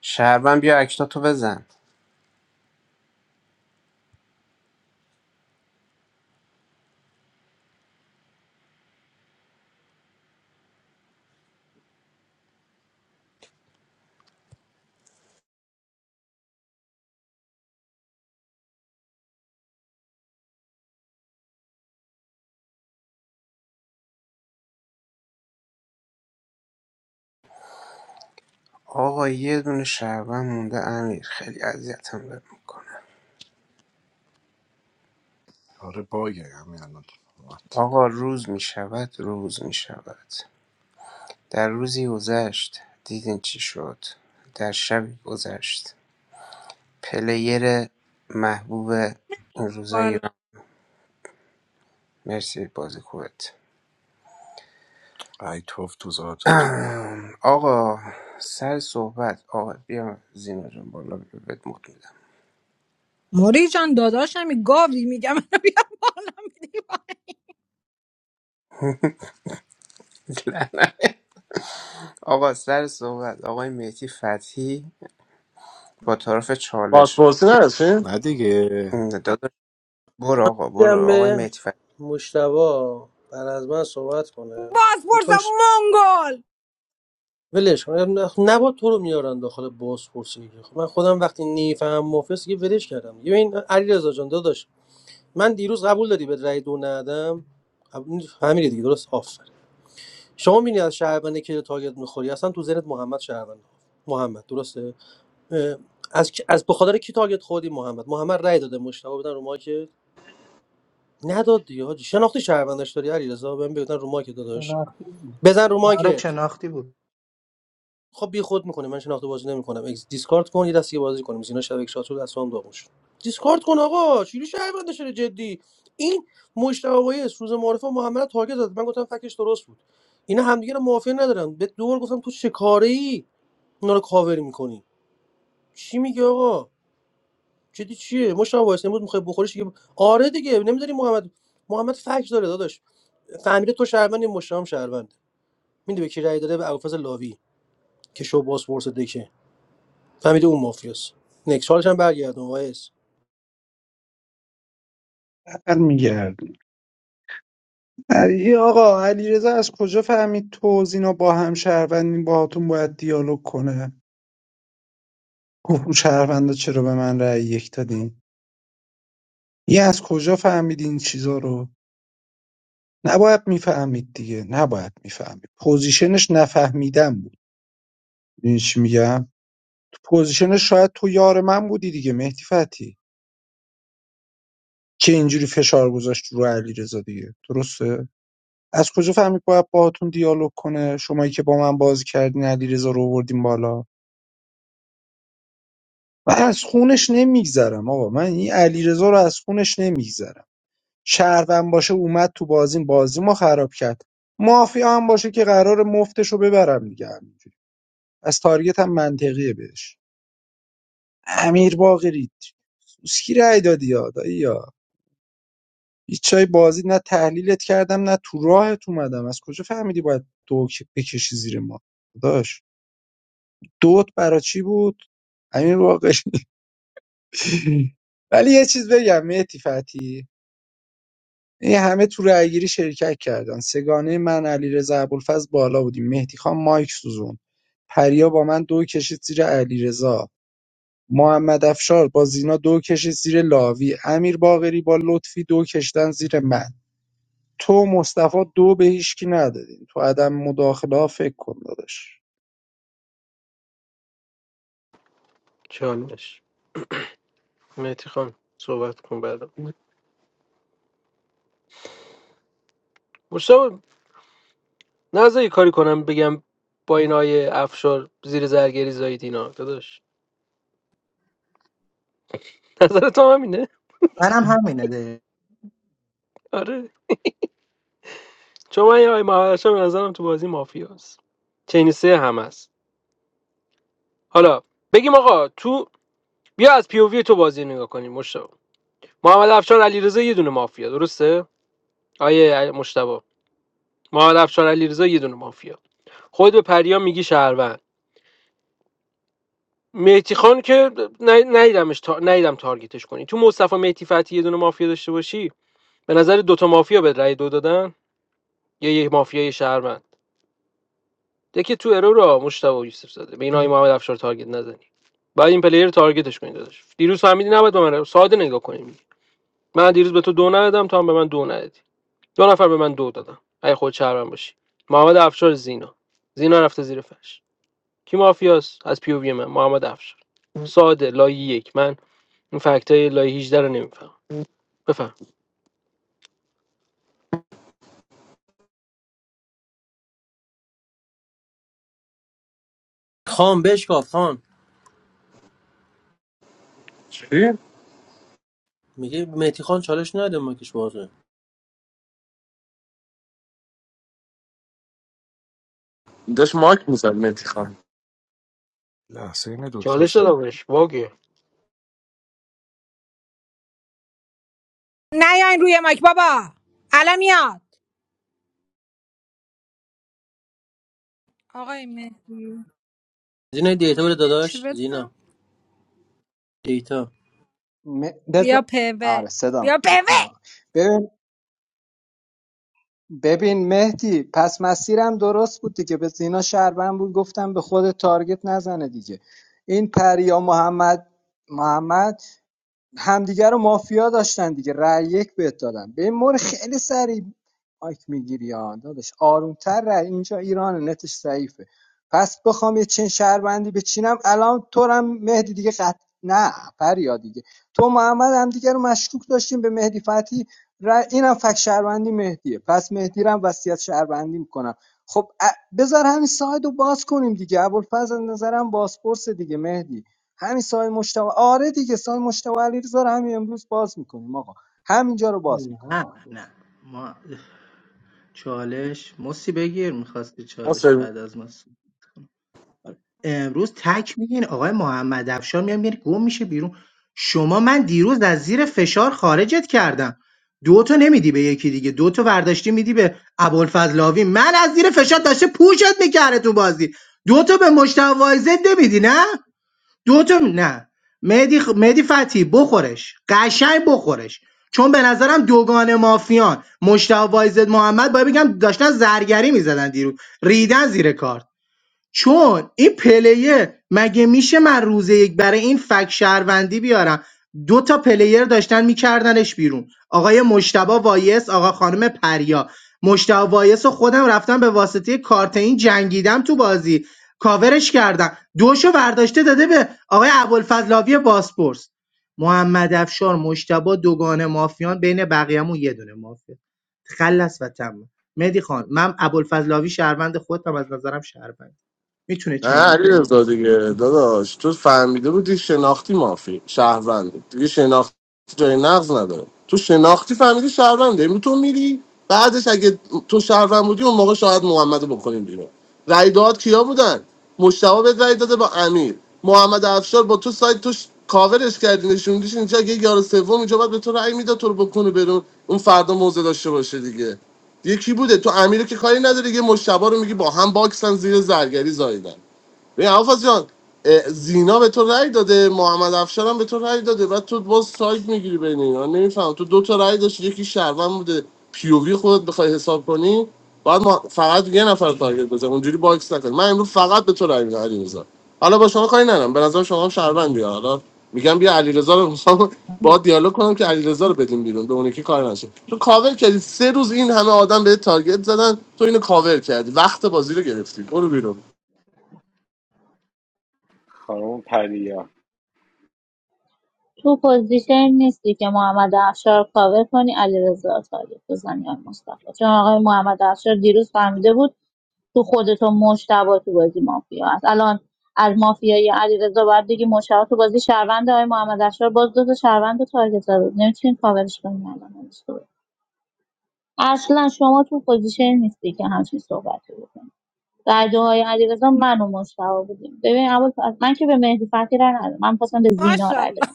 Speaker 10: شهروند بیا اکتا تو بزن آقا یه دونه شهروند مونده امیر خیلی اذیتم داره میکنه
Speaker 3: آره باگه همین الان اومد
Speaker 10: آقا روز می شود روز می شود در روزی گذشت دیدین چی شد در شبی گذشت پلیر محبوب این روزای
Speaker 18: والا
Speaker 10: ایران مرسی بازی خوبت
Speaker 3: ای توف تو ذاتتون
Speaker 10: آقا سر صحبت آقا بیا زینا جان بالا بهت مد میدم
Speaker 18: موری جان داداشمی گاوی میگم بیا بالا میدی
Speaker 10: آقا سر صحبت آقای مهدی فتحی با طرف چالش
Speaker 9: بازپرسی نرسیم
Speaker 3: نه دیگه
Speaker 10: داداش برو آقا
Speaker 20: دیدم
Speaker 10: برو آقای
Speaker 20: به
Speaker 10: مهدی فتحی
Speaker 20: مشتبا بعد از من صحبت کنه
Speaker 18: باز
Speaker 20: یه
Speaker 18: پرسم
Speaker 20: کاش
Speaker 18: منگل
Speaker 20: ولش کنم نبا تو رو میارن داخل باز پرسی من خودم وقتی نیفهم مافیاس یه ولش کردم یه این علیرضا جان داداش من دیروز قبول داری به رأی دو ندم قبول- همین دیگه درست آفر شما میبینی از شهروندی که تارگت میخوری اصلا تو ذهنت محمد شهروند محمد درسته اه، از کی- از بخاطر کی تارگت خوردی محمد محمد رای داده مشتاق بدن رو ماکت نداد دیگه حاجی شناختی شهروندش داری علیرضا بهم بگن رو ماکت داداش
Speaker 2: شناختی بود
Speaker 20: بزن رو
Speaker 2: آره
Speaker 20: ماکت
Speaker 2: شناختی بود
Speaker 20: خب بی خود میکنه من شناخته بازی نمیکنم اگز دیسکارد کن یه دستی داغون کنیم زینا شبکه شاتور دستام داغون شد دیسکارد کن آقا چیلی شهروند شده جدی این مجتبی وایس روز معرفه محمد رو تارگت زد من گفتم فکش درست بود اینا همدیگه رو موافقه ندارن به دور گفتم تو چه کاره ای اینا رو کاور میکنی چی میگی آقا جدی چیه مجتبی وایس نمود میخوای بخوریش دیگه آره دیگه نمیذاری محمد محمد فکش داره داداش فهمیده تو شهروند این مجتبی هم شهروند میدونی به کی رأی داده به ابوالفضل لاوی که شو باس پرسه فهمیده اون مافیاست نکس چالش هم برگردون وایس
Speaker 4: برمیگرد علی آقا علیرضا از کجا فهمید تو زینا با هم شهروندین باهاتون باید دیالوگ کنه گفت اون شهروندا چرا به من رأی یک دادین یه از کجا فهمید این چیزا رو نباید میفهمید دیگه نباید میفهمید پوزیشنش نفهمیدن بود این چی میگم پوزیشن شاید تو یار من بودی دیگه مهدی فتحی که اینجوری فشار گذاشت رو علیرضا دیگه درسته از کجا فهمید باید باهاتون دیالوگ کنه شمایی که با من بازی کردین علیرضا رو آوردین بالا من از خونش نمیگذرم آقا من این علیرضا رو از خونش نمیگذرم شهروند باشه اومد تو بازیم بازی ما خراب کرد مافیا هم باشه که قرار مفتش رو ببرم دیگه همینجوری از تارگت هم منطقیه بهش امیر باقری سوسکی رای دادی یا دایی هیچ جای بازی نه تحلیلت کردم نه تو راهت اومدم از کجا فهمیدی باید دو ک- بکشی زیر ما داداش دوت برا چی بود همین واقع ولی یه چیز بگم مهدی فتی این همه تو رأیگیری شرکت کردن سگانه من علیرضا ابوالفضل بالا بودیم مهدی خان مایک سوزون پریا با من دو کشید زیر علیرضا محمد افشار با زینا دو کشید زیر لاوی امیر باقری با لطفی دو کشیدن زیر من تو و مصطفی دو به هیچکی ندادین تو عدم مداخله ها فکر کن داداش
Speaker 1: مشتاق نذار یه کاری کنم بگم با این آیه افشار زیر زرگری زایید اینا داداش نظر تو هم همینه
Speaker 2: منم همینه ده
Speaker 1: آره چون من یه آیه مهاجرشا به نظرم تو بازی مافیاست چین سه هم هست حالا بگیم آقا تو بیا از پی او وی تو بازی نگاه کنیم مشتاق محمد افشار علیرضا یه دونه مافیا درسته آیه مشتبه محمد افشار علیرضا یه دونه مافیا خود به پریا میگی شهروند مهتی خان که ن- ندیدمش تا... ندیدم تارگتش کنی تو مصطفی مهتی فتی یه دونه مافیا داشته باشی به نظر دوتا مافیا به رأی دو دادن یا یک مافیای شهروند دکی تو ارو را مشتبه یوسف زاده به این آقای محمد افشار تارگت نزنی بعد این پلیر رو تارگتش کنید داداش دیروز فهمیدی نباید به من ساده نگاه کنیم من دیروز به تو دو ندادم تو هم به من دو ندادی دو نفر به من دو دادن. اگه خود شهروند باشی محمد افشار زینا زینا رفته زیر فش کی مافیاست از پی او وی من محمد افشار ساده لایه یک من این فکتای های لایه 18 رو نمیفهم بفهم
Speaker 20: خان بشکاف خان
Speaker 9: چی؟
Speaker 20: میگه مهدی خان چالش نده مکش بازه
Speaker 9: داشت مایک میزد مهدی خان
Speaker 3: لحظه اینه دکتر
Speaker 1: چالش
Speaker 3: سر
Speaker 1: دادمش باگه
Speaker 18: نیاین روی مایک بابا الان میاد آقای مهدی
Speaker 20: زینا دیتا بده
Speaker 18: چی
Speaker 20: داداش
Speaker 18: بدم
Speaker 20: زینا دیتا
Speaker 11: م-
Speaker 18: بیا
Speaker 11: بذار
Speaker 18: پوه
Speaker 11: آره صدام
Speaker 18: بیا
Speaker 11: فکر
Speaker 18: پوه
Speaker 11: کنم ببین ببین مهدی پس مسیرم درست بود دیگه به زینا شهروند بود گفتم به خود تارگت نزنه دیگه این پریا محمد محمد همدیگه رو مافیا داشتن دیگه رأی یک بهت دادن به این مورد خیلی سریع مایک میگیری یا داداش آرومتر رأی اینجا ایران نتش ضعیفه پس بخوام یه چین شهروندی بچینم الان تو هم مهدی دیگه قط نه فریا دیگه تو محمد هم دیگه رو مشکوک داشتیم به مهدی فتی رأی اینم فک شهروندی مهدیه پس مهدی رو هم وصیت شهروندی میکنم خب بذار همین ساید باز کنیم دیگه ابوالفضل از نظرم بازپرس دیگه مهدی همین سایه مشتاق آره دیگه سایه مشتاق علیرضا رو همین امروز باز میکنیم آقا همینجا رو باز
Speaker 2: نه
Speaker 11: میکنم
Speaker 2: نه ما چالش مسی بگیر میخواستی
Speaker 9: ما
Speaker 2: چالش بعد از ما امروز تک میگین آقای محمد افشار میام میره گم میشه بیرون شما من دیروز از زیر فشار خارجت کردم دو تا نمیدی به یکی دیگه دو تا ورداشتی میدی به ابوالفضلاوی من از زیر فشار داشته پوشت میکرده تو بازی دو تا به مشتوایزه نمیدی نه دو تا نه مهدی, خ... مهدی فتی بخورش قشنگ بخورش چون به نظرم دوگان مافیان مشتاق وایزد محمد باید بگم داشتن زرگری میزدن دیروز ریدن زیر کارت چون این پلیر مگه میشه من روز یک برای این فک شهروندی بیارم دو تا پلیر داشتن میکردنش بیرون آقای مشتبا وایس آقا خانم پریا مشتبا وایس و خودم رفتم به واسطه کارت این جنگیدم تو بازی کاورش کردم دوشو برداشته داده به آقای ابوالفضلاوی باسپورس محمد افشار مشتبا دوگان مافیان بین بقیه‌مون یه دونه مافیا خلص و تمام مهدی خان من ابوالفضلاوی شهروند خودم از نظرم شهروند میتونه
Speaker 9: نه
Speaker 2: چین
Speaker 9: علی
Speaker 2: اون
Speaker 9: رضا دیگه داداش تو فهمیده بودی شناختی مافی شهروند دیگه شناختی جای نقض نداره تو شناختی فهمیدی شهرونده امروز تو میری بعدش اگه تو شهروند بودی اون موقع شاید محمد رو بکنیم بیرون رای داد کیا بودن مشتبه به رای داده با امیر محمد افشار با تو سایت تو ش- کاورش کردی نشوندیش اینجا اگه یار سوم اینجا باید به تو رای میداد تو رو بکنه برون اون فردا موزه داشته باشه دیگه یکی بوده تو امیر که کاری نداره یه مشتبه رو میگی با هم باکسن زیر زرگری زایدن ببین حافظ جان اه، زینا به تو رأی داده محمد افشار هم به تو رأی داده بعد تو باز سایت میگیری بین اینا نمیفهم تو دو تا رأی داشتی یکی شهروند بوده پیووی خودت بخوای حساب کنی باید ما فقط یه نفر تارگت بزن اونجوری باکس نکن من امروز فقط به تو رأی میدم علیرضا حالا با شما کاری ندارم به نظر شما هم شهروندی ها. حالا میگم بیا علیرضا رو میخوام با دیالوگ کنم که علیرضا رو بدیم بیرون به اون یکی کار نشه تو کاور کردی سه روز این همه آدم به تارگت زدن تو اینو کاور کردی وقت بازی رو گرفتی برو بیرون
Speaker 6: خانم پریا
Speaker 12: تو پوزیشن نیستی که محمد افشار رو کاور کنی علیرضا رو تارگت بزنی آقای مصطفی چون آقای محمد افشار دیروز فهمیده بود تو خودت و مشتبه تو بازی مافیا هست الان از مافیای علیرضا باید دیگه مشتبه تو بازی شهروند آقای محمد افشار باز دو تا شهروند رو تارگت زده بود نمی‌تونین کاورش کنی الان نمی‌تونی. اصلا شما تو پوزیشن نیستی که همچین صحبتی بکنی در دعای علیرضا من و مشتبه بودیم ببین اول من که به مهدی فتحی رای ندادم من خواستم به زینا رای بدم.
Speaker 18: ماشاءالله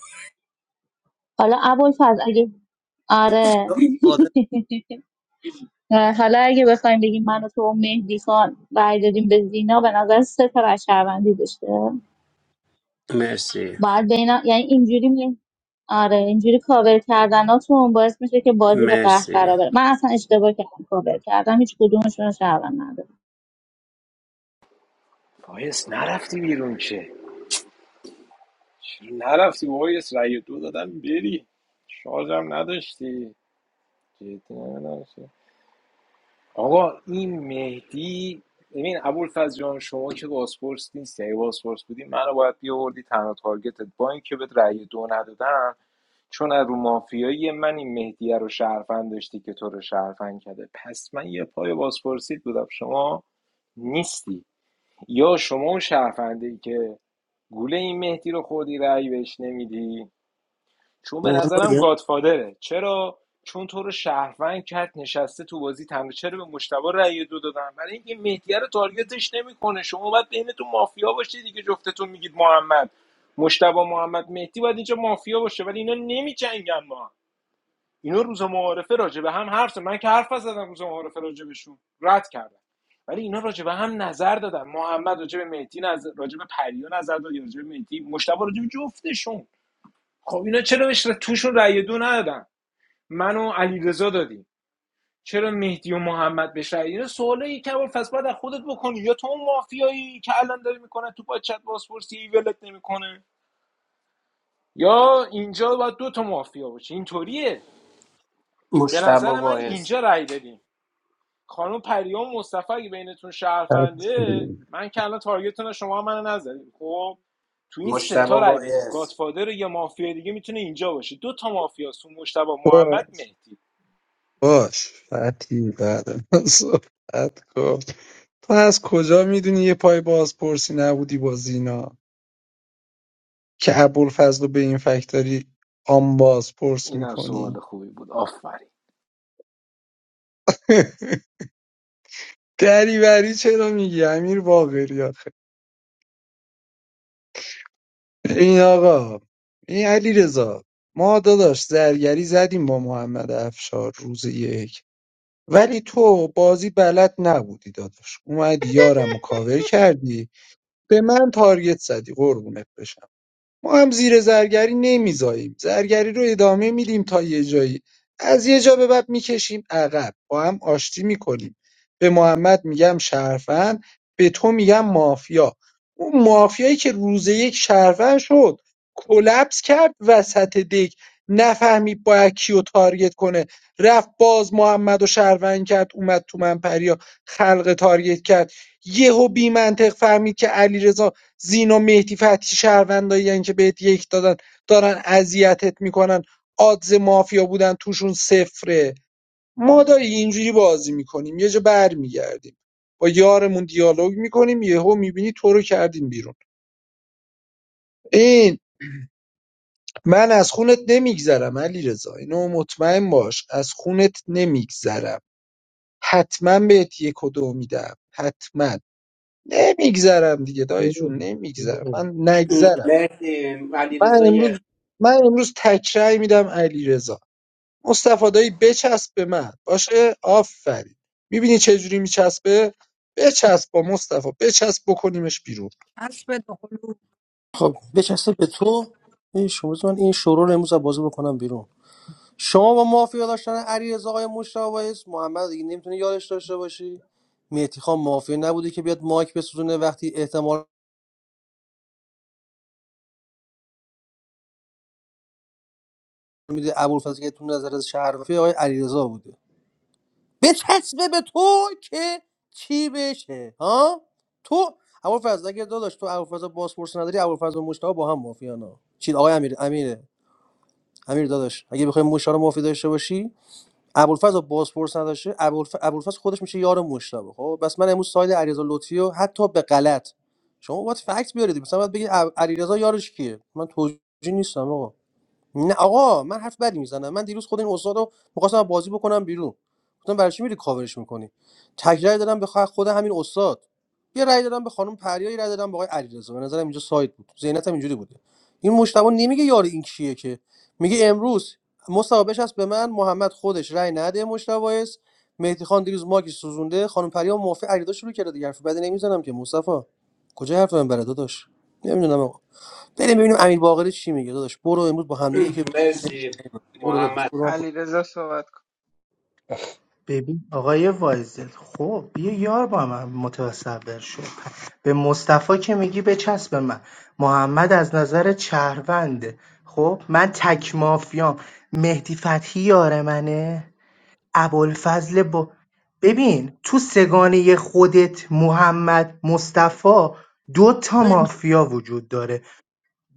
Speaker 12: حالا ابوالفضل اگه آره
Speaker 20: آره.
Speaker 12: حالا اگه بخوایم بگیم من و تو و مهدی خان رای دادیم به زینا به نظر سه تا رای شهروندی داشته
Speaker 10: مرسی
Speaker 12: باید بین یعنی اینجوری می... آره اینجوری کاور کردناتون باعث میشه که بازی به قهقرا
Speaker 10: مرسی
Speaker 12: بره من اصلا اشتباه کردم کاور کردم هیچ کدومشون رو شهروند ندارم
Speaker 6: وایس نرفتی بیرون که چی نرفتی وایس رأی دو دادم بری شارژم نداشتی جدی نمی‌دونم. آقا این مهدی ببین ابوالفضل جان شما که بازپرس نیستی اگه بازپرس بودی منو باید بیاوردی تنها تارگتت با اینکه بهت رأی دو ندادم چون از رو مافیایی من این مهدیه رو شرفن داشتی که تو رو شرفن کرده پس من یه پای بازپرسیت بودم شما نیستی یا شما اون شرفنده ای که گوله این مهدی رو خوردی رأی بهش نمیدی چون به
Speaker 20: او من
Speaker 6: نظرم
Speaker 20: داده؟
Speaker 6: گادفادره چرا چون تو رو شهروند کرد نشسته تو بازی تنها چرا به مشتبه رأی دو دادن برای اینکه مهدیه رو تارگتش نمیکنه شما باید بینتون مافیا باشه دیگه جفتتون میگید محمد مشتبه محمد مهدی باید اینجا مافیا باشه ولی اینا نمیجنگن ما هم. اینا روز معارفه راجع به هم حرف زدن. من که حرف زدم روز معارفه راجع بهشون رد کردم ولی اینا راجع به هم نظر دادن محمد راجع به مهدی نظر راجع به پریا نظر داد راجع به مهدی مشتبه راجع به جفتشون خب اینا چرا بهش توشون رأی دو ندادن من و علیرضا دادیم چرا مهدی و محمد بهش رأی اینا سوالی که کبار پس بعد از خودت بکنی یا تو اون مافیایی که الان داری میکنه تو پاچت بازپرسی ولت نمیکنه یا اینجا باید دو تا مافیا باشه اینطوریه به
Speaker 10: مشتبه
Speaker 6: نظر من
Speaker 10: باعث
Speaker 6: اینجا رأی بدیم خانم پریام مصطفی اگه بینتون شهرفنده
Speaker 4: فتی
Speaker 6: من که الان تارگتتون شما منو نزدید خب تو این سه
Speaker 10: مشتبه
Speaker 6: تا رأی بدیم
Speaker 10: باعث
Speaker 6: گاتفادر یا مافیا دیگه میتونه اینجا باشه دو تا مافیاست تو مشتبه محمد
Speaker 4: باش
Speaker 6: مهدی
Speaker 4: باش فتی بعد من صحبت کن تو از کجا میدونی یه پای بازپرسی نبودی با زینا که ابوالفضل رو به این فکتاری آن بازپرس
Speaker 6: این هم سوال
Speaker 4: میکنی
Speaker 6: خوبی بود آفرین
Speaker 4: دریوری چرا میگی امیر باقری آخه این آقا این علی رضا ما داداش زرگری زدیم با محمد افشار روز یک ولی تو بازی بلد نبودی داداش اومدی یارمو کاور کردی به من تارگت زدی قربونت بشم ما هم زیر زرگری نمیزاییم زرگری رو ادامه میدیم تا یه جایی از یه جا به بعد میکشیم عقب با هم آشتی میکنیم به محمد میگم شرفن به تو میگم مافیا اون مافیایی که روز یک شرفن شد کلپس کرد وسط دک نفهمید باید کیو تارگت کنه رفت باز محمد و شهروند کرد اومد تو منپریا خلق تارگت کرد یهو بی منطق فهمید که علیرضا زین و مهدی فتحی شهروندایین که بهت یک دادن دارن اذیتت میکنن آدز مافیا بودن توشون صفره ما داری اینجوری بازی میکنیم یه جا بر میگردیم با یارمون دیالوگ میکنیم یهو میبینی تو رو کردیم بیرون این من از خونت نمیگذرم علی رضا اینو مطمئن باش از خونت نمیگذرم حتما بهت یک و دو میدم حتما نمیگذرم دیگه دایی جون نمیگذرم من نگذرم
Speaker 10: مرسی علی
Speaker 4: من
Speaker 10: رضای
Speaker 4: امروز من امروز تکرای میدم علی رضا مصطفی دایی بچسب به من باشه آفرین میبینی چه جوری میچسبه بچسب با مصطفی بچسب بکنیمش بیرون
Speaker 18: اسب دوقلو
Speaker 20: خب بچسته به تو این شما بذار من این شروع رو امروز از بازی بکنم بیرون شما با مافیا داشتن علیرضا آقای مشتاق وایس محمد دیگه نمیتونی یادش داشته باشی مهدی خان مافیا نبوده که بیاد مایک بسوزونه وقتی احتمال میده ابوالفضل که تو نظر از شهر رفته آقای علیرضا بوده بچسبه به تو که چی بشه ها تو ابوالفضل اگه داداش تو ابوالفضل بازپرس نداری ابوالفضل و مشتاق با هم مافیانا چی آقای امیر امیر امیر داداش اگه بخوای مشتاق رو مافی داشته باشی ابوالفضل بازپرس نداشته ابوالف- ابوالفضل خودش میشه یار مشتاق خب بس من امروز ساید علیرضا لطفی رو حتی به غلط شما باید فکت بیارید مثلا باید بگید اب- علیرضا یارش کیه من توجیه نیستم آقا نه آقا من حرف بدی میزنم من دیروز خود این استاد رو می‌خواستم از بازی بکنم بیرون گفتم برای چی میری کاورش میکنی تکرار دادم به خ- خود همین استاد یه رأی دادم به خانم پریا یه رأی دادم به آقای علیرضا به نظرم اینجا سایت بود ذهنیتم اینجوری بوده این مشتبه نمیگه یار این کیه که میگه امروز مصاحبهش هست به من محمد خودش رأی نده مشتبه است مهدی خان دیروز ماکی سوزونده خانم پریا موافق علیرضا شروع کرده دیگه حرف بدی نمیزنم که مصطفی کجا حرف من برات داداش نمیدونم بریم ببینیم امیر باقری چی میگه داداش برو امروز با هم دیگه که
Speaker 10: مرسی
Speaker 20: برو داداش
Speaker 10: محمد
Speaker 20: برو من پشت-
Speaker 19: علیرضا صحبت
Speaker 2: ببین آقای وایزل خب یه یار با من متصور شد به مصطفی که میگی بچسب به من محمد از نظر شهرونده خب من تک مافیام مهدی فتحی یار منه ابوالفضل با ببین تو سگانه خودت محمد مصطفی دو تا مافیا وجود داره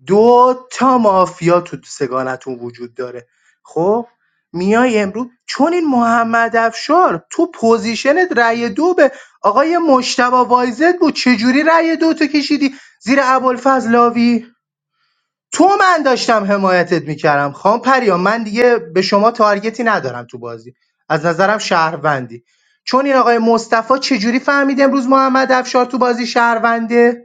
Speaker 2: دو تا مافیا تو سگانتون وجود داره خب میای امروز چون این محمد افشار تو پوزیشنت رأی دو به آقای مشتبه وایزد بود چجوری رأی دو تو کشیدی زیر ابوالفضل لاوی تو من داشتم حمایتت میکردم خام پریام من دیگه به شما تارگتی ندارم تو بازی از نظرم شهروندی چون این آقای مصطفی چجوری فهمید امروز محمد افشار تو بازی شهرونده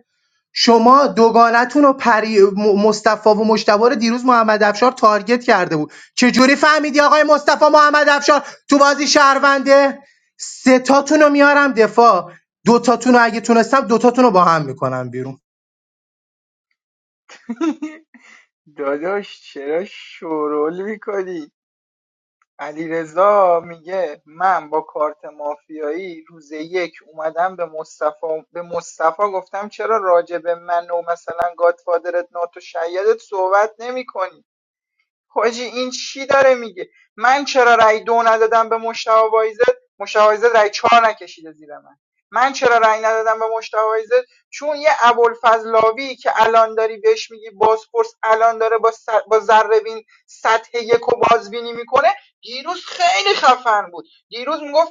Speaker 2: شما دوگانتون رو پری م- مصطفی و مجتبی رو دیروز محمد افشار تارگت کرده بود چجوری فهمیدی آقای مصطفی محمد افشار تو بازی شهرونده سه تاتون رو میارم دفاع دو تاتون رو اگه تونستم دو تاتون رو با هم میکنم بیرون
Speaker 19: داداش چرا شورول میکنی علیرضا میگه من با کارت مافیایی روز یک اومدم به مصطفی به مصطفی گفتم چرا راجع به من و مثلا گادفادرت ناتو شیدت صحبت نمی کنی؟ حاجی این چی داره میگه من چرا رأی دو ندادم به مشتاق وایزد مشتاق وایزد رأی چهار نکشیده زیر من من چرا رأی ندادم به مشتاق وایزد چون یه ابوالفضلاوی که الان داری بهش میگی بازپرس الان داره با, س... با ذره سطح یک و بازبینی میکنه دیروز خیلی خفن بود دیروز میگفت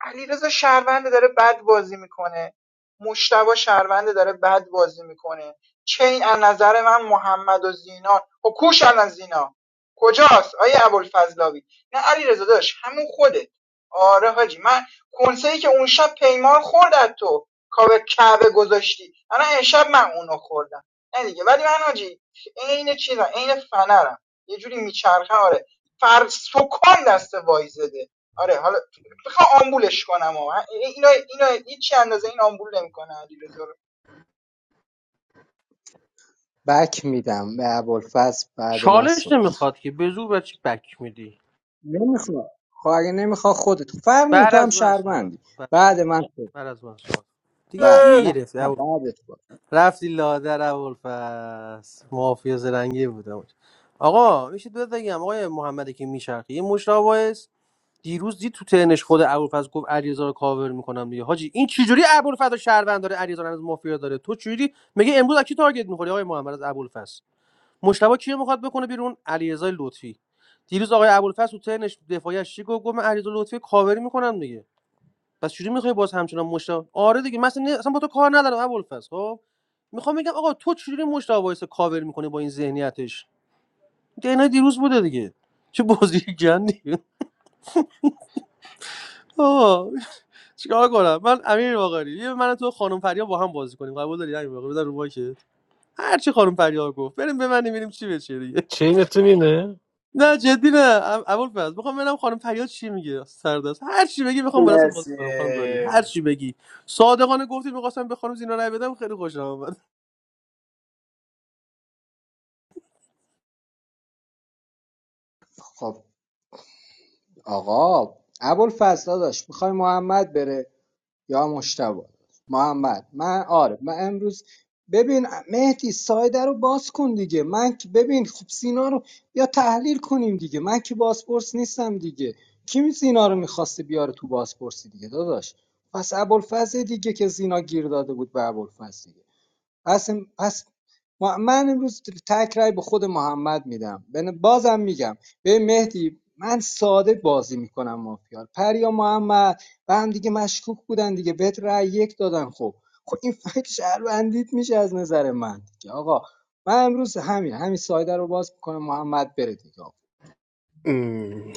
Speaker 19: علیرضا شهرونده داره بد بازی میکنه مشتبه شهرونده داره بد بازی میکنه چین از نظر من محمد و زینا و کوش الان زینا کجاست آیه ابوالفضلاوی نه علیرضا داشت همون خودت آره حاجی من کنسه ای که اون شب پیمان خورد از تو کاوه کعبه گذاشتی الان امشب من اونو خوردم نه دیگه ولی من حاجی عین چیزا عین فنرم یه جوری میچرخه آره فر سکان دست وایزده آره حالا میخوام آمبولش کنم و اینا اینا هیچ اندازه این آمبول نمیکنه علیرضا رو
Speaker 11: بک میدم به ابوالفضل بعد من
Speaker 20: چالش
Speaker 11: صحبت کن.
Speaker 20: نمیخواد که به زور بچه بک میدی
Speaker 11: نمیخواد خب اگه نمیخواد خودت فرق نمی
Speaker 20: بعد
Speaker 11: تو هم
Speaker 20: از من صحبت
Speaker 11: شهروندی
Speaker 20: کن. بعد,
Speaker 11: بعد من صحبت
Speaker 20: بعد از من صحبت کن. دیگه
Speaker 11: بعد
Speaker 20: دیگه
Speaker 11: نه
Speaker 20: گرفتی
Speaker 11: نه
Speaker 20: ابوالف-
Speaker 11: بعد تو
Speaker 20: رفتی لادر ابوالفس مافیا زرنگی بودم آقا میشه بهت بگم آقای محمد که میشرخی یه مشراوایس دیروز دید تو تنش خود ابوالفضل گفت علیرضا رو کاور میکنم دیگه حاجی این چجوری ابوالفضل رو شهروند داره علیرضا رو از مافیا داره تو چجوری میگه امروز از کی تارگت میخوری آقای محمد از ابوالفضل مشتبه کیو میخواد بکنه بیرون علیرضا لطفی دیروز آقای ابوالفضل تو ترنش دفاعیش چی گفت گفت من علیرضا لطفی کاوری میکنم دیگه پس چجوری میخوای باز همچنان مشتبه آره دیگه مثلا نه... اصلا با تو کار ندارم ابوالفضل خب میخوام بگم آقا تو چجوری مشتبه وایس کاور میکنه با این ذهنیتش دینا دیروز بوده دیگه چه بازی گندی آه چیکار کنم من امیر واقری. یه من و تو خانم فریاد با هم بازی کنیم قبول داری امیر واقعی بذار رو مایکت هر چی خانم فریاد گفت بریم ببندیم ببینیم چی بشه دیگه.
Speaker 1: چه اینتون اینه
Speaker 20: نه جدی نه اول فرض میخوام ببینم خانم فریاد چی میگه سردست هر چی بگی میخوام با دستت بازی
Speaker 10: مرسی
Speaker 20: کنم خانم فریاد هر چی بگی صادقانه گفتی میخواستم به خانم زینا رای بدم خیلی خوشم اومد
Speaker 11: خب آقا ابوالفضل داداش میخوای محمد بره یا مشتبه محمد من آره من امروز ببین مهدی سایده رو باز کن دیگه من که ببین خب سینا رو یا تحلیل کنیم دیگه من که بازپرس نیستم دیگه کی می سینا رو میخواسته بیاره تو بازپرسی دیگه داداش پس ابوالفضل دیگه که زینا گیر داده بود به ابوالفضل پس پس من امروز تک رای به خود محمد میدم بن- بازم میگم به مهدی من ساده بازی میکنم مافیا پریا محمد و هم دیگه مشکوک بودن دیگه بهت رای یک دادن خب خب این فکر شهروندیت میشه از نظر من دیگه آقا من امروز همین همین سایده رو باز میکنم محمد بره دیگه
Speaker 10: م،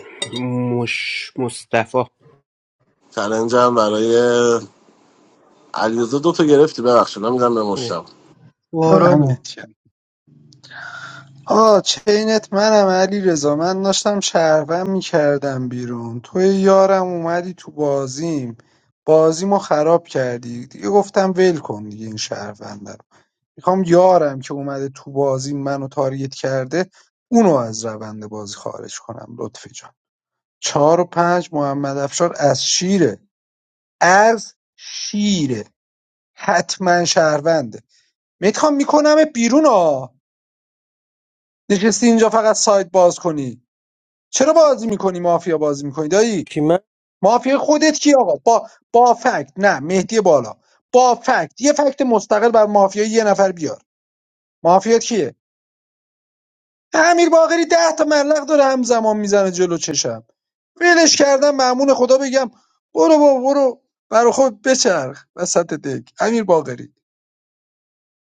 Speaker 10: مش مصطفی
Speaker 9: چلنجم برای علیرضا دو تا گرفتی ببخشید من میدم به مشتم
Speaker 2: اورالی
Speaker 4: دمت گرم. آه چینت منم علی رضا من داشتم شهروند میکردم بیرون توی یارم اومدی تو بازیم بازیمو خراب کردی دیگه گفتم ول کن دیگه این شهرونده رو. میخوام یارم که اومده تو بازی منو تارگت کرده اونو از روند بازی خارج کنم لطفی جان چهار و پنج محمد افشار از شیره از شیره حتما شهرونده میخوام میکنم بیرون ها نشستی اینجا فقط سایت باز کنی چرا بازی میکنی مافیا بازی میکنی دایی
Speaker 20: کی من
Speaker 4: مافیا خودت کی آقا با با فکت نه مهدی بالا با فکت یه فکت مستقل بر مافیا یه نفر بیار مافیا کیه امیر باقری ده تا ملق داره همزمان میزنه جلو چشم ولش کردم ممنون خدا بگم برو با برو برا خود بچرخ وسط دک امیر باقری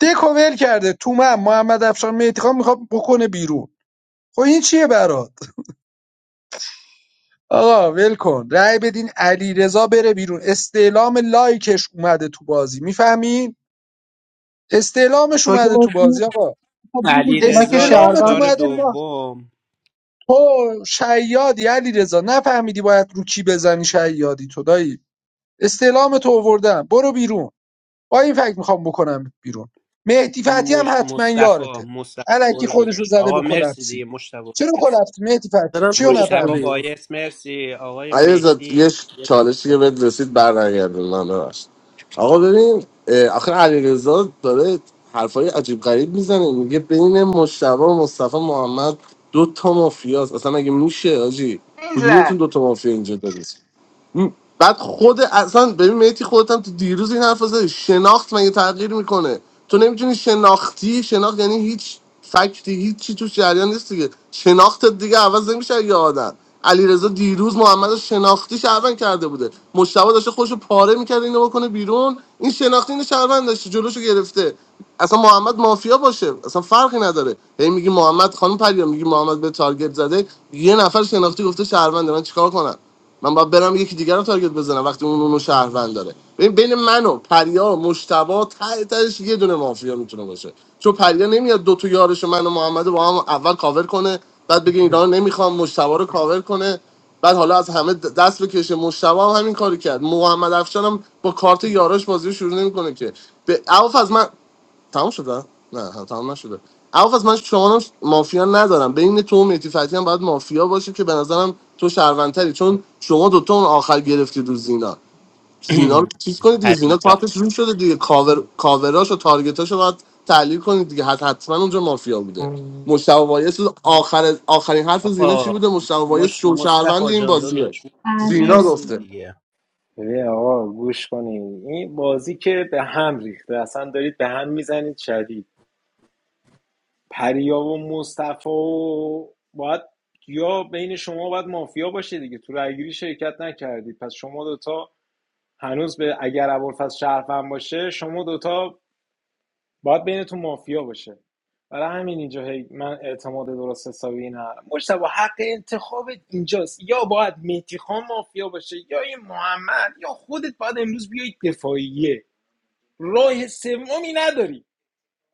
Speaker 4: دکو ول کرده تو من محمد افشار میتخان میخواد بکنه بیرون خب این چیه برات آقا ول کن رأی بدین علی رضا بره بیرون استعلام لایکش اومده تو بازی میفهمین استعلامش
Speaker 2: تو که
Speaker 4: اومده تو
Speaker 2: گفتی،
Speaker 4: بازی آقا
Speaker 2: خب بگو من
Speaker 10: علیرضا
Speaker 2: که
Speaker 10: رضا
Speaker 4: استعلامت
Speaker 10: اختار
Speaker 2: شهروندم
Speaker 4: اومده
Speaker 10: دوم
Speaker 4: تو شیادی علیرضا نفهمیدی باید رو کی بزنی شیادی تو دایی استعلام تو آوردم برو بیرون با این فکر میخوام بکنم بیرون مهدی فتی هم
Speaker 10: مش
Speaker 4: حتما
Speaker 10: مصطفی
Speaker 4: یارته
Speaker 10: مصطفی
Speaker 4: الکی
Speaker 10: برو
Speaker 4: خودش رو
Speaker 10: داداش.
Speaker 4: زده به
Speaker 10: آقا مرسی
Speaker 4: کلپسی
Speaker 10: دیگه مشتبه
Speaker 4: چرا
Speaker 10: مرسی.
Speaker 4: کلپسی مهدی فتی
Speaker 20: دارم
Speaker 4: چی رو
Speaker 10: مشتبه
Speaker 20: پرسپولی
Speaker 4: نفهمیدی
Speaker 10: بایس مرسی آقای
Speaker 9: علیرضا یه
Speaker 10: مهدی
Speaker 9: ش-
Speaker 10: یک
Speaker 9: چالشی که
Speaker 10: اختار.
Speaker 9: بهت رسید برنگردون من ببخشید آقا ببین اه، آخه علیرضا داره حرفای عجیب غریب میزنه میگه بین مشتبه و مصطفی محمد دو تا مافیاست اصلا مگه میشه آجی
Speaker 19: این
Speaker 9: کدومتون
Speaker 19: زد
Speaker 9: دو تا مافیا اینجا دارید بعد خود اصلا ببین میتی خودت هم تو دیروز این حرف رو زدی شناخت مگه تغییر میکنه تو نمیتونی شناختی شناخت یعنی هیچ فکتی هیچ چی توش جریان نیست دیگه شناختت دیگه عوض نمیشه یه آدم علیرضا دیروز محمد رو شناختی شهروند کرده بوده مشتبه داشته خوش پاره میکرد اینو بکنه بیرون این شناختی اینو شهروند داشته جلوشو گرفته اصلا محمد مافیا باشه اصلا فرقی نداره هی میگی محمد خانم پریا میگی محمد به تارگت زده یه نفر شناختی گفته شهرونده من چیکار کنم من باید برم یکی دیگر رو تارگت بزنم وقتی اون اونو شهروند داره ببین بین من و پریا و مشتبا ته تهش یه دونه مافیا میتونه باشه چون پریا نمیاد دو تا یارش و من و محمد با هم اول کاور کنه بعد بگه اینا رو نمیخوام مشتبا رو کاور کنه بعد حالا از همه د- دست بکشه مشتبا هم همین کاری کرد محمد افشان هم با کارت یاراش بازی رو شروع نمیکنه که به عوف از من تمام شده نه ها، تمام نشده اول من شما رو مافیا ندارم بین تو و مهدی فتحی هم باید مافیا باشه که به نظرم تو شهروندتری چون شما دوتا اون آخر گرفتید رو زینا زینا رو چیز کنید دیگه زینا
Speaker 10: پریا
Speaker 9: کارتش رو شده دیگه کاور کاوراش و تارگتاش رو باید تحلیل کنید دیگه حت حتما اونجا مافیا بوده
Speaker 1: نه
Speaker 9: مشتاق وایس آخر آخرین حرف زینا چی
Speaker 10: آقا
Speaker 9: بوده مشتاق وایس
Speaker 10: مش
Speaker 9: شو شهروند
Speaker 10: مصطفی
Speaker 9: این
Speaker 10: جان
Speaker 9: بازیه
Speaker 10: داداش
Speaker 9: زینا
Speaker 12: امین
Speaker 10: مرسی
Speaker 9: گفته
Speaker 10: دیگه
Speaker 6: ببین آقا گوش کنین این بازی که به هم ریخته اصلا دارید به هم میزنید شدید پریا و مصطفی و باید یا بین شما باید مافیا باشه دیگه تو رایگیری شرکت نکردید پس شما دوتا هنوز به اگر ابوالفضل شهروند باشه شما دوتا باید بینتون مافیا باشه برای همین اینجا هی من اعتماد درست حسابی ندارم مجتبی حق انتخاب اینجاست یا باید مهدی خان مافیا باشه یا این محمد یا خودت باید امروز بیای دفاعیه راه سومی نداری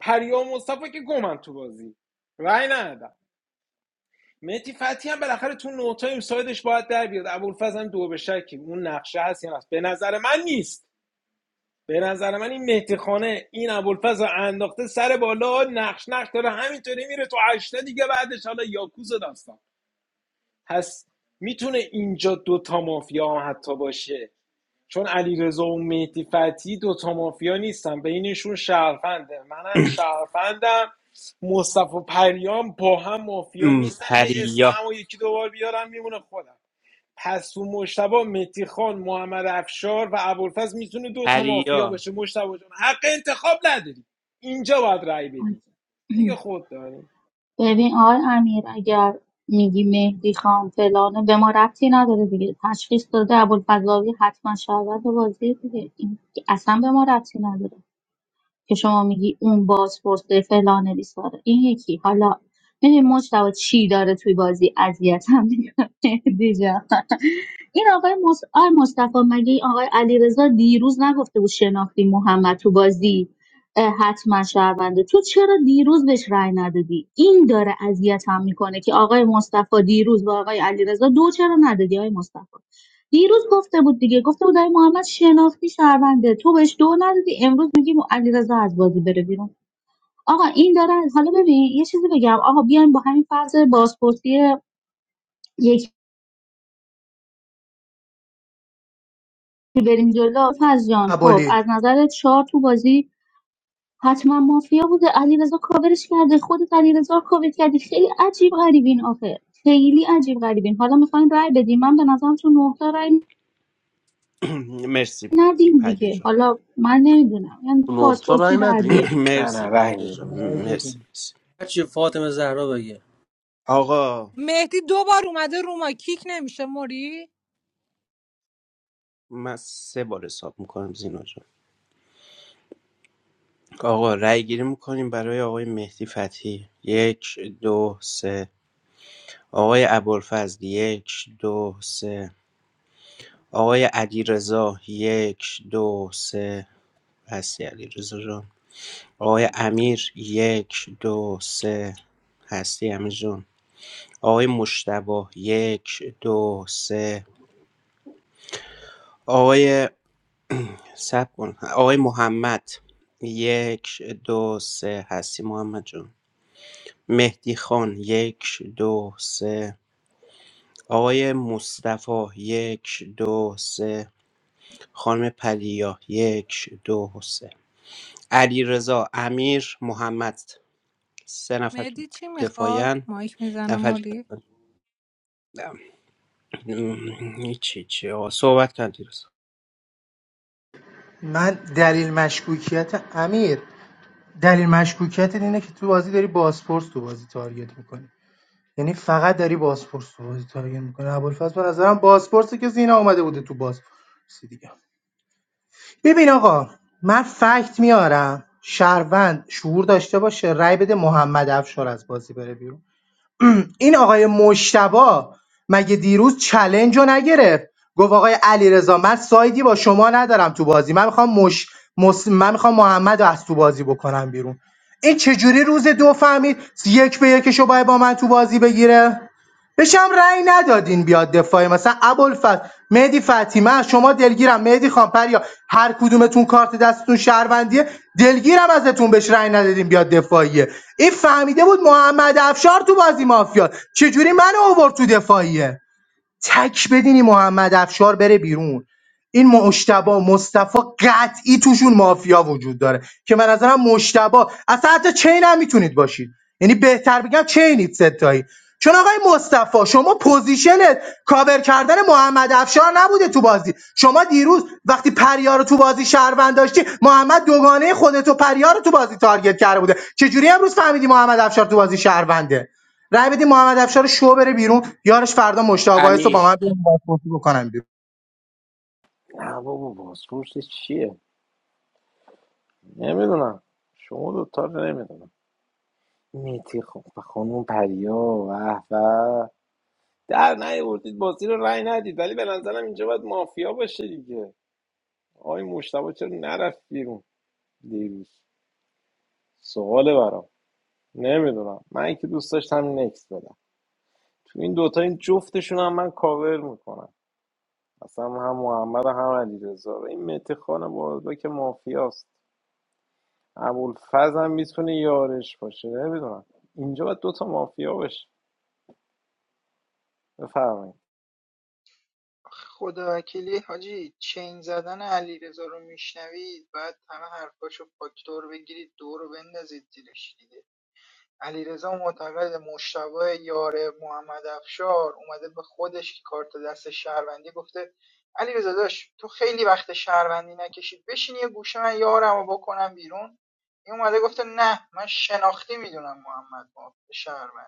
Speaker 6: پریام مصطفی که گمن تو بازی رأی ندادم مهدی فتحی هم بالاخره تو نوتای سایدش باید در بیاد ابوالفضل هم دو به شکی اون نقشه هست یا هست به نظر من نیست به نظر من این مهدی خانه این ابوالفضل انداخته سر بالا نقش نقش داره همینطوری میره تو هشته دیگه بعدش حالا یاکوز داستان پس میتونه اینجا دوتا مافیا هم حتی باشه چون علیرضا و مهدی فتحی دوتا مافیا نیستن بینشون شهرفنده منم شهرفندم مصطفی و پریام با هم مافیا
Speaker 10: ام،
Speaker 6: نیستن هی اسم
Speaker 10: پریا
Speaker 6: همو یکی دوبار بیارم میمونه خودم پس تو مشتبه مهدی خان محمد افشار و ابوالفضل میتونه دو تا مافیا
Speaker 10: پریا
Speaker 6: باشه مشتبه جان حق انتخاب نداری اینجا باید رأی بدی دیگه خود داری
Speaker 12: ببین آقای امیر اگر میگی مهدی خان فلانه به ما ربطی نداره دیگه تشخیص داده ابوالفضلاوی حتما شهروند بازی دیگه این که اصلا به ما ربطی نداره که شما میگی اون باز پرسه فلانه بیساره این یکی حالا ببین مجتبی چی داره توی بازی اذیتم میکنه این آقای مص... آقای مصطفی مگه این آقای علیرضا دیروز نگفته بود شناختی محمد تو بازی اه، حتما شهرونده تو چرا دیروز بهش رأی ندادی این داره اذیتم میکنه که آقای مصطفی دیروز با آقای علیرضا دو چرا ندادی آقای مصطفی دیروز گفته بود دیگه گفته بود آقای محمد شناختی شهرونده تو بهش دو ندادی امروز میگی م- علیرضا از بازی بره بیرون آقا این داره حالا ببین یه چیزی بگم آقا بیایم با همین فرض بازپرسی که بریم جلو فضل جان خب
Speaker 2: ابولی
Speaker 12: از نظر شار تو بازی حتما مافیا بوده علیرضا کاورش کرده خودت علیرضا رو کاور کردی خیلی عجیب غریبین آخه خیلی عجیب غریبین حالا میخواین رای بدیم من به نظرم تو نه تا رای
Speaker 10: مرسی
Speaker 12: ندیم
Speaker 10: پریا
Speaker 12: دیگه
Speaker 10: جان
Speaker 12: حالا من نمیدونم یعنی
Speaker 9: نقطه رای
Speaker 12: پاسپورتی در
Speaker 9: ندیم
Speaker 12: بیاریم
Speaker 6: نه نه
Speaker 10: مرسی
Speaker 6: رنگ
Speaker 10: پریا جان
Speaker 6: میدیم تو نه
Speaker 10: مرسی, مرسی.
Speaker 20: چی فاطمه زهرا بگه
Speaker 10: آقا
Speaker 18: مهدی دو بار اومده رو ما کیک نمیشه موری
Speaker 10: من سه بار حساب میکنم زینا جان آقا رأی گیری میکنیم برای آقای مهدی فتحی یک دو سه آقای ابوالفضل یک دو سه آقای علیرضا یک دو سه هستی علیرضا جان آقای امیر یک دو سه هستی امیر جان آقای مشتبه یک دو سه آقای سب کن آقای محمد یک دو سه هستی محمد جان مهدی خان یک دو سه آقای مصطفی یک دو سه خانم پلیا یک دو سه علی رضا امیر محمد سه نفر تو
Speaker 18: مهدی چی میخواد
Speaker 10: دفاعین
Speaker 18: مایک میزنه
Speaker 10: نفر
Speaker 18: موری
Speaker 10: چی چی آقا صحبت کن علی رضا
Speaker 2: من دلیل مشکوکیت امیر دلیل مشکوکیت اینه که تو بازی داری باسپورس تو بازی تارگت میکنی یعنی فقط داری بازپرس رو بازی تارگت میکنه ابوالفضل به نظرم بازپرسی که زینا اومده بوده تو بازپرسی دیگه ببین آقا من فکت میارم شهروند شعور داشته باشه رای بده محمد افشار از بازی بره بیرون این آقای مشتبا مگه دیروز چلنج رو نگرفت گفت آقای علیرضا من سایدی با شما ندارم تو بازی من میخوام مش... مس... من میخوام محمد رو از تو بازی بکنم بیرون این چجوری روز دو فهمید یک به یکش رو باید با من تو بازی بگیره بهش هم رأی ندادین بیاد دفاعی مثلا ابوالفضل مهدی فتی من از شما دلگیرم مهدی خان پریا هر کدومتون کارت دستتون شهروندیه دلگیرم ازتون بهش رأی ندادین بیاد دفاعیه این فهمیده بود محمد افشار تو بازی مافیا چجوری من آورد تو دفاعیه تک بدینی محمد افشار بره بیرون این مشتبا مصطفی قطعی توشون مافیا وجود داره که من نظرم مشتبا اصلا حتی چین هم میتونید باشید یعنی بهتر بگم چینید ستایی چون آقای مصطفی شما پوزیشنت کاور کردن محمد افشار نبوده تو بازی شما دیروز وقتی پریار رو تو بازی شهروند داشتی محمد دوگانه خودت و پریار رو تو بازی تارگت کرده بوده چجوری امروز فهمیدی محمد افشار تو بازی شهرونده رای بدیم محمد افشار شو بره بیرون یارش فردا مشتاق وایس رو با
Speaker 10: امیر
Speaker 2: من بیرون بازپرسی بکنم بیرون
Speaker 6: نه بابا بازپرس چیه نمیدونم شما دوتا رو نمیدونم میتی خب و خانم پریا و و در نیاوردید بازی رو رای ندید ولی به نظرم اینجا باید مافیا باشه دیگه آقای مشتبه چرا نرفت بیرون دیروز سواله برام نمیدونم من که دوست داشتم نکس بدم تو این دوتا این جفتشون هم من کاور میکنم اصلا هم محمد و هم علی رزا این مهدی خان بازدا که مافیاست ابوالفز هم میتونه یارش باشه نمیدونم اینجا باید دوتا مافیا باشه بفرمایید
Speaker 19: خدا وکیلی حاجی چین زدن علیرضا رو میشنوید بعد همه حرفاشو فاکتور بگیرید دور رو بندازید زیرش دیگه علیرضا معتقده مجتبی یار محمد افشار، اومده به خودش که کارت دست شهروندی گفته علیرضا داش تو خیلی وقت شهروندی نکشید بشین یه گوشه من یارم رو بکنم بیرون این اومده گفته نه من شناختی میدونم محمد ما شهروند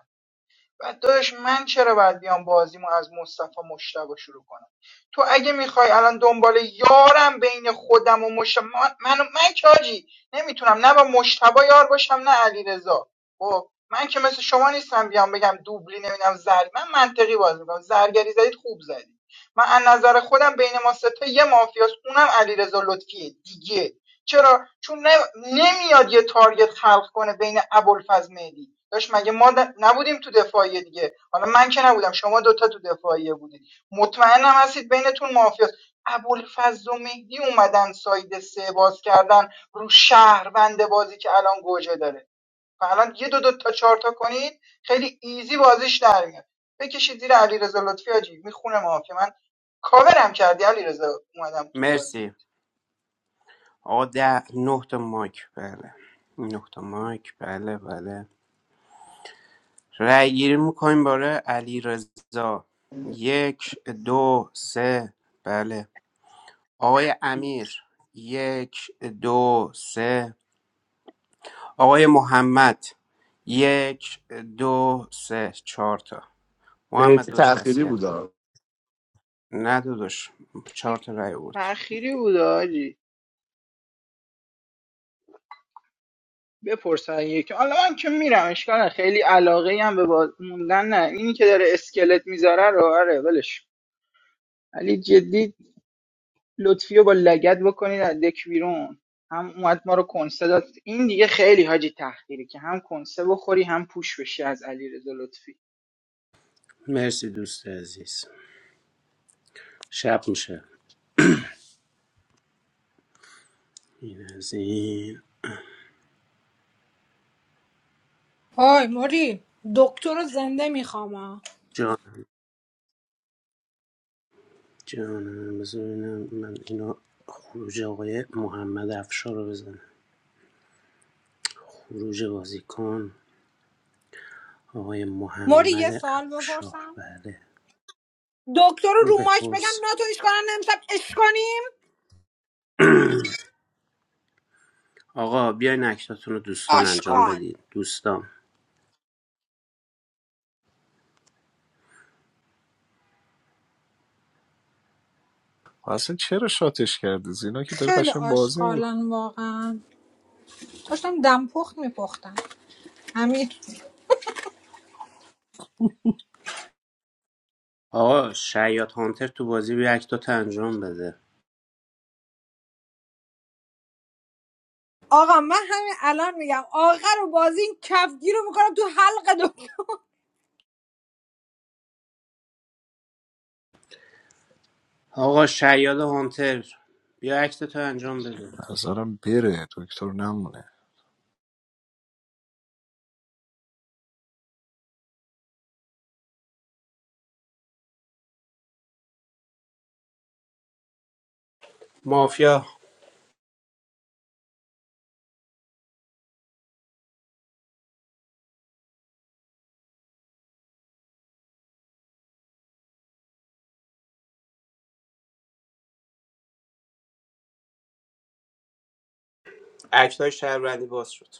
Speaker 19: و داداش من چرا باید بیام بازیمو از مصطفی مشتبه شروع کنم تو اگه میخوای الان دنبال یارم بین خودم و مشتبه من, من, من که حاجی نمیتونم نه با مشتبه یار باشم نه علی رضا خب من که مثل شما نیستم بیام بگم دوبلی نمیدم زر من منطقی بازی میکنم زرگری زدید خوب زدید من از نظر خودم بین ما سه تا یه مافیاست اونم علیرضا لطفیه دیگه چرا چون نمیاد یه تارگت خلق کنه بین ابوالفضل مهدی داشت مگه ما د- نبودیم تو دفاعیه دیگه حالا من که نبودم شما دوتا تو دفاعیه بودید مطمئنم هستید بینتون مافیاست ابوالفضل و مهدی اومدن ساید سه باز کردن رو شهروند بازی که الان گوجه داره و الان یه دو دو تا چهار تا کنید خیلی ایزی بازیش در میاد بکشید زیر علیرضا لطفی حاجی میخونه مافیا من کاورم کردی علیرضا اومدم تو بازی
Speaker 10: مرسی آقا ده نه تا مایک بله نه تا مایک بله بله رأی گیری میکنیم برای علی رضا یک دو سه بله آقای امیر یک دو سه آقای محمد یک دو سه چهار تا محمد
Speaker 9: مهدی
Speaker 10: داداش
Speaker 9: تأخیری
Speaker 10: وصیت
Speaker 9: بوده
Speaker 10: کن نه داداش چهار
Speaker 19: کی-
Speaker 10: تا رای بود
Speaker 19: تأخیری بود آجی بپرسن یکی حالا من که میرم اشکال نداره. خیلی علاقه هم به باز موندن نه اینی که داره اسکلت میذاره رو آره ولش ولی جدی لطفی رو با لگت بکنید از دک بیرون هم اومد ما رو کنسه داد این دیگه خیلی حاجی تحقیری که هم کنسه بخوری هم پوش بشی از علیرضا لطفی
Speaker 10: مرسی دوست عزیز شب میشه این از این
Speaker 18: های موری دکتر رو زنده میخوام ها.
Speaker 10: جان جانم بذار ببینم من اینا خروج آقای محمد افشار رو بزنم خروج بازیکن آقای
Speaker 18: موری یه
Speaker 10: محمد
Speaker 18: سوال
Speaker 10: افشار
Speaker 18: بپرسم
Speaker 10: بله
Speaker 18: دکتر رو رو مایک بگم
Speaker 10: بپرس
Speaker 18: ناتو ایش کنن امشب اش کنیم
Speaker 10: آقا بیاین اکتاتون رو دوستان انجام
Speaker 18: آشغال
Speaker 10: بدید دوستان
Speaker 3: اصلا چرا شاتش کردی زینا که داره
Speaker 18: خیلی
Speaker 3: قشن بازی میکنه
Speaker 18: آشغالن واقعا داشتم دمپخت میپختم همین
Speaker 10: آقا شیاد هانتر تو بازی بیا اکتاتو انجام بده
Speaker 18: آقا من همین الان میگم آخر و بازی این کفگیر رو میکنم تو حلق
Speaker 10: آقا شیاد هانتر بیا اکتاتو انجام بده
Speaker 3: نظرم بره دکتر نمونه
Speaker 10: مافیا اکتای شهروندی باز شد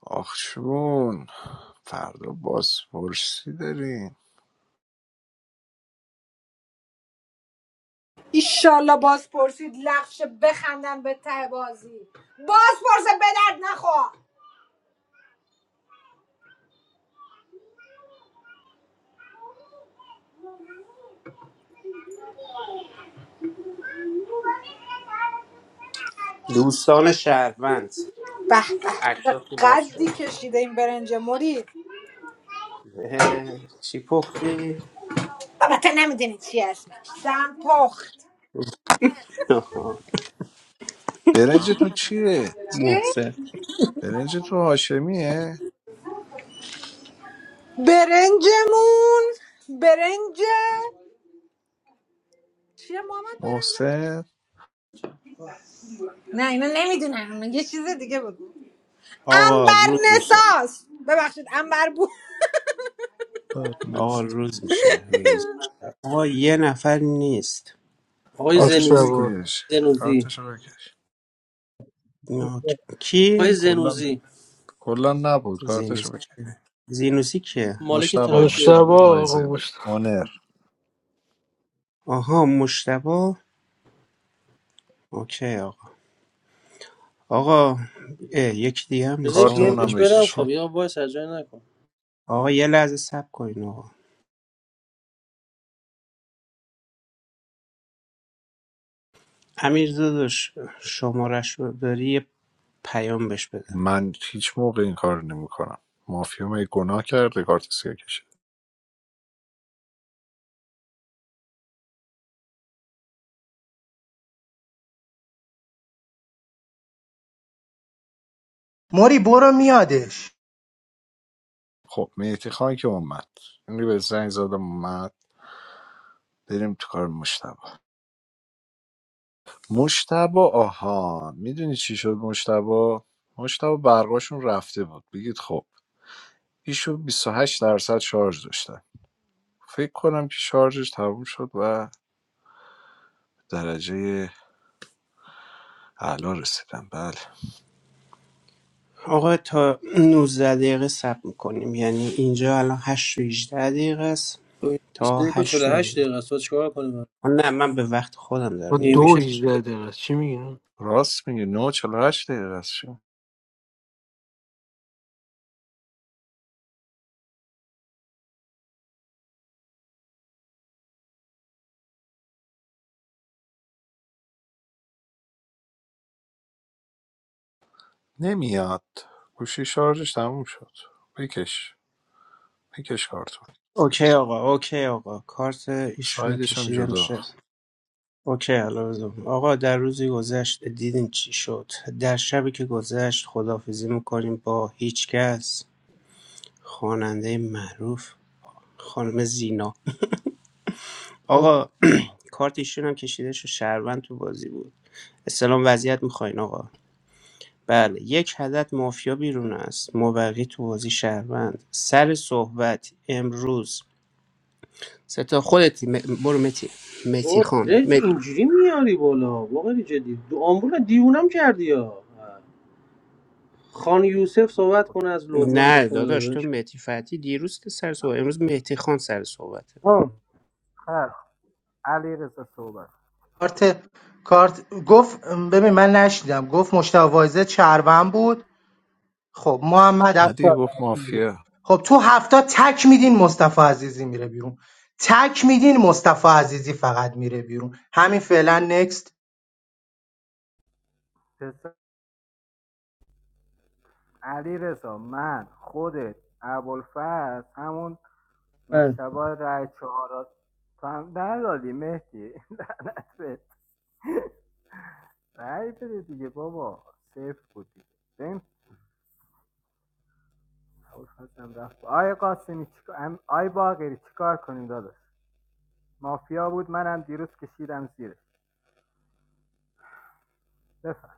Speaker 3: آخ جون فردا بازپرسی داریم
Speaker 18: ایشالله باز پرسید لغش بخندن به ته بازی باز پرسه به درد نخور
Speaker 10: دوستان شهروند
Speaker 18: به به
Speaker 10: اکتاتون باز
Speaker 18: قدی
Speaker 10: شد
Speaker 18: کشیده این برنج مرید
Speaker 10: اه، چی پختی؟
Speaker 18: البته نمیدونی چی اسمش دم پخت
Speaker 10: آها،
Speaker 3: برنجتون چیه؟
Speaker 18: چی؟
Speaker 10: محسن
Speaker 3: برنجتون هاشمیه؟
Speaker 18: برنجمون برنج چیه محمد برنج
Speaker 3: محسن
Speaker 18: نه اینو نمیدونم یه چیز دیگه بگو
Speaker 10: آقا
Speaker 18: انبر
Speaker 10: روز میشه
Speaker 18: نساس ببخشید انبر بود
Speaker 10: آقا
Speaker 3: دادلس
Speaker 10: روز میشه روز میشه آقا یه نفر نیست
Speaker 20: آقای
Speaker 3: کارتشو
Speaker 20: زنوزی
Speaker 1: مشتبه
Speaker 3: بکش
Speaker 20: زنوزی
Speaker 3: کارتشو بکش
Speaker 10: اینا
Speaker 20: آقای
Speaker 10: کی؟
Speaker 3: کلا
Speaker 20: زنوزی
Speaker 3: کلا نبود کارتشو
Speaker 10: زینوسی
Speaker 3: بکش
Speaker 10: کیه؟ زینوسی کیه؟
Speaker 20: مالک
Speaker 3: مشتبه
Speaker 1: مشتبه
Speaker 3: مشتبه
Speaker 20: تراکتور
Speaker 1: آقا
Speaker 3: وایزه بود
Speaker 1: مشتبه
Speaker 3: اونر
Speaker 10: آها مشتبه، اوکی آقا آقا اه، یکی دیگه هم
Speaker 20: بذار
Speaker 10: نیست
Speaker 3: کارت
Speaker 20: پی
Speaker 10: آقا
Speaker 20: ام
Speaker 3: اونم
Speaker 20: بهش
Speaker 10: اینا
Speaker 20: بدم
Speaker 3: بکش
Speaker 20: خب
Speaker 3: خب
Speaker 10: چه
Speaker 20: یا وایس از جای نکن
Speaker 10: آقا یه لحظه صبر کن آقا امیر داداش شمارش رو داری یه پیام بهش بده
Speaker 3: من هیچ موقع این کار نمیکنم مافیا می گناه کرده کارت سیاه کشید
Speaker 2: موری برو میادش
Speaker 3: خب مهدی خان که اومد یعنی به زنگ زدم اومد بریم تو کار مشتبه مشتبه آها میدونی چی شد مشتبه مشتبه برقاشون رفته بود بگید خب ایشون بیست و هشت درصد شارژ داشته فکر کنم که شارژش تموم شد و درجه اعلا رسیدم بله
Speaker 10: آقا تا نوزده دقیقه صبر میکنیم یعنی اینجا الان هشت و 18 دقیقه است
Speaker 20: خب، 21
Speaker 10: تا
Speaker 20: و یک و چهل و
Speaker 10: 8 و
Speaker 20: هشت
Speaker 10: 19
Speaker 20: دقیقه است تو چیکار کنیم
Speaker 10: آه، نه من به وقت خودم
Speaker 1: با
Speaker 10: دارم میگم
Speaker 1: دو
Speaker 20: نمیشه
Speaker 1: هیجده دقیقه چی میگی؟
Speaker 3: راست میگه 9 48 دقیقه است شیم. نمیاد گوشی شارژش تموم شد بکش بکش کارتون
Speaker 10: اوکی آقا اوکی آقا کارت ایشون
Speaker 3: سایدش هم
Speaker 10: کشیده
Speaker 3: جدا
Speaker 10: میشه اوکی علازم آقا در روزی گذشت دیدین چی شد در شبی که گذشت خدافزی میکنیم با هیچ کس خواننده معروف خانم زینا آقا کارت ایشون هم کشیده شد شهروند تو بازی بود اسلام وضعیت میخواین آقا بله یک عدد مافیا بیرون است موقعی تو بازی شهروند سر صحبت امروز ستا خودتی م- برو متی متی
Speaker 20: اوه
Speaker 10: خان
Speaker 20: رنج
Speaker 10: مت...
Speaker 20: اینجوری میاری بالا واقعا جدی دو آمبول دیوونم کردی ها خان یوسف صحبت کنه از لبنان اش
Speaker 10: نه
Speaker 20: کنه
Speaker 10: داداش تو
Speaker 20: داداش
Speaker 10: متی فتی دیروز که سر صحبت امروز متی خان سر صحبته
Speaker 20: ها
Speaker 2: کارت کارت گفت ببین من نشیدم گفت مشتاق وایس چرون بود خب محمد
Speaker 3: ندی
Speaker 2: افشار
Speaker 3: گفت
Speaker 2: مافیا بود.
Speaker 3: مافیا
Speaker 2: خب تو هفته تک میدین مصطفی عزیزی میره بیرون تک میدین مصطفی عزیزی فقط میره بیرون همین فعلا نکست
Speaker 11: آقا. علی رضا من خودت ابوالفضل همون
Speaker 20: بله.
Speaker 11: مشتبه رای چهارات تو هم ندادی مهدی لعنت بهت رای بده دیگه بابا صفر بود دیگه ببین ابوالفضل رفت آی قاسمی چیکار ام- آی باقری چیکار کنیم داداش مافیا بود منم دیروز کشیدم زیرش بفهم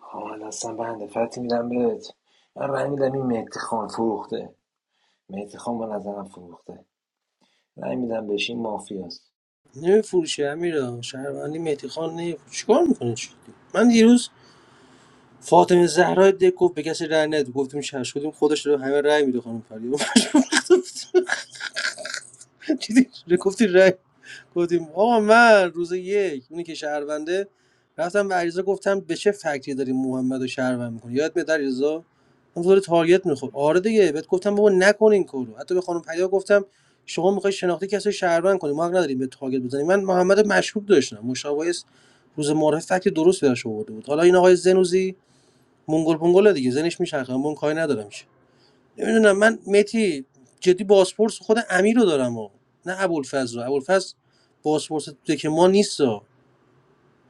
Speaker 6: حالا اصلا بنده فتی میدم بهت من رای میدم این مهدی خان فروخته مهدی خان به نظرم فروخته رای میدم بهش این مافیاست
Speaker 20: نمیفروشه امیرا شهروندی مهدی خان نمیفروشه چیکار میکنه چی من دیروز فاطمه زهرا دک گفت به کسی رأی نده گفتیم شش شدیم خودش رو همه رأی میده خانم فریبا دیدی گفتی رأی گفتیم آقا من روز یک اونی که شهرونده رفتم به علیرضا گفتم به چه فکتی داری محمدو رو شهروند میکنی یادت میاد علیرضا اون داره تارگت میخورد آره دیگه بهت گفتم بابا نکن این کارو حتی به خانم پدیا گفتم شما میخوای شناختی کسی رو شهروند کنی ما حق نداریم به تارگت بزنیم من محمد رو مشکوک داشتم مشاویس روز معرف فکت درست براش آورده بود حالا این آقای زنوزی مونگل پونگل دیگه زنش میچرخه من کاری ندارم نمیدونم من متی جدی بازپرس خود امیر رو دارم و نه ابوالفضل رو ابوالفضل بازپرس که ما نیست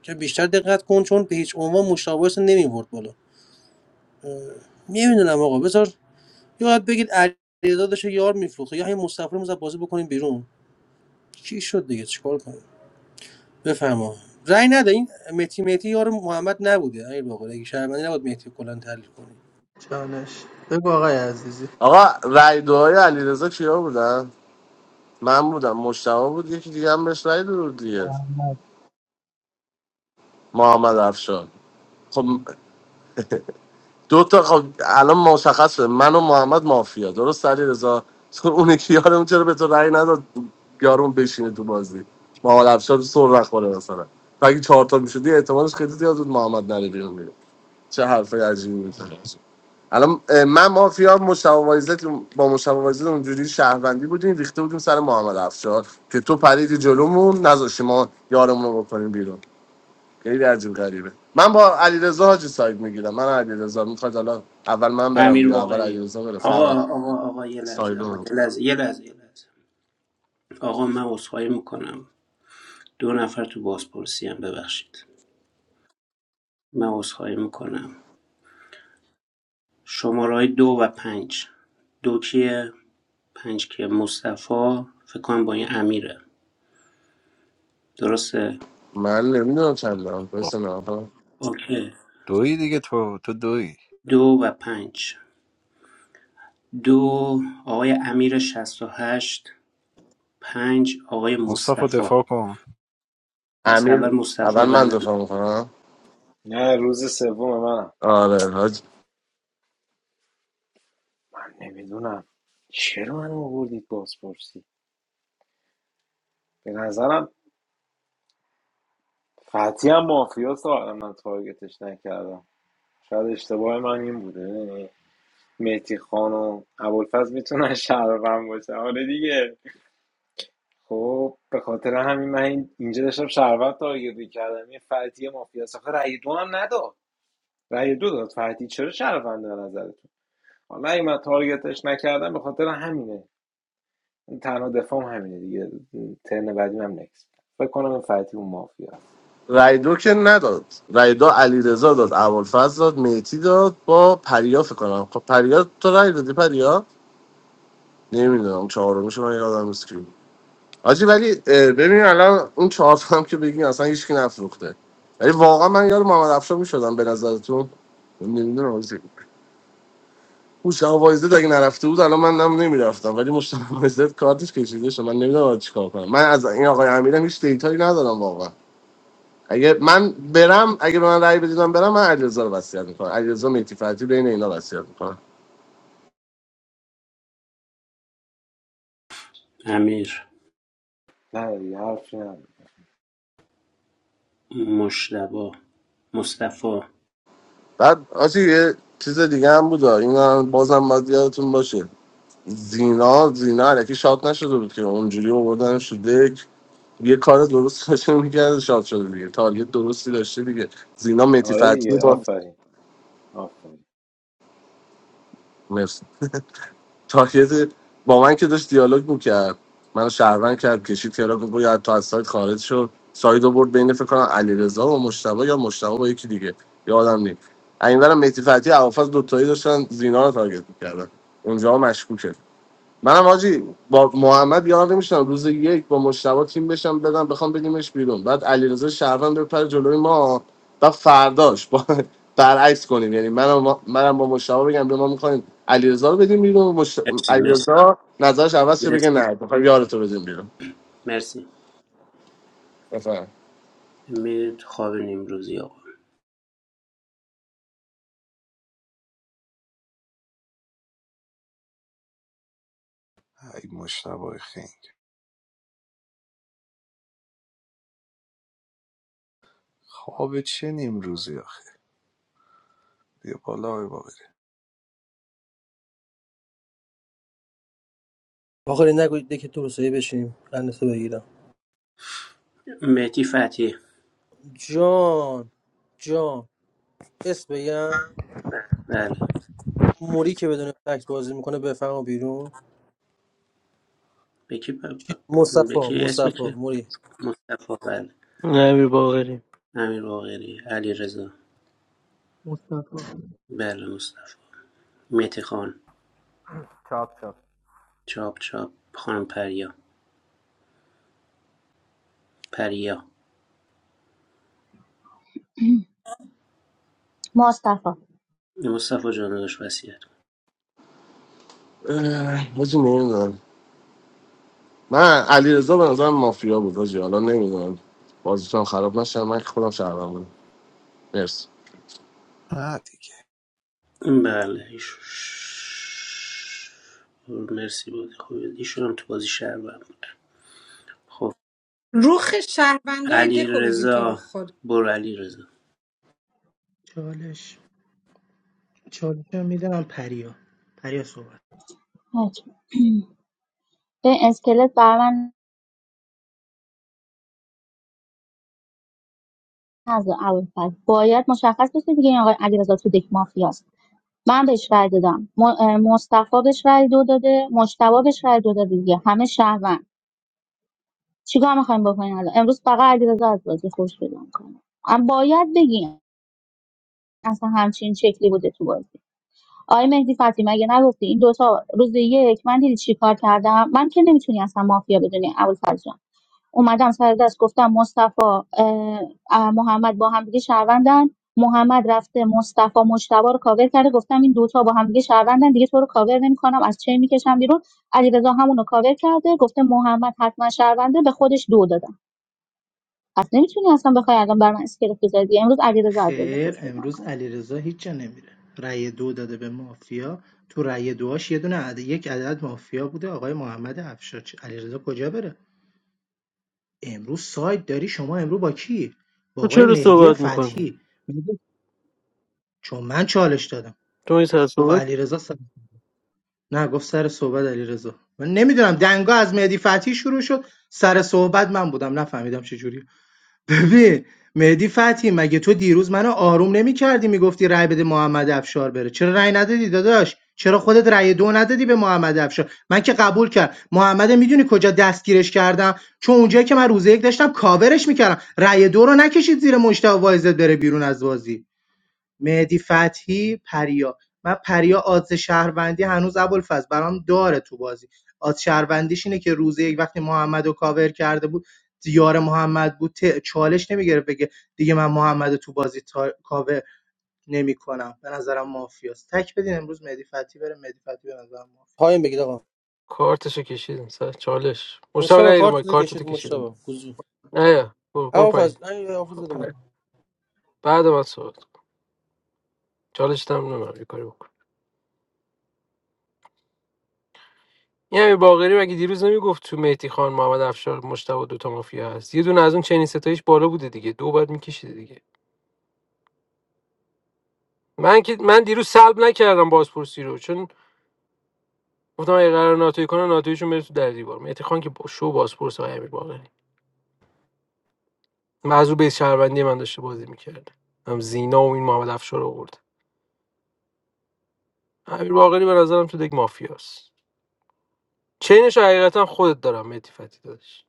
Speaker 20: که بیشتر دقت کن چون به هیچ عنوان مشابهش نمیورد بالا نمیدونم آقا بذار یاد بگید علیرضا داشته یار میفروخه یا همین مصطفی رو بازی بکنیم بیرون چی شد دیگه چیکار کنیم بفرما رأی نده این متی متی یار محمد نبوده امیر باقر اگه شهروندی نبود مهدی کلا تحلیل کنیم
Speaker 2: چالش بگو آقای عزیزی
Speaker 9: آقا رای دوهای علیرضا کیا بودن من بودم مشتبه بود یکی دیگه هم بهش رای داد دیگه محمد افشار خب دو تا خب الان مشخصه من و محمد مافیا درست علی رضا تو اون یکی یارمون چرا به تو رأی نداد یارون بشینه تو بازی محمد افشار سر نخوره مثلا تو اگه چهار تا میشدی احتمالش خیلی زیاد بود محمد نره بیرون دیگه چه حرف عجیبی میزنه الان اه، من مافیا مشتبه وایزت با مشتبه وایزت اونجوری شهروندی بودیم ریخته بودیم سر محمد افشار که تو پریدی جلومون نذاشتی ما یارمون رو بکنیم بیرون خیلی عجیب غریبه من با علیرضا حاجی ساید میگیرم من و علیرضا میخواد حالا اول من برم
Speaker 10: امیر
Speaker 9: یا اول
Speaker 10: واقعی
Speaker 9: علیرضا بره
Speaker 10: آقا
Speaker 9: فرق
Speaker 10: آقا آقا یه لحظه
Speaker 9: ساید
Speaker 10: آقا
Speaker 9: اون
Speaker 10: یه لحظه یه لحظه یه لحظه آقا من عذرخواهی میکنم دو نفر تو بازپرسی هم ببخشید من عذرخواهی میکنم شمارههای دو و پنج دو کیه پنج کیه مصطفی فکر کنم با این امیره درسته
Speaker 9: من نمیدونم چند برم
Speaker 3: خب،
Speaker 9: بس نه
Speaker 10: اوکی
Speaker 3: دویی دیگه تو تو دویی
Speaker 10: دو و پنج دو آقای امیر شصت و هشت پنج آقای
Speaker 3: مصطفی
Speaker 10: مصطفی
Speaker 3: دفاع کن
Speaker 10: پس اول
Speaker 9: امیر اول
Speaker 10: مصطفی
Speaker 9: من
Speaker 10: بعد
Speaker 9: دفاع میکنم
Speaker 6: نه روز سوم منم
Speaker 9: آره حاج
Speaker 6: من نمیدونم چرا من آوردید بازپرسی به نظرم فتی هم مافیاس آدم من تارگتش نکردم شاید اشتباه من این بوده یعنی مهدی خان و ابوالفضل میتونن شهروند باشه آره دیگه خب به خاطر همین من این- اینجا داشتم شهروند تارگت میکردم یه فتی مافیاس آخه رأی دو هم نداد رأی دو داد فتی چرا شهروند به نظرتون حالا اگه من تارگتش نکردم به خاطر همینه تنها دفاعم همینه دیگه ترن بعدی هم نکس فکر کنم این فتی اون مافیاست
Speaker 9: رای دو که نداد رای دو علیرضا داد ابوالفضل داد میتی داد با پریا فکر کنم خب پریا تو رای دادی پریا نمیدونم چهارمش من یادم نیست کی آجی ولی اه، ببین الان اون چهار تا هم که بگین اصلا هیچکی نفروخته ولی واقعا من یار محمد افشار میشدم به نظرتون نمیدونم آجی هوش وایزد اگه نرفته بود الان من هم نمیرفتم ولی مشتاق وایزد کارتش کشیده شد من نمیدونم چیکار کنم من از این آقای امیرم هیچ دیتایی ندارم واقعا اگه من برم اگه به من رأی بدیدم برم من علیرضا رو وصیت میکنم علیرضا میتی فتی بین اینا وصیت میکنم
Speaker 10: امیر
Speaker 6: نه دیگه حرفی نداره.
Speaker 10: مشتبا مصطفی
Speaker 9: بعد آجی یه چیز دیگه هم بود آه. این هم بازم باید یادتون باشه زینا زینا علکی شاد نشده بود که اونجوری آوردنش تو دک یه کار درست داشته میکرده شاد شده دیگه تارگت درستی داشته دیگه زینا متی
Speaker 6: آره
Speaker 9: فتحی
Speaker 6: دیگه
Speaker 9: با
Speaker 6: آفرین آفرین
Speaker 9: مرسی تارگت با من که داشت دیالوگ میکرد منو شهروند کرد کشید که گفت باید تو از سایت خارج شد سایت رو برد بین فکر کنم علیرضا و مشتبه یا مشتبه با یکی دیگه یادم نیست اینورم متی فتحی اوافز دوتایی داشتن زینا رو تارگت میکردن اونجا مشکوکه منم آجی با محمد یار نمیشم روز یک با مشتبه تیم بشم بدم بخوام بدیمش بیرون بعد علیرضا شهروند بپره جلوی ما و فرداش با برعکس کنیم یعنی منم منم با مشتبه بگم به ما میخوایم علیرضا رو بدیم بیرون مشت...
Speaker 10: مرسی مرسی
Speaker 9: علیرضا نظرش عوض شه بگه
Speaker 10: مرسی
Speaker 9: نه میخوایم یارتو بدیم بیرون
Speaker 10: مرسی
Speaker 9: بفهم
Speaker 10: میرید خواب نیمروزی آقا
Speaker 3: ای مشتبه خنگ خواب چه نیم روزی آخه بیا بالا آقای باقری
Speaker 20: باقر نگوید که تو رو سایه بشیم قندتو بگیرم
Speaker 10: مهدی فتحی
Speaker 20: جان جان اسم بگم
Speaker 10: بله
Speaker 20: موری که بدون فکت بازی میکنه بفهم بیرون
Speaker 10: بکی, ب...
Speaker 20: چی-
Speaker 10: ب...
Speaker 20: مصطفی
Speaker 10: بکی اسم
Speaker 20: مصطفی
Speaker 10: که
Speaker 20: موری
Speaker 10: مصطفی بله امیر باقری، علیرضا،
Speaker 2: مصطفی
Speaker 10: بله مصطفی، مهدی خان،
Speaker 11: چاپ چاپ
Speaker 10: چاپ چاپ، خانم پریا پریا
Speaker 12: مصطفی
Speaker 10: مصطفی جان داشت وصیت کن.
Speaker 9: حاجی نمیدونم من علیرضا به نظرم مافیا بود حاجی حالا نمیدونم بازیتون خراب نشه من که خودم شهروند بودم مرسی
Speaker 3: نه دیگه
Speaker 10: بله مرسی بود خوب ایشون هم تو بازی شهروند بود خب
Speaker 18: روخ شهروندای دکو
Speaker 10: علیرضا،
Speaker 18: ببین تو رو
Speaker 10: رضا
Speaker 18: خدا
Speaker 10: برو علی
Speaker 2: چالش چالش هم میدم پریا پریا صحبت
Speaker 12: حتما. به اسکلت بر من نذار اول باید مشخص بشه دیگه این آقای علیرضا تو دک مافیاست من بهش رای دادم م- اه، مصطفی بهش رای دو داده مجتبی بهش رای دو داده دیگه همه شهروند چیکار میخوایم بکنیم الان امروز فقط علیرضا از بازی خوش پیدا میکنه باید بگیم اصلا همچین شکلی بوده تو بازی آقای مهدی فتی مگه نگفتی این دوتا روز یک من دیدی چیکار کردم من که نمیتونی اصلا مافیا بدونی ابوالفضل جان اومدم سر دست گفتم مصطفی اه، اه، محمد با هم دیگه شهروندن محمد رفته مصطفی مجتبی رو کاور کرده گفتم این دوتا با هم دیگه شهروندن دیگه تو رو کاور نمیکنم از چه میکشم بیرون علیرضا همون رو کاور کرده گفته محمد حتما شهرونده به خودش دو داده پس نمیتونی اصلا بخوای الان بر من اسکلت بذاری امروز علیرضا علیرضا خوش بگم کن
Speaker 2: علیرضا هیچ جا نمیره رأی دو داده به مافیا تو رأی دوهاش یه دونه عد... یک عدد مافیا بوده آقای محمد افشار علیرضا کجا بره امروز سایت داری شما امروز با کی با
Speaker 1: تو
Speaker 2: آقای
Speaker 1: چرا
Speaker 2: مهدی
Speaker 1: صحبت میکنی؟
Speaker 2: فتحی میگه چون من چالش دادم
Speaker 1: تو این سر
Speaker 2: گفت
Speaker 1: صحبت
Speaker 2: علیرضا سر... نه گفت سر صحبت علیرضا من نمیدونم دنگا از مهدی فتحی شروع شد سر صحبت من بودم نفهمیدم چه جوری. ببین مهدی فتحی مگه تو دیروز منو آروم نمی نمیکردی میگفتی رأی بده محمد افشار بره چرا رأی ندادی داداش چرا خودت رأی دو ندادی به محمد افشار من که قبول کرد محمد میدونی کجا دستگیرش کردم چون اونجایی که من روز یک داشتم کاورش میکردم رأی دو رو نکشید زیر مشتاق وایزت بره بیرون از بازی مهدی فتحی پریا من پریا آدز شهروندی هنوز ابوالفضل برام داره تو بازی آدز شهروندیش اینه که روز یک وقتی محمد رو کاور کرده بود دیار محمد بود ت- چالش نمیگرفت بگه دیگه من محمد رو تو بازی تا... کاور نمیکنم به نظرم مافیاست تک بدین امروز مهدی فتحی بره مهدی فتحی به نظرم مافیاست
Speaker 20: پایین بگید آقا
Speaker 1: کارتشو کشیدیم سر چالش مشتبه نه
Speaker 20: مشتبه کارت
Speaker 1: ایرومای
Speaker 20: دیده
Speaker 1: کارتتو
Speaker 20: کشید
Speaker 1: کشیدیم
Speaker 20: مشتبه گوزو
Speaker 1: نه یا برو, برو
Speaker 20: اما
Speaker 1: پایین
Speaker 20: فز این
Speaker 1: خب،
Speaker 20: حافظ بده من
Speaker 1: پر- بعد من صحبت کن. چالش تم نمیم یه کاری بکن این همین باقری مگه دیروز نمیگفت تو مهدی خان محمد افشار مشتبه دوتا مافیا هست یه دونه از اون چنین ستایش بالا بوده دیگه دو بعد میکشیده دیگه من که من دیروز سلب نکردم بازپرسی رو چون گفتم اگه قرار ناتوی کنه ناتویشون بره تو در دیوار مهدی خان که با شو بازپرس های امیر باقری معزو به شهروندی من داشته بازی میکرد هم زینا و این محمد افشار رو آورد امیر باقری به نظرم تو دک مافیاست چینش رو حقیقتا خودت دارم مهدی فتی دادش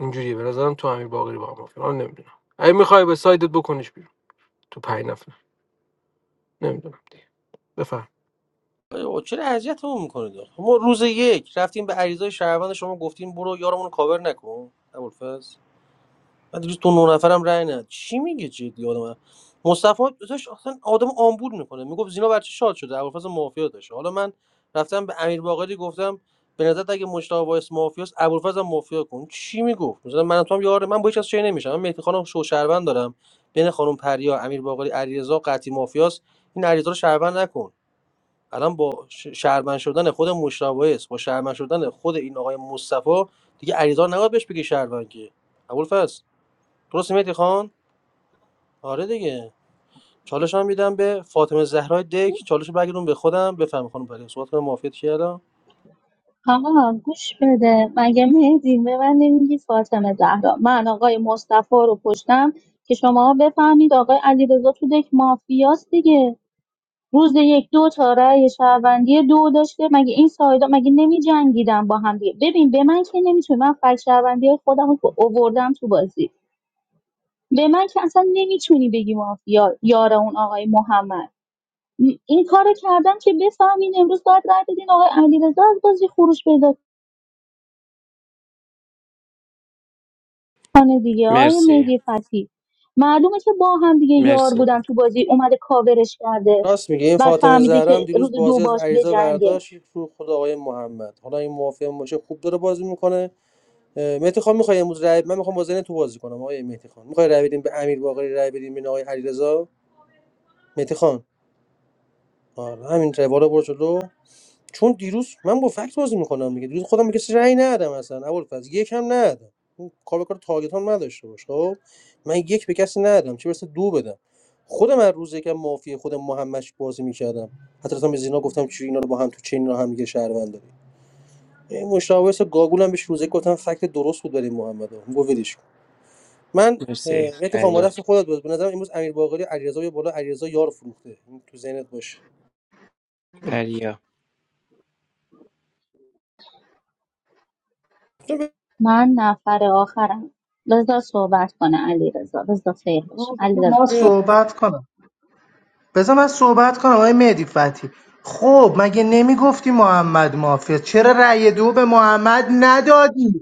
Speaker 1: اینجوریه به نظرم تو امیر باقری با هم مافیا من نمیدونم اگه میخوای به سایدت بکنش بیرون تو پنج نفر نمیدونم دیگه بفهم
Speaker 20: آقا چرا اذیتمون میکنید ما روز یک رفتیم به عریضای شهروند شما گفتیم برو یارمون رو کاور نکن ابوالفضل بعد روز دو نه نفرم رای نداد چی میگه جدی آدم من مصطفی داشت اصلا آدم آمبول میکنه میگفت زینا بچه شاد شده ابوالفضل مافیا داشت حالا من رفتم به امیر باقری گفتم به نظر اگه مجتبی وایس مافیاس ابوالفضل هم مافیا کن چی میگفت مثلا من و تو هم یار من با هیچ کس چه نمیشم من مهدی خانم شو شهروند دارم بین خانم پریا امیر باقری علیرضا قطعی مافیاس این علیرضا رو شهروند نکن الان با ش- شهروند شدن خود مجتبی وایس با شهروند شدن خود این آقای مصطفی دیگه علیرضا رو نباید بهش بگی شهروند که ابوالفضل درست مهدی خان آره دیگه چالش هم میدم به فاطمه زهرا دک چالش برگردون به خودم بفهم خانم پری صحبت کنم موافقت کردم
Speaker 12: آقا گوش بده مگه مهدی به من نمیگی فاطمه زهرا من آقای مصطفی رو پشتم که شما بفهمید آقای علیرضا تو دک مافیاست دیگه روز یک دو تا رأی شهروندی دو داشته مگه این سایدا مگه نمی جنگیدم با هم دیگه ببین به من که نمیتونی من فک شهروندی خودم رو اووردم تو بازی به من که اصلا نمیتونی بگی مافیا یار اون آقای محمد این کارو کردم که بفهمین امروز باید رای بدین آقای علیرضا از بازی خروج پیدا کنه دیگه آقای
Speaker 10: مرسی
Speaker 12: مهدی فتی معلومه که با هم دیگه یار
Speaker 10: مرسی
Speaker 12: بودن تو بازی اومده کاورش کرده
Speaker 20: راست میگه این
Speaker 12: بعد
Speaker 20: فاطمه
Speaker 12: فهمیده
Speaker 20: زهرا هم
Speaker 12: که روز
Speaker 20: دیروز
Speaker 12: دو
Speaker 20: بازی از
Speaker 12: باش
Speaker 20: عریضا
Speaker 12: بجنگه
Speaker 20: برداشت رو خود آقای محمد حالا این موافق باشه خوب داره بازی میکنه اه، مهدی خان میخوای امروز رای من میخوام بازی تو بازی کنم آقای مهدی خان میخوای رای بدیم به امیر باقری رای بدیم به آقای علیرضا مهدی خان آره همین روال برو جلو چون دیروز من با فکت بازی میکنم میگه دیروز خودم میگه رأی ندادم اصلا اول فاز یک هم ندادم اون کار به کار تارگت هم نداشته باش خب من یک به کسی ندادم چه برسه دو بدم خودم از روز یکم مافی خودم محمدش بازی میکردم حتی رفتم به زینا گفتم چی اینا رو با هم تو چین رو هم دیگه شهروند داریم این مشاورس گاگولم بهش روزه گفتم فکت درست بود برای محمد گفت ولش کن. من
Speaker 10: مرسی
Speaker 20: اه، مهدی خان با
Speaker 10: پریا
Speaker 20: خودت بود به نظرم امروز امیر باقری علیرضا یه بالا علیرضا یار فروخته این تو ذهنت باشه
Speaker 10: پریا
Speaker 12: من نفر آخرم رضا صحبت کنه علیرضا رضا رضا خیر باشه علی
Speaker 2: من
Speaker 12: صحبت
Speaker 2: صحبت کنم بذار من صحبت کنم آقای مهدی فتی خب مگه نمیگفتی محمد مافیا چرا رأی دو به محمد ندادی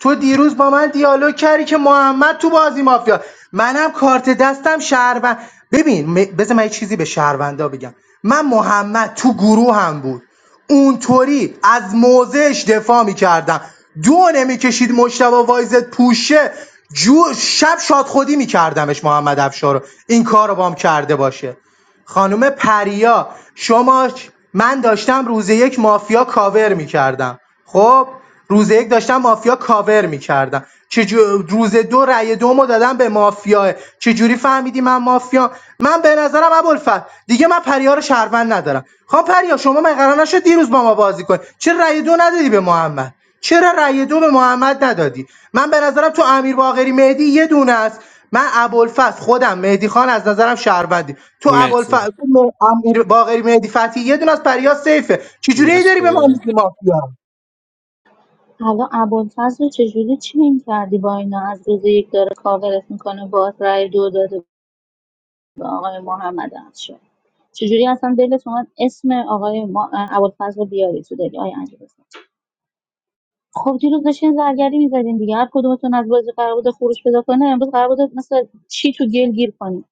Speaker 2: تو دیروز با من دیالوگ کردی که محمد تو بازی مافیا منم کارت دستم شهروند ببین م- بذار من یه چیزی به شهروندا بگم من محمد تو گروه هم بود اونطوری از موزش دفاع میکردم دو نمیکشید مشتبه وایزت پوشه جو شب شاد خودی میکردمش محمد افشار رو این کار رو بام کرده باشه خانم پریا شما من داشتم روز یک مافیا کاور میکردم خب روز یک داشتم مافیا کاور میکردم چجو... روز دو رأی دومو دادم به مافیا چجوری فهمیدی من مافیا من به نظرم ابوالفضل دیگه من پریا رو شهروند ندارم خب پریا شما من قرار نشد دیروز با ما بازی کنی چرا رأی دو ندادی به محمد چرا رأی دو به محمد ندادی من به نظرم تو امیر باقری مهدی یه دونه است من ابوالفضل خودم مهدی خان از نظرم شهروندی تو
Speaker 10: مرسی
Speaker 2: ابوالفضل تو م- امیر باقری مهدی فتحی یه دونه از پریا سیفه چجوری ای داری به من
Speaker 10: مرسی
Speaker 2: میگی مافیا
Speaker 12: حالا ابوالفضل رو چجوری چین کردی با اینا از روز یک داره کاورت میکنه با رای دو داده به آقای محمد افشار چجوری اصلا دلت اومد اسم آقای ما... ابوالفضل رو بیاری تو دلی آقای امیر خب دیروز داشتین زرگری میزدین دیگه هر کدومتون از بازی قرار بود خروج پیدا کنه امروز قرار بود مثل چی تو گل گیر کنی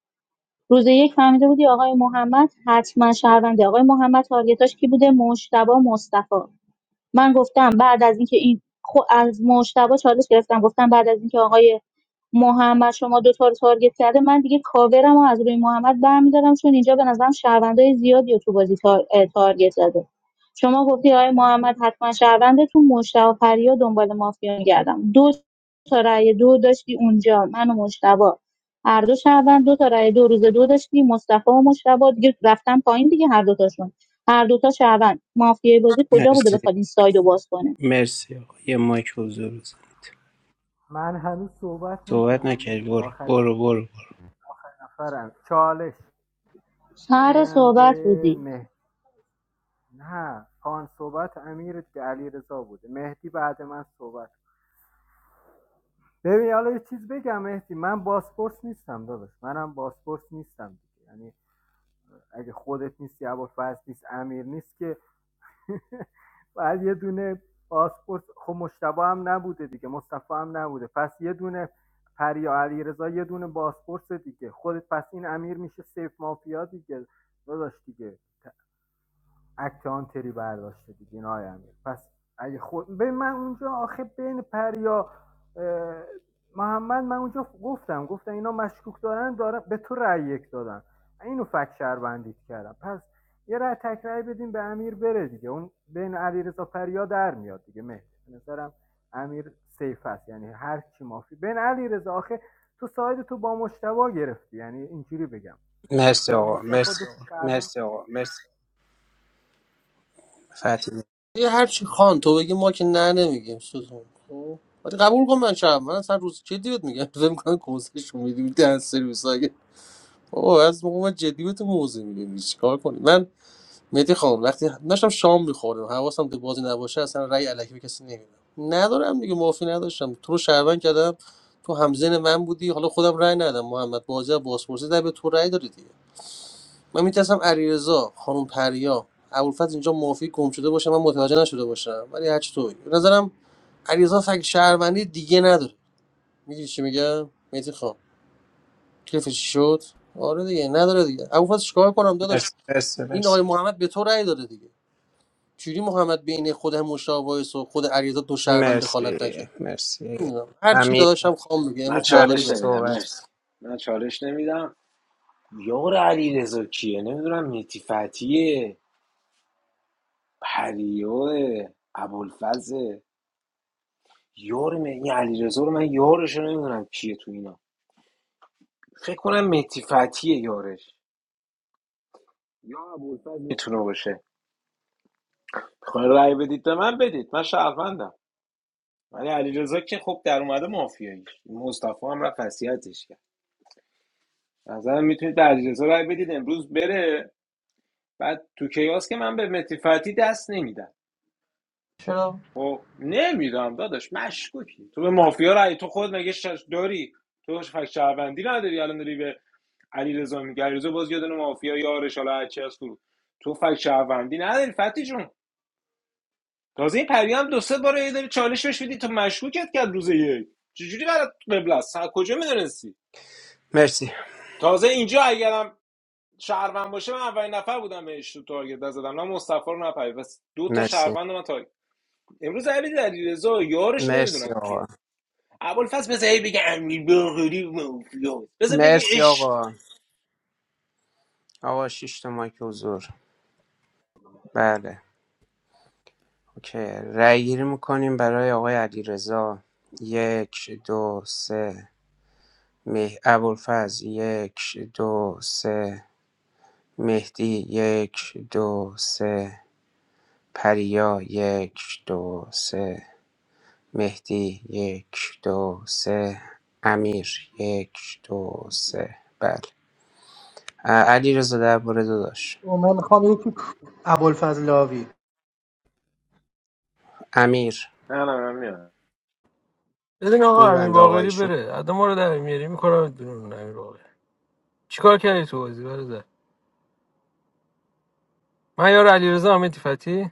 Speaker 12: روز یک فهمیده بودی آقای محمد حتما شهرونده آقای محمد تارگتاش کی بوده مجتبی مصطفی من گفتم بعد از اینکه این خب از مجتبی چالش گرفتم گفتم بعد از اینکه آقای محمد شما دوتا رو تارگت کرده من دیگه کاورم رو از روی محمد برمیدارم چون اینجا به نظرم شهروندای زیادی رو تو بازی تار... اه، تارگت زده شما گفتی آقای محمد حتما شهرونده تو مشتبه و پریا دنبال مافیا می‌گردم دو تا رأی دو داشتی اونجا من و مشتبه هر دو شهروند دو تا رأی دو روز دو داشتی مصطفی و مشتبه دیگه رفتن پایین دیگه هر دوتاشون هر دوتا شهروند مافیای بازی کجا بوده
Speaker 10: مرسی
Speaker 12: بخواد این سایدو باز کنه
Speaker 10: مرسی آقا. یه مایک حضور بزنید
Speaker 11: من هنوز صحبت
Speaker 10: صحبت
Speaker 11: نکردم
Speaker 10: نکرد
Speaker 11: موری
Speaker 10: بور، بور،
Speaker 11: آخر
Speaker 10: برو برو برو
Speaker 11: نفرم چالش
Speaker 12: سر
Speaker 11: میدم
Speaker 12: صحبت
Speaker 11: به
Speaker 12: بودی
Speaker 11: مهدی نه پان صحبت امیر علی رضا بوده مهدی بعد من صحبت ببین حالا یه چیز بگم مهدی من باسپورس نیستم داداش منم باسپورس نیستم دیگه یعنی اگه خودت نیستی ابوالفضل نیست امیر نیست که بعد یه دونه باسپورس خب مشتبه هم نبوده دیگه مصطفی هم نبوده پس یه دونه پریا علیرضا یه دونه باسپورس دیگه خودت پس این امیر میشه سیف مافیا دیگه داداش دیگه اکت آن تری برداشته دیگه نه امیر پس اگه خود به من اونجا آخه بین پریا محمد من اونجا گفتم گفتم اینا مشکوک دارن دارن به تو رأی یک دادن اینو فکت شهروندیت کردم پس یه رأی تک رأی بدیم به امیر بره دیگه اون بین علیرضا پریا در میاد دیگه مهدی به نظرم امیر سیف است یعنی هر کی مافی بین علیرضا آخه تو ساید تو با مشتبا گرفتی یعنی اینجوری بگم
Speaker 10: مرسی
Speaker 11: مشتبا
Speaker 10: آقا
Speaker 11: مصطفی دو
Speaker 10: مرسی
Speaker 11: تا
Speaker 10: آقا
Speaker 11: شهروند مرسی آقا مرسی.
Speaker 10: فتی
Speaker 20: یه هرچی خان تو بگی ما که نه نمیگیم سوزون خب ولی قبول کن من شب من اصلا روز جدی بهت میگم فکر میکنم کوزش میدی میدی از سرویس اگه بابا از موقع من جدی بهت موزه میدم چیکار کنی من مهدی خان وقتی داشتم شام میخوردم حواسم به بازی نباشه اصلا رأی الکی به کسی نمیدم ندارم دیگه معافی نداشتم تو رو شهروند کردم تو همزن من بودی حالا خودم رأی ندادم محمد بازی از بازپرسی در به تو رأی دادی من میترسم علیرضا خانم پریا ابوالفضل اینجا مافی گم شده باشه من متوجه نشده باشم ولی هر چی توی به نظرم علیرضا فک شهروندی دیگه نداره میگی چی میگم میتی خان کیفش شد آره دیگه نداره دیگه ابوالفضل چیکار کنم داداش
Speaker 10: مرسی مرسی
Speaker 20: این آقای محمد به تو رأی داده دیگه چوری محمد بین خود مشتاق وایس و خود علیرضا دو شهروند
Speaker 10: مرسی
Speaker 20: دخالت نکرد
Speaker 10: مرسی مرسی
Speaker 20: نمی‌دونم. هر چی
Speaker 10: امیر
Speaker 20: داداشم خام میگه
Speaker 6: من
Speaker 20: امروز باقری
Speaker 10: امیر
Speaker 6: چالش
Speaker 20: بده
Speaker 6: نمیدم
Speaker 10: صحبت کن.
Speaker 6: مرسی من چالش نمیدم یار علی رضا کیه نمیدونم میتی فتیه پریوه ابوالفضل یار من این علی رضا رو من یارش رو نمیدونم کیه تو اینا فکر کنم میتی فتیه یارش یار میتونه باشه میخوای رأی بدید به من بدید من شهروندم ولی علیرضا که خب در اومده مافیایی مصطفی هم رفت وصیتش کرد به نظرم میتونید به علیرضا رای بدید امروز بره بعد تو کیاس که من به متی فتی دست نمیدم
Speaker 20: چرا
Speaker 6: خب نمیدم داداش مشکوکی تو به مافیا رای تو خود مگه شش داری تو فک شهروندی نداری الان داری به علیرضا میگه علیرضا باز یه دونه مافیا یارش حالا هرچی از تو تو فک شهروندی نداری فتی جون تازه این پری هم دو سه بار یه داری چالش بهش میدی تو مشکوکت کرد روز یک چجوری برات قبل است از کجا میدونستی
Speaker 10: مرسی
Speaker 6: تازه اینجا اگرم شهروند باشه من اولین نفر بودم بهش تو تارگت زدم نه مصطفی رو نه پیام. پس دو تا
Speaker 10: مرسی
Speaker 6: شهروند من تارگت امروز علی علیرضا یارش
Speaker 10: مرسی
Speaker 6: نمیدونم
Speaker 10: آقا
Speaker 6: کیه ابوالفضل بذار هی بگه امیر باقری مافیا بذار بگه
Speaker 10: مرسی
Speaker 6: عشق
Speaker 10: آقا
Speaker 6: کنه
Speaker 10: آقا شش تا مایک حضور بله اوکی رأی گیری میکنیم برای آقای علیرضا یک دو سه مه ابوالفضل یک دو سه مهدی یک دو سه پریا یک دو سه مهدی یک دو سه امیر یک دو سه بله علی رضا درباره داداش
Speaker 2: من میخوام یکی ابوالفضلاوی
Speaker 10: امیر
Speaker 6: نه نه من میام
Speaker 1: ببین آقا امیر
Speaker 10: میبند آقا
Speaker 1: باقری
Speaker 10: ایشون
Speaker 1: بره آدم ما رو در میاری میکنم بیرون امیر باقری چیکار کردی تو بازی برادر من یار علیرضا امیدی فتی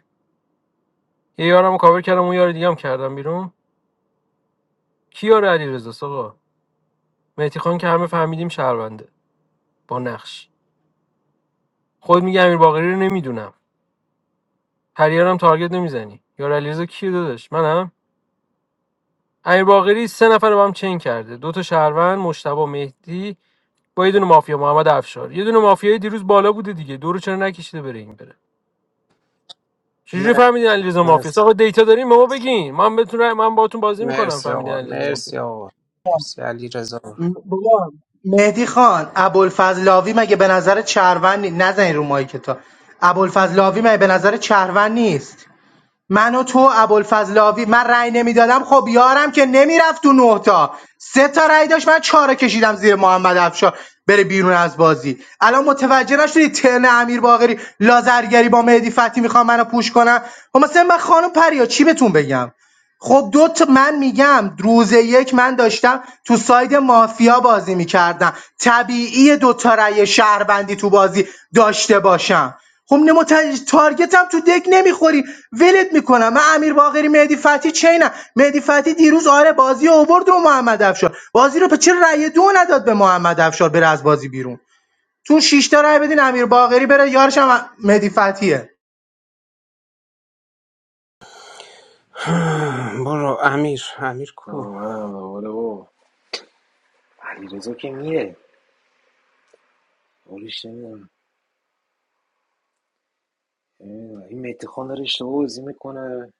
Speaker 1: یه یارم کاور کردم اون یار دیگه هم کردم بیرون کی یار علیرضا آقا مهدی خان که همه فهمیدیم شهرونده با نقش خود میگه امیر باقری رو نمیدونم پریارم تارگت نمیزنی یار علیرضا کی داداش منم امیر باقری سه نفر رو با هم چین کرده دو تا شهروند مشتبه مهدی با یه دونه مافیا محمد افشار یه دونه مافیای دیروز بالا بوده دیگه دورو چرا نکشیده بره این بره چجوری
Speaker 10: مرسی
Speaker 1: فهمیدین علیرضا مافیا
Speaker 10: مرسی
Speaker 1: آقا دیتا دارین به ما بگین من بتونم من باهاتون بازی میکنم
Speaker 10: مرسی
Speaker 1: فهمیدین
Speaker 10: آقا
Speaker 1: علیرضا مافیا
Speaker 10: مرسی آقا مرسی علی رضا
Speaker 2: م- بابا مهدی خان ابوالفضلاوی مگه به نظر چهروند نی- نزنی رو مایک تا ابوالفضلاوی مگه به نظر چهروند نیست من و تو ابوالفضل آوی من رأی نمیدادم خب یارم که نمیرفت تو نه تا سه تا رأی داشت من چهار رو کشیدم زیر محمد افشار بره بیرون از بازی الان متوجه نشدی ترن امیر باقری لازرگری با مهدی فتحی میخوام منو پوش کنم و مثلا من خانم پریا چی بهتون بگم خب دو تا من میگم روز یک من داشتم تو ساید مافیا بازی میکردم طبیعی دو تا رأی شهروندی تو بازی داشته باشم خب نمو تارگتم تو دک نمیخوری ولت میکنم من امیر باقری مهدی فتی چینم مهدی فتی دیروز آره بازی اوورد و محمد افشار بازی رو به چه رأی دو نداد به محمد افشار بره از بازی بیرون تو شش تا رأی بدین امیر باقری بره یارش هم مهدی فتیه
Speaker 10: برو امیر امیر
Speaker 6: نه،
Speaker 10: کو
Speaker 6: منم آره بابا علیرضا که میره آرش نمیدونم نمیدونم. این متخان داره اشتباه بازی میکنه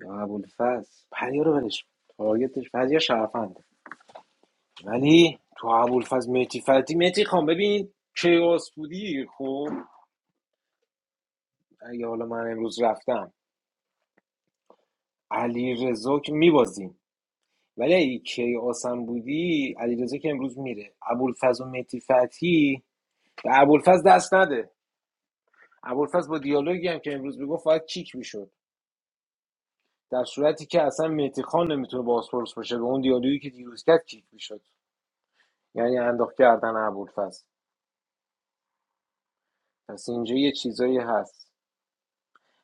Speaker 6: یا ابوالفضل پریا رو ولش کن. تارگتش پریا شرفنده ولی تو ابوالفضل مهدی فتی مهدی خان ببین کیاس بودی خب اگه حالا من امروز رفتم علی رضا که میبازیم ولی اگه کیاس هم بودی علی رضا که امروز میره ابوالفضل و مهدی فتی به ابوالفضل دست نده ابوالفضل با دیالوگی هم که امروز میگفت باید کیک میشد در صورتی که اصلا مهدی خان نمیتونه بازپرس باشه به اون دیالوگی که دیروز کرد کیک میشد یعنی انداخت کردن ابوالفضل پس اینجا یه چیزایی هست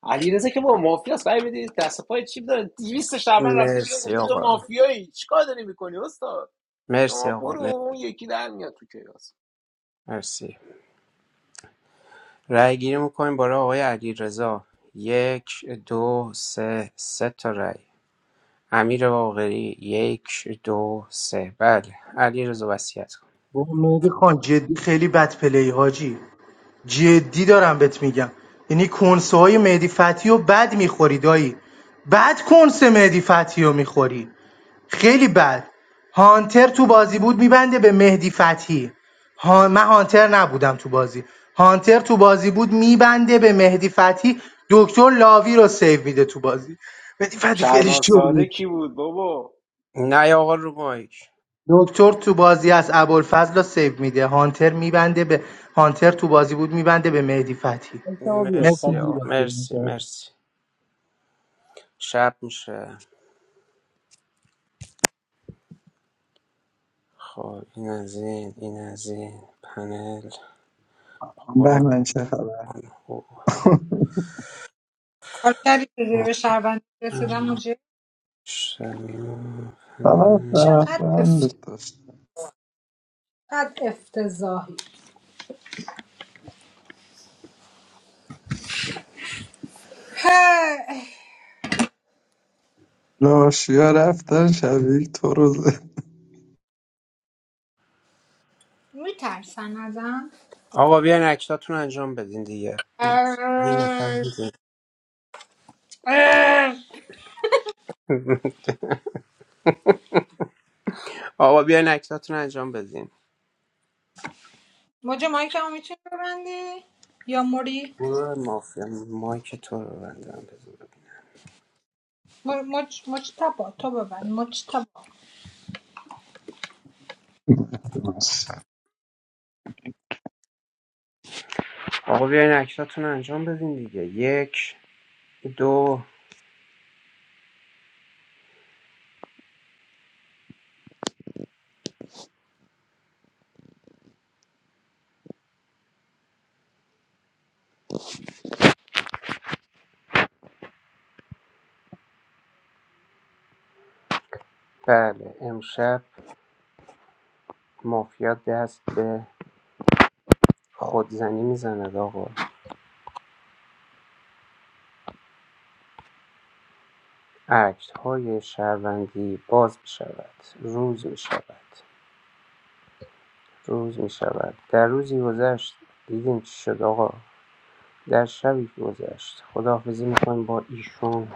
Speaker 6: علیرضا که با مافیا است رای بدید دست پای چی داره 200 شعبان رفته بیرون
Speaker 10: مرسی
Speaker 6: گفته تو
Speaker 10: آقا
Speaker 6: مافیایی چیکار داری میکنی استاد
Speaker 10: مرسی
Speaker 6: شما
Speaker 10: آقا
Speaker 6: برو
Speaker 10: مر-
Speaker 6: اون یکی در میاد تو کیاس
Speaker 10: مرسی رأی گیری میکنیم برای آقای علی رضا یک دو سه سه تا رأی امیر باقری یک دو سه بله علیرضا وصیت کن
Speaker 2: بابا مهدی خان جدی خیلی بد پلی حاجی جدی دارم بهت میگم یعنی کنسه های مهدی فتی رو بد میخوری دایی بد کنسه مهدی فتی رو میخوری خیلی بد هانتر تو بازی بود میبنده به مهدی فتحی. ها... من هانتر نبودم تو بازی هانتر تو بازی بود میبنده به مهدی فتحی. دکتر لاوی رو سیو میده تو بازی مهدی فتحی خیلی
Speaker 6: شعبان
Speaker 2: شو بود
Speaker 6: ساده کی بود بابا
Speaker 10: نه آقا رو مایک
Speaker 2: دکتر تو بازی از ابوالفضل رو سیو میده هانتر میبنده به هانتر تو بازی بود میبنده به مهدی فتحی.
Speaker 20: شما بیا
Speaker 2: مرسی
Speaker 20: فقط
Speaker 10: مرسی
Speaker 2: مهدی
Speaker 10: آقا
Speaker 2: بازی رو
Speaker 10: مرسی مرسی شب میشه خب این از این این از این پنل خروج
Speaker 4: بهمن چه خبر
Speaker 10: کن. خب.
Speaker 18: کاری که به شهروند رسیدم مجرد
Speaker 10: شب.
Speaker 4: خلاص
Speaker 10: پنل.
Speaker 18: چقدر
Speaker 4: رفتن
Speaker 18: افت...
Speaker 4: داشت
Speaker 18: چقدر افتضاحی هی.
Speaker 4: لاشیا رفتن شبیه تو رو زد
Speaker 18: میترسن ازم
Speaker 10: آقا بیاین اکتاتون انجام بدین دیگه این
Speaker 18: اه.
Speaker 10: نفهمیدین.
Speaker 18: اه.
Speaker 10: آقا بیاین اکتاتون انجام بدین
Speaker 18: موج مایکمو میتونی ببندی یا موری
Speaker 10: گروه مافیا مایک تو رو بندم بزن.
Speaker 18: مر- مچ مچ تبا تو ببند مچ تبا
Speaker 10: آقا بیاین اکتاتون انجام بدین دیگه یک دو بله امشب مافیا دست به خودزنی میزند آقا اکت های شهروندی باز می شود روز می شود روز می شود در روزی گذشت دیدیم چی شد آقا در شبی که گذشت خداحافظی میکنیم با ایشون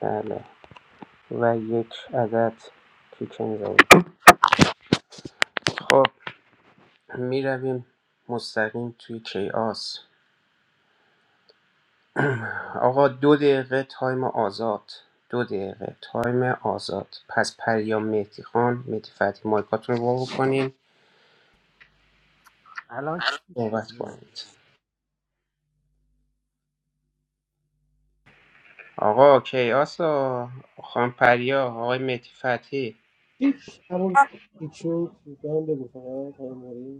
Speaker 10: بله و یک عدد کیک میزنیم خب میرویم مستقیم توی کیاس آقا دو دقیقه تایم آزاد دو دقیقه تایم آزاد پس پریام مهدی خان مهدی فتحی مایکاتون رو وا بکنین
Speaker 11: الان چی شد
Speaker 10: صحبت
Speaker 11: میری
Speaker 10: کنید آقا کیاسا خان پریا آقای مهدی فتحی
Speaker 20: هیچ اول هیچ شد به هم بگو فقط آقای موری.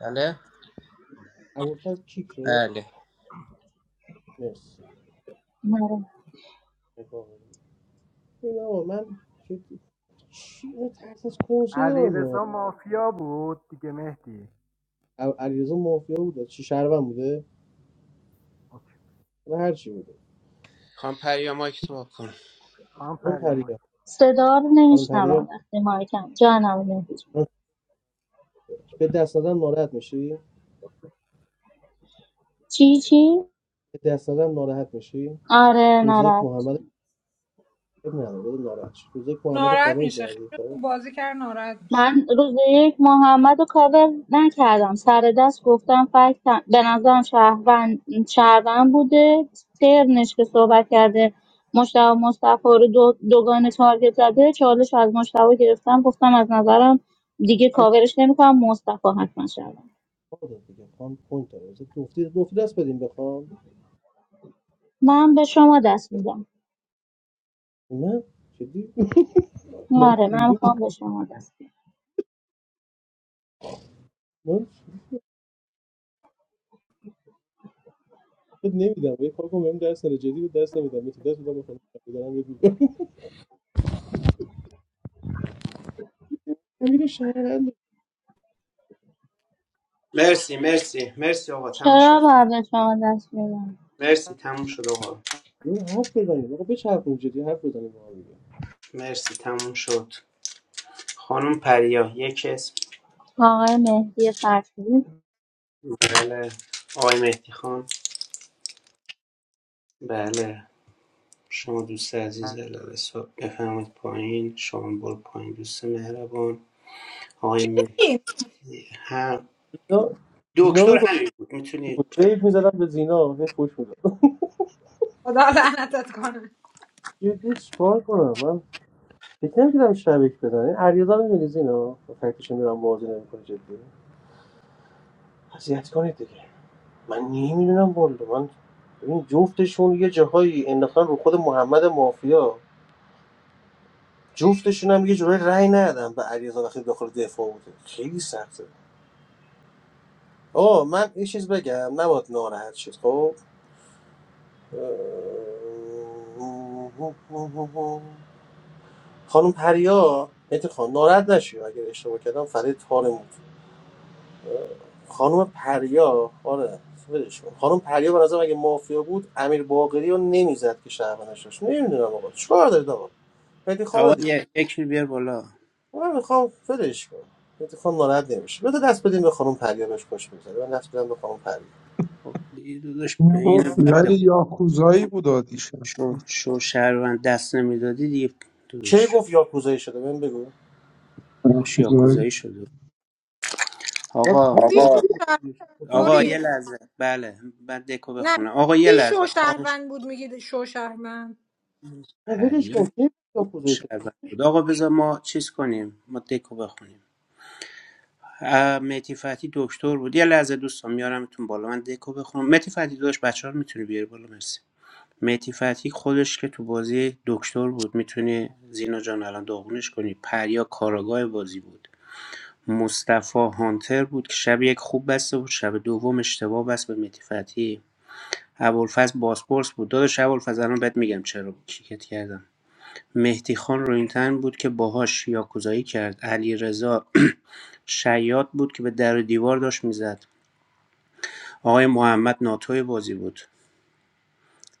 Speaker 10: بله
Speaker 11: الان
Speaker 20: ابوالفضل کیک شد
Speaker 10: بله
Speaker 20: مرسی نگاه کن. ببین آقا من جدی چی اینا ترس از کنسه دارم
Speaker 11: علیرضا
Speaker 20: آقا
Speaker 11: مافیا بود دیگه مهدی
Speaker 20: ا- علیرضا مافیا بوده چی شهروند بوده
Speaker 11: اوکی.
Speaker 20: نه هر چی بوده
Speaker 10: خان پریا مایک تو وا کن
Speaker 11: خانم
Speaker 20: اون
Speaker 11: پریمان
Speaker 20: پریا
Speaker 12: صدا رو
Speaker 20: اون پریا
Speaker 12: نمیشنوم وقتی مایکم جانم رو نمیشنوم
Speaker 20: به دست دادن ناراحت میشی
Speaker 12: چی چی؟
Speaker 20: به دست دادن ناراحت میشی
Speaker 12: آره
Speaker 20: روز یک
Speaker 12: ناراحت
Speaker 20: محمد
Speaker 12: میشم
Speaker 20: اب نداره بده ناراحت شی. روز یک محمد
Speaker 18: ناراحت
Speaker 20: کاور
Speaker 18: میشه
Speaker 20: کردی
Speaker 18: خیلی
Speaker 20: خب
Speaker 18: خوب بازی کرد ناراحت میشه
Speaker 12: من روز یک محمد رو کاور نکردم سر دست گفتم فکر به نظرم شهروند شهروند بوده ترنش که صحبت کرده مشتبه مصطفی رو دو دوگان تارگت زده چالش از مشتبه گرفتم گفتم از نظرم دیگه
Speaker 20: خام
Speaker 12: کاورش نمیکنم مصطفی حتما شهروند
Speaker 20: پوینت دیگه خام پوینت داره روز دفتی دفتی دست بدیم بخوام
Speaker 12: من به شما دست میدم
Speaker 20: بخوام. من جدی من
Speaker 12: آره من
Speaker 20: ریده
Speaker 12: میخوام به شما دست بدم.
Speaker 20: بودم بد نمیدم یه کار کنم بهم درس نده جدی بهت درس نمیدم یه درس میدم بخونم دارم بهت میگم امیر شهروند
Speaker 10: مرسی مرسی مرسی آقا تموم
Speaker 12: چرا
Speaker 10: شد
Speaker 12: باید به شما دست بدم
Speaker 10: مرسی تموم شد آقا
Speaker 20: رو حرف بزنیم آقا بچرخون جدی حرف بزنیم با هم دیگه
Speaker 10: مرسی تموم شد خانم پریا یک اسم
Speaker 12: آقای مهدی فتحی
Speaker 10: بله آقای مهدی خان بله شما دوست عزیز علل حساب بفرمایید پایین شما برو پایین دوست مهربان آقای
Speaker 18: چی
Speaker 10: مهدی
Speaker 18: میگی
Speaker 10: هم
Speaker 20: زینا زینا
Speaker 10: دکتر
Speaker 20: میگفت
Speaker 10: همین بود
Speaker 20: که
Speaker 10: میتونی
Speaker 20: بود ویف میزدم به زینا هی فوش میدم
Speaker 18: خدا لعنتت کنه
Speaker 20: جدی چیکار کنم من فکر نمیکردم شبک بدن این علیرضا میبینی زینا فکرش میرم بازی نمیکنه جدی اذیت کنید دیگه من نمیدونم والا من ببین جفتشون یه جاهایی انداختن رو خود محمد مافیا جفتشون هم یه جورایی رأی ندادم به علیرضا وقتی داخل دفاع بوده خیلی سخته آه من یه چیز بگم نباید ناراحت شد خب خانم پریا مهدی خان ناراحت نشید اگر اشتباه کردم فرید تارم بود خانم پریا آره ولش خانم پریا به نظرم اگه مافیا بود امیر باقری رو نمیزد که شهروندش داشت نمیدونم آقا چیکار دارید آقا مهدی خان
Speaker 10: آقا یه یکی بیار بالا
Speaker 20: من میخوام ولش کنم اتفاق ناراحت نمیشه بذار دست بدیم به خانم پریا بهش خوش میگذره من دست بدم به خانم پریا
Speaker 10: خب دیگه داداش به
Speaker 4: اینو
Speaker 10: این
Speaker 4: گفتی
Speaker 10: بنده
Speaker 4: ولی
Speaker 10: خدا
Speaker 4: یاکوزایی بود آدیشم
Speaker 10: شو, شو شهروند دست نمیدادی دیگه
Speaker 20: کی
Speaker 10: داداش
Speaker 20: گفت یاکوزایی شده بهم بگو کی
Speaker 10: داداش
Speaker 4: یاکوزایی
Speaker 10: یاکوزایی شده آقا ما
Speaker 18: کی
Speaker 20: آقا گفت
Speaker 10: گفت
Speaker 18: شوشهر
Speaker 20: یاکوزایی شده؟ گفتم
Speaker 10: آقا
Speaker 20: کی گفت؟
Speaker 10: یه
Speaker 18: موری
Speaker 10: لحظه بله بعد دکو
Speaker 18: نه
Speaker 10: بخونه آقا
Speaker 18: کی
Speaker 10: یه لحظه خواهش
Speaker 18: شوشهروند بود میگی شوشهروند
Speaker 20: نه ولش کن
Speaker 10: پریاد
Speaker 20: کی گفت یاکوزایی شده
Speaker 10: شهروند بود آقا بذار ما چیز کنیم ما دکو بخونیم مهدی فتحی دکتر بود یه لحظه دوستان میارمتون بالا من دکو بخونم مهدی فتحی داداش بچه ها رو میتونی بیاری بالا مرسی مهدی فتحی خودش که تو بازی دکتر بود میتونی زینا جان الان داغونش کنی پریا کاراگاه بازی بود مصطفی هانتر بود که شب یک خوب بسته بود شب دوم اشتباه بست به مهدی فتحی ابوالفضل باسپورس بود داداش ابوالفضل الان بهت میگم چرا کیکت کردم مهدی خان روینتن بود که باهاش یاکوزایی کرد علی رضا شیاد بود که به در و دیوار داشت میزد آقای محمد ناتوی بازی بود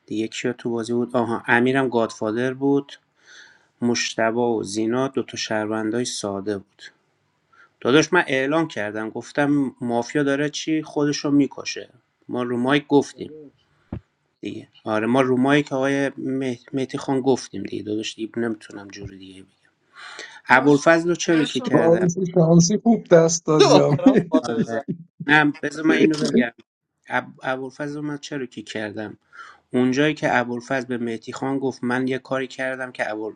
Speaker 10: دیگه کیا تو بازی بود آها امیرم گادفادر بود مشتبه و زینا دوتا شهروندای ساده بود داداش من اعلام کردم گفتم مافیا داره چی خودشو میکشه ما رو مایک
Speaker 20: گفتم
Speaker 10: گفتیم
Speaker 20: ولش.
Speaker 10: دیگه آره ما رو مایک آقای مه- مهدی خان گفتیم دیگه داداش دیگه نمیتونم جوری دیگه بگم
Speaker 18: باش
Speaker 10: ابوالفضل رو چرا
Speaker 18: برو
Speaker 10: کی
Speaker 18: تو.
Speaker 10: کردم
Speaker 4: شانسی شانسی خوب دست داد
Speaker 20: یه
Speaker 4: یا
Speaker 20: دارم خاطر
Speaker 10: آره
Speaker 20: زن
Speaker 10: نه بذار من اینو بگم اب- ابوالفضل رو من چرا کی کردم اونجایی که ابوالفضل به مهدیخان گفت من یه کاری کردم که ابوال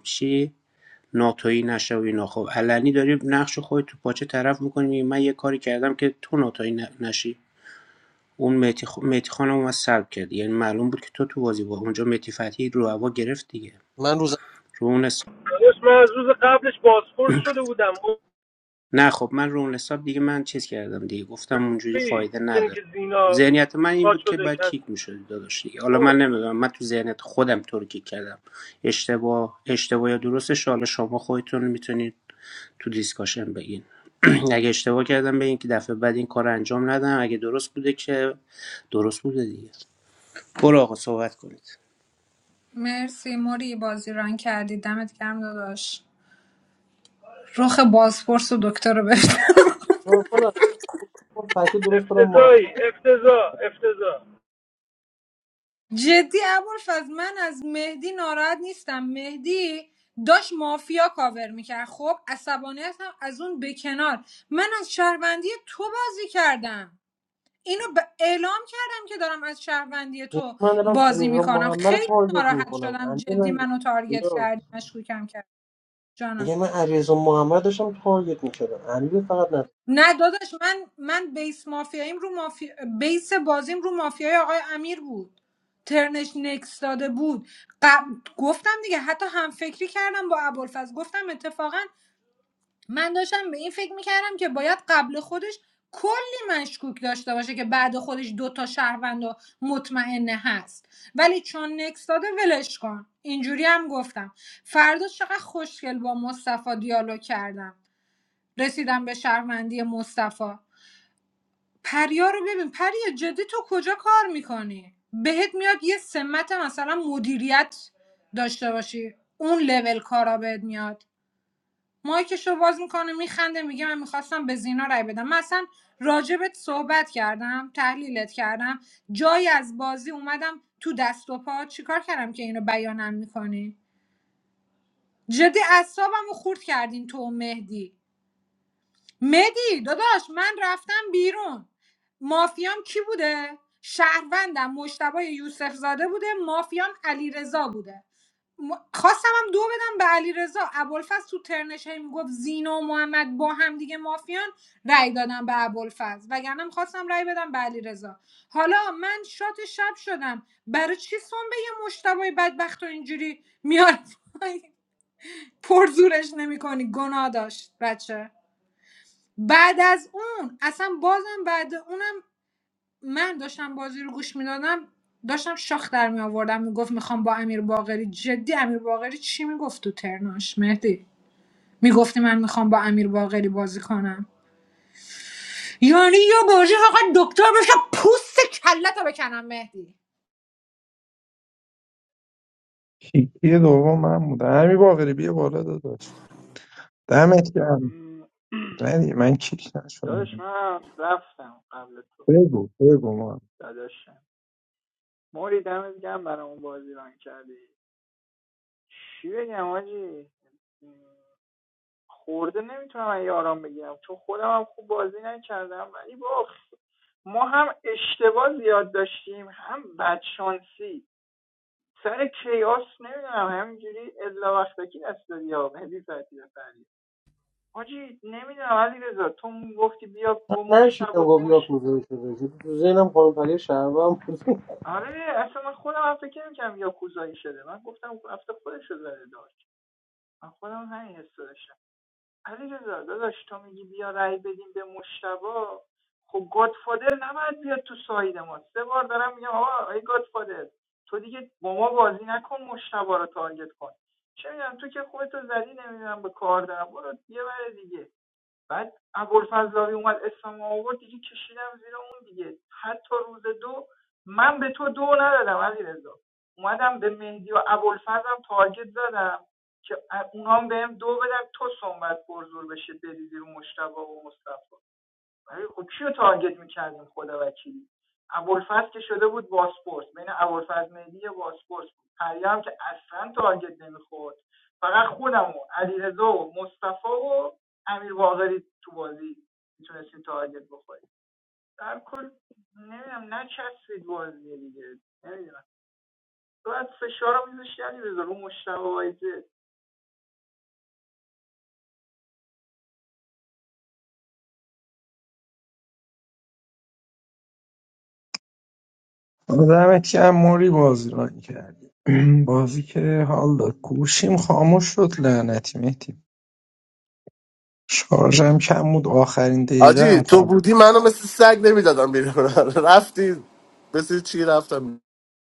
Speaker 10: ناتویی نشه و اینا خب علنی داری نقش خودت تو پاچه طرف میکنی من یه کاری کردم که تو ناتویی نشی اون مهدی خ- مهدی خان رو سلب کرد یعنی معلوم بود که تو تو بازی با اونجا مهدی فتحی رو هوا گرفت دیگه
Speaker 20: من روز
Speaker 10: رو اون
Speaker 1: داداش من از روز قبلش بازپرس شده بودم
Speaker 10: نه خب من رو اون حساب دیگه من چیز کردم دیگه گفتم اونجوری
Speaker 1: بی
Speaker 10: فایده
Speaker 1: زنی
Speaker 10: نداره
Speaker 1: که زینا
Speaker 10: ذهنیت من این
Speaker 1: با
Speaker 10: بود که
Speaker 1: شده
Speaker 10: باید
Speaker 1: کس
Speaker 10: کیک میشدی داداش دیگه حالا من
Speaker 1: بود
Speaker 10: نمیدونم من تو ذهنیت خودم تو رو کیک کردم اشتباه اشتباه یا درستش حالا شما خودتون میتونید تو دیسکاشن بگین اگه اشتباه کردم بگین که دفعه بعد این کار رو انجام ندم اگه درست بوده که درست بوده دیگه برو آقا صحبت کنید
Speaker 18: مرسی موری بازی ران کردی دمت گرم داداش رخ بازپرس و دکتر رو ببینم
Speaker 20: کار کنم من فکر درست کنم محمد
Speaker 18: جدی ابوالفضل من از مهدی ناراحت نیستم مهدی داشت مافیا کاور میکرد خب عصبانیتم از اون به کنار من از شهروندی تو بازی کردم اینو به اعلام کردم که دارم از شهروندی
Speaker 20: جی،
Speaker 18: تو
Speaker 20: من دارم
Speaker 18: بازی
Speaker 20: علیرضا
Speaker 18: میکنم
Speaker 20: محمد رو
Speaker 18: خیلی
Speaker 20: تارگت
Speaker 18: ناراحت
Speaker 20: میکنم
Speaker 18: شدم
Speaker 20: امیر
Speaker 18: جدی
Speaker 20: من
Speaker 18: منو تارگت
Speaker 20: اینا.
Speaker 18: کردی مشکوکم کرد جانم
Speaker 20: میگه من علیرضا محمد داشتم تارگت میکردم امیر فقط نه
Speaker 18: نه داداش من من بیس مافیاییم رو مافی... بیس بازیم رو مافیای آقای امیر بود ترنش نکس داده بود قب- گفتم دیگه حتی هم فکری کردم با ابوالفضل گفتم اتفاقا من داشتم به این فکر میکردم که باید قبل خودش کلی مشکوک داشته باشه که بعد خودش دو تا شهروند و مطمئنه هست ولی چون نکس داده ولش کن اینجوری هم گفتم فردا چقدر خوشگل با مصطفی دیالوگ کردم رسیدم به شهروندی مصطفی پریا رو ببین پریا جدی تو کجا کار میکنی بهت میاد یه سمت مثلا مدیریت داشته باشی اون لول کارا بهت میاد مایکشو باز میکنه میخنده میگه من میخواستم به زینا رای بدم من اصلا راجبت صحبت کردم تحلیلت کردم جای از بازی اومدم تو دست و پا چیکار کردم که اینو بیانم میکنی جدی اعصابم رو خورد کردین تو و مهدی مدی داداش من رفتم بیرون مافیام کی بوده شهروندم مشتبه یوسف زاده بوده مافیام علیرضا بوده م- خواستم هم دو بدم به علیرضا ابوالفضل تو ترنش هی میگفت زینا و محمد با هم دیگه مافیان رأی دادم به ابوالفضل وگرنه هم خواستم رأی بدم به علیرضا حالا من شات شب شدم برای چی سنبه یه مشتبه بدبخت و اینجوری میاد پرزورش نمیکنی گناه داشت بچه بعد از اون اصلا بازم بعد اونم من داشتم بازی رو گوش میدادم داشتم شاخ در می آوردم میگفت میخوام با امیر باقری جدی امیر باقری چی میگفت تو ترناش مهدی میگفتی من میخوام با امیر باقری بازی کنم یعنی یا بازی فقط دکتر بشه پوست کلتو بکنم مهدی
Speaker 4: کیکی دوم من بودم همین باقری بیا بالا داداش دمت گرم
Speaker 19: م،
Speaker 4: ندی من کیک
Speaker 19: داداش
Speaker 4: نشدم
Speaker 19: من رفتم قبل تو
Speaker 4: بگو بگو ما
Speaker 19: داداشم موری دمت گرم برای اون بازی ران کردی چی بگم حاجی خورده نمیتونم از یاران بگیرم چون خودم هم خوب بازی نکردم ولی با ما هم اشتباه زیاد داشتیم هم بدشانسی سر کیاس نمیدونم همینجوری الا وقتکی دست دادی یا مهدی فتحی بفرمایید حاجی نمیدونم علی رضا تو گفتی بیا با
Speaker 20: من نشیدم
Speaker 19: مشتبه
Speaker 20: گفت
Speaker 19: مش
Speaker 20: یاکوزایی شده شد تو ذهنم خانم پریا شهروند بود
Speaker 19: آره اصلا من خودم هم فکر نمی‌کردم یا کوزایی شده من گفتم هفته خودش رو زده داشت من خودم همین حس داشتم علیرضا داداش تو میگی بیا رأی بدیم به مشتبا خب گادفادر نباید بیاد تو ساید ما سه بار دارم میگم آقا ای گادفادر تو دیگه با ما بازی نکن مشتبا رو تارگت کن چه میدونم تو که خودتو زدی نمیدونم به کار دارم برو یه بر دیگه بعد ابوالفضلاوی اومد اسمم آورد دیگه کشیدم زیر اون دیگه حتی روز دو من به تو دو ندادم علیرضا اومدم به مهدی و ابوالفضلم تارگت زدم که اونا هم بهم دو بدن تو صحبت پرزور بشه بریزی رو مشتبه و مصطفی آره، خب کیو تارگت میکردیم خدا وکیلی ابوالفضل که شده بود باسپورس بین ابوالفضل مهدی یه باسپورس بود پریا هم که اصلا تارگت نمیخورد فقط خودم و علیرضا و مصطفی و امیر واقری تو بازی میتونستیم تارگت بخوریم در کل نمیدونم نچسبید بازی دیگه نمیدونم تو از فشار رو میذاشتی علیرضا رو مشتبه وایزه
Speaker 4: دمت گرم موری بازی ران کردی بازی که حال داد گوشیم خاموش شد لعنتی مهدی شارژم کم بود آخرین دقیقه
Speaker 9: آجی
Speaker 4: هم
Speaker 9: تو
Speaker 4: خاموش
Speaker 9: بودی منو مثل سگ نمیدادم بیرون رفتی مثل چی رفتم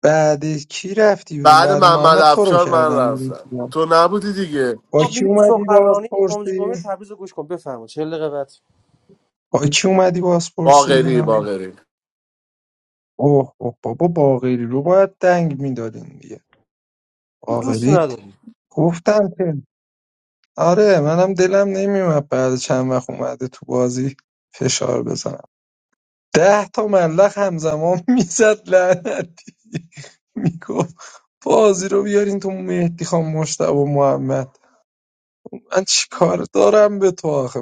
Speaker 4: بعد کی رفتی بیرون
Speaker 9: بعد
Speaker 4: بعد
Speaker 9: محمد
Speaker 4: محمد تو رو
Speaker 9: افشار من
Speaker 4: کردم بیرون
Speaker 9: رفتم تو نبودی دیگه
Speaker 4: با
Speaker 20: خب
Speaker 4: کی
Speaker 20: میریم
Speaker 4: اومدی باز
Speaker 20: سخنرانی امام
Speaker 4: پرسی
Speaker 20: جمعه تبریز رو گوش کن بفرما 40 دقیقه بعد
Speaker 4: با کی اومدی باز
Speaker 9: باغری
Speaker 4: پرسی
Speaker 9: باغری
Speaker 4: باقری رو باید دنگ میدادین دیگه
Speaker 20: دوست
Speaker 4: باقری
Speaker 20: نداری
Speaker 4: گفتم که آره منم دیمپ اومده تو بازی مثلا ده تا ملخ همزمان میزد لعنت میگفت بازی رو بیارین تو مهدی خان مش محمد من چیکار دارم به تو آخه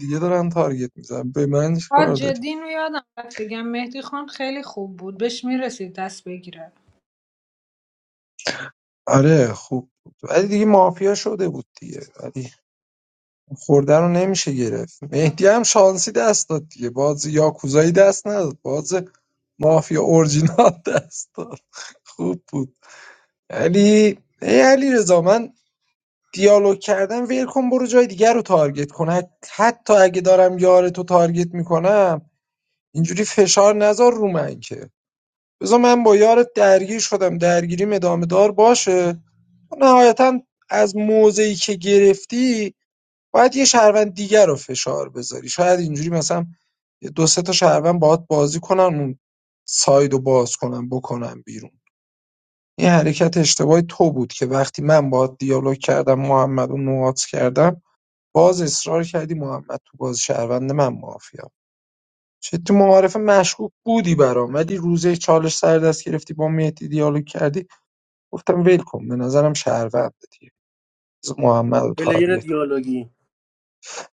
Speaker 4: دیگه دارن تارگت میزن به من
Speaker 18: آ
Speaker 4: چیکار داری
Speaker 18: جدی اینو یادم رفت بگم مهدی خان خیلی خوب بود بهش میرسید دست بگیره
Speaker 4: آره خوب بود ولی دیگه مافیا شده بود دیگه ولی خورده رو نمیشه گرفت مهدی هم شانسی دست داد دیگه باز یاکوزایی دست نداد باز مافیا اورجینال دست داد خوب بود علی ای علی رضا من دیالوگ کردم ول کن برو جای دیگر رو تارگت کن حتی اگه دارم یار تو تارگت میکنم اینجوری فشار نذار رو من که بذار من با یارت درگیر شدم درگیریم ادامه دار باشه نهایتا از موضعی که گرفتی باید یه شهروند دیگر رو فشار بذاری شاید اینجوری مثلا یه دو سه تا شهروند باهات بازی کنن اون ساید رو باز کنن بکنن بیرون این حرکت اشتباهی تو بود که وقتی من باهات دیالوگ کردم محمد رو نوات کردم باز اصرار کردی محمد تو باز شهروند من مافیا چه تو معارف مشکوک بودی برام ولی روزه چالش سر دست گرفتی با مهدی دیالوگ کردی گفتم ول کن به نظرم شهرونده دیگه محمد رو تارگت
Speaker 20: پلیر
Speaker 4: کن.
Speaker 20: دیالوگی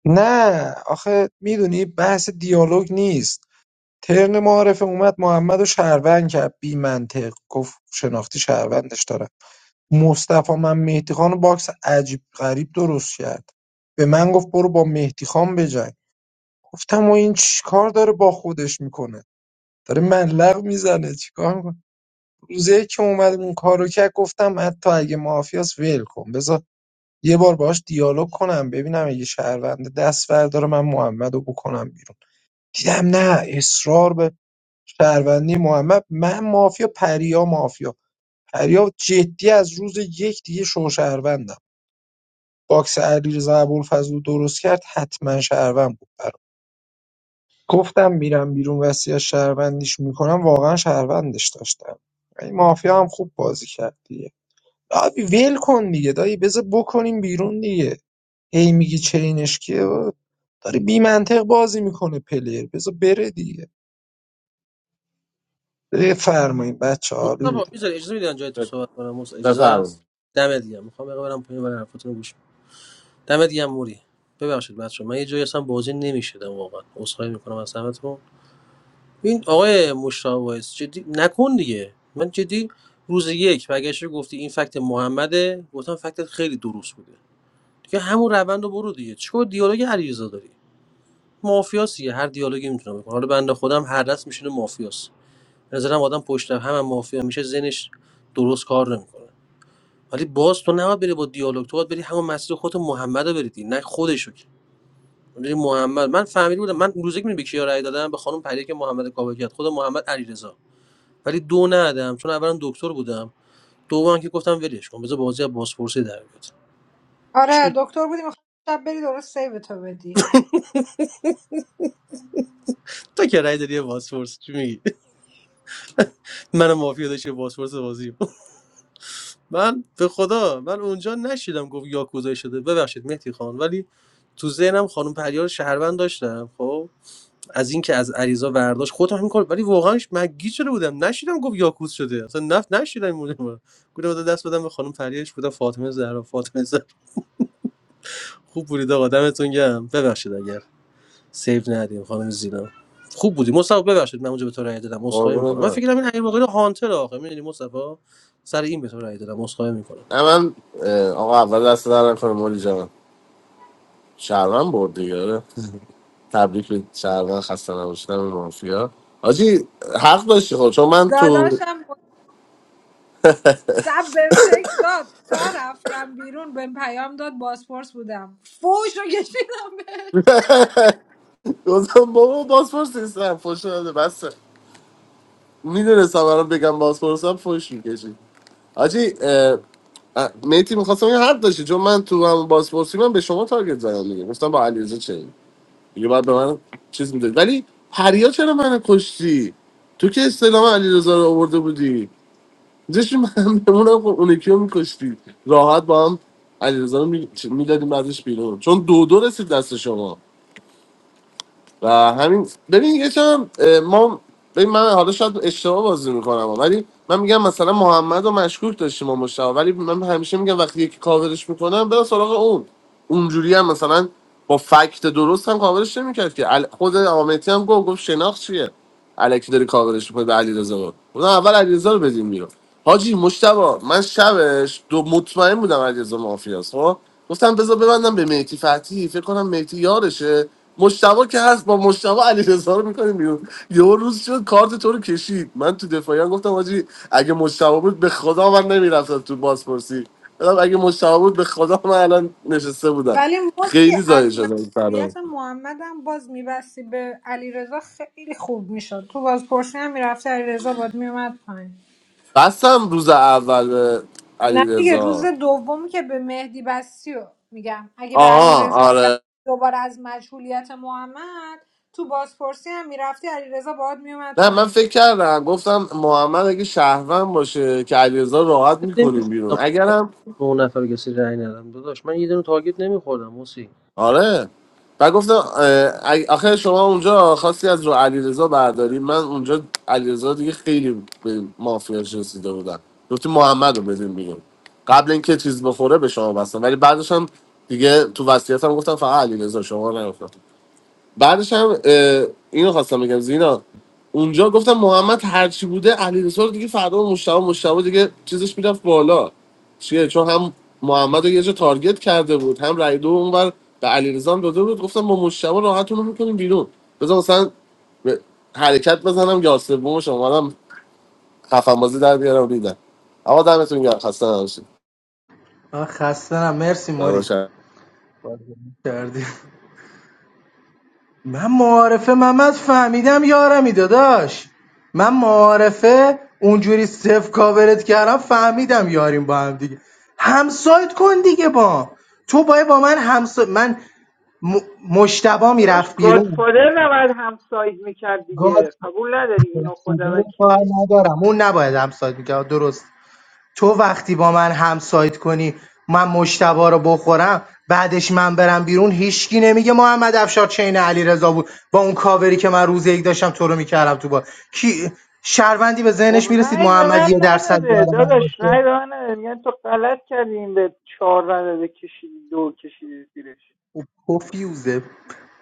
Speaker 4: نه آخه میدونی بحث دیالوگ نیست ترن معارفه اومد محمد و شهروند کرد بی منطق گفت شناختی شهروندش دارم مصطفی من مهدی خان باکس عجیب غریب درست کرد به من گفت برو با مهدی خان بجنگ گفتم و این چیکار داره با خودش میکنه داره ملق میزنه چیکار میکنه روزه که اومد اون کارو کرد گفتم حتی اگه مافیاس ول کن بذار یه بار باهاش دیالوگ کنم ببینم اگه شهرونده دست برداره من محمد رو بکنم بیرون دیدم نه اصرار به شهروندی محمد من مافیا پریا مافیا پریا جدی از روز یک دیگه شو شهروندم باکس علیرضا ابوالفضل رو درست کرد حتما شهروند بود برام گفتم میرم بیرون وصیت شهروندیش میکنم واقعا شهروندش داشتم این مافیا هم خوب بازی کرد دیگه دایی ول کن دیگه دایی بذار بکنیم بیرون دیگه هی میگی چینش کیه داری بی منطق بازی میکنه پلیر بذار بره دیگه بفرمایید بچه عالی
Speaker 20: مصطفی
Speaker 4: بود
Speaker 20: میذاری اجازه میدی جای تو صحبت کنم مصطفی اجازه هست
Speaker 9: بفرم
Speaker 20: دمت گرم میخوام بقیه برم پایین برای حرفاتون رو گوش کنم. دمت گرم موری ببخشید بچه من یه جایی اصلا بازی نمیشدم واقعا عذرخواهی میکنم از همتون این آقای مشتاق وایس جدی نکن دیگه من جدی روز یک برگشتی گفتی این فکت محمده گفتم فکتت خیلی درست بوده دیگه همون روند رو برو دیگه چیکار دیالوگ علیرضا داری مافیاسیه هر دیالوگی میتونه بکنه حالا بنده خودم هر دست میشینه مافیاس به نظرم آدم پشت هم هم مافیا میشه ذهنش درست کار نمیکنه ولی باز تو نباید بری با دیالوگ تو باید بری همون مسیر خودت محمد رو بری دیگه، نه خودشو که بری محمد من فهمیده بودم من روزی که می‌دونی به کیا رأی دادم به خانم پری که محمد کاوه کرد خود محمد علیرضا ولی دو ندادم چون اولا دکتر بودم دوم که گفتم ولش کن بذار بازی از بازپرسی در بیاد
Speaker 18: آره
Speaker 20: چی
Speaker 18: دکتر بودی میخوام شب بری درست سیوتو بدی
Speaker 20: تا که رأی دادی بازپرس چی میگی من مافیا داشتی بازپرس بازی من به خدا من اونجا نشیدم گفت یاکوزایی شده ببخشید مهدی خان ولی تو ذهنم خانم پریار شهروند داشتم خب از اینکه از عریضا برداشت خودم همین کار ولی واقعا مگی شده بودم نشیدم گفت یاکوز شده اصلا نفت نشیدم این مورد رو. گفتم دست بدم به خانم پریارش بودم فاطمه زهرا فاطمه زهرا خوب بودید آقا دمتون گرم ببخشید اگر سیو ندیم خانم زینا خوب بودی مصطفی ببخشید من اونجا به تو رأی دادم عذرخواهی
Speaker 9: قربونت
Speaker 20: میکنم من فکر
Speaker 9: برم
Speaker 20: کنم این امیر باقری هانتر آخه میدونی مصطفی سر این به تو رأی دادم عذرخواهی
Speaker 9: نه من اه، آقا اول دست در نکنه مولی جان شهرون برد دیگه آره. تبریک به شهرون خسته نباشیدم به مافیا آجی حق داشتی خود چون من تو
Speaker 18: داداشم شب بهم تکس داد تا رفتم بیرون بهم پیام داد بازپرس بودم فوش رو کشیدم بهش
Speaker 9: گفتم بابا بازپرس نیستم فوش داده بس میدونستم الان بگم بازپرسم فوش میکشی حاجی میتی میخواستم یه حرف داشتی چون من تو همون بازپرسی من به شما تارگت زدم دیگه گفتم با علیرضا چه دیگه بعد به من چیز میداد ولی پریا چرا من کشتی تو که استلام علیرضا رو آورده بودی داشتی من بمونم خب اون یکی رو میکشتی راحت با هم علیرضا رو میدادیم ازش بیرون چون دو دو رسید دست شما و همین ببین یه چم ما ببین من حالا شاید اشتباه بازی میکنم ولی من میگم مثلا محمد و مشکوک داشتیم ما مشتاق ولی من همیشه میگم وقتی یکی کاورش میکنم برو سراغ اون اونجوری هم مثلا با فکت درست هم کاورش نمیکرد که ال- خود آمتی هم گفت گفت شناخت چیه الکی داری کاورش میکنی به علیرضا قاسمی. گفتم اول علیرضا رو بدیم بیرون حاجی مشتبا من شبش دو مطمئن بودم علیرضا مافیاست خب گفتم بذار ببندم به مهدی فتی فکر کنم مهدی یارشه مشتبا که هست با مشتبا علیرضا رو میکنیم بیرون یه روز شد کارت تو رو کشید من تو دفاعیان گفتم حاجی اگه مشتبا بود به خدا من نمیرفتم تو بازپرسی گفتم اگه مشتبا بود به خدا من الان نشسته بودم
Speaker 18: ولی موسی
Speaker 9: خیلی زایه
Speaker 18: از
Speaker 9: شدم سلام
Speaker 18: مسئولیت محمدم باز میبستی به علیرضا خیلی خوب میشد تو بازپرسی هم میرفتی علیرضا باد میومد پایین
Speaker 9: بستم روز اول
Speaker 18: نه دیگه
Speaker 9: علی
Speaker 18: روز دوم که به مهدی بستی و میگم اگه به
Speaker 9: آها
Speaker 18: علیرضا میبستی
Speaker 9: آره
Speaker 18: دوباره از مشغولیت محمد تو بازپرسی هم میرفتی علیرضا باد میومد
Speaker 9: نه من
Speaker 18: پایین
Speaker 9: فکر کردم گفتم محمد اگه شهروند باشه که علیرضا راحت میکنیم بیرون
Speaker 20: میکنم
Speaker 9: اگرم
Speaker 20: به اون نفر کسی رأی ندم داداش من یه دونه تارگت نمیخوردم موسی
Speaker 9: آره و گفتم اه، اگه- آخه شما اونجا خواستی از رو علیرضا برداری من اونجا علیرضا دیگه خیلی به مافیاش رسیده بودم گفتی محمد رو بدیم بیرون قبل اینکه چیز بخوره به شما بستم ولی بعدش هم دیگه تو وصیتم گفتم فقط علیرضا شما نگفتم بعدش هم اه، اینو خواستم بگم زینا اونجا گفتم محمد هرچی بوده علیرضا رو دیگه فردا و مشتبه مشتبه دیگه چیزش میرفت بالا چیه چون هم محمد رو یه جا تارگت کرده بود هم رای دو اونور به علیرضا هم داده بود گفتم با مشتبه راحتون رو میکنیم بیرون بذار مثلا به- حرکت بزنم یا سومش اومدم خفن بازی در بیارم دیدم اما دمتون گرم خسته نباشید
Speaker 2: من خسته نم مرسی موری
Speaker 9: داداشم.
Speaker 2: بازی کردی من معارفه محمد فهمیدم یارمی داداش من معارفه اونجوری صف کاورت کردم فهمیدم یاریم با هم دیگه همسایت کن دیگه با تو باید با من همسا من م... مشتبا
Speaker 19: داداش
Speaker 2: میرفت بیرون
Speaker 19: گادفادر نباید همساید میکرد
Speaker 2: گاد
Speaker 19: دیگه قبول نداری اینو
Speaker 2: فادر
Speaker 19: خدا
Speaker 2: رو کار
Speaker 19: وکیلی
Speaker 2: ندارم اون نباید همسایت میکرد درست تو وقتی با من همسایت کنی من مجتبی رو بخورم بعدش من برم بیرون هیچکی نمیگه محمد افشار چین علیرضا بود با اون کاوری که من روز یک داشتم تو رو میکردم تو با کی شهروندی به
Speaker 19: خب
Speaker 2: ذهنش میرسید
Speaker 19: رأی به
Speaker 2: محمد
Speaker 19: من
Speaker 2: یه درصد
Speaker 19: نداده
Speaker 2: یارمان
Speaker 19: داداش
Speaker 2: باشه
Speaker 19: رأی به من نداده میگن تو غلط کردی این به چهار نداده کشیدی دو کشیدی زیرش
Speaker 2: خب، پفیوزه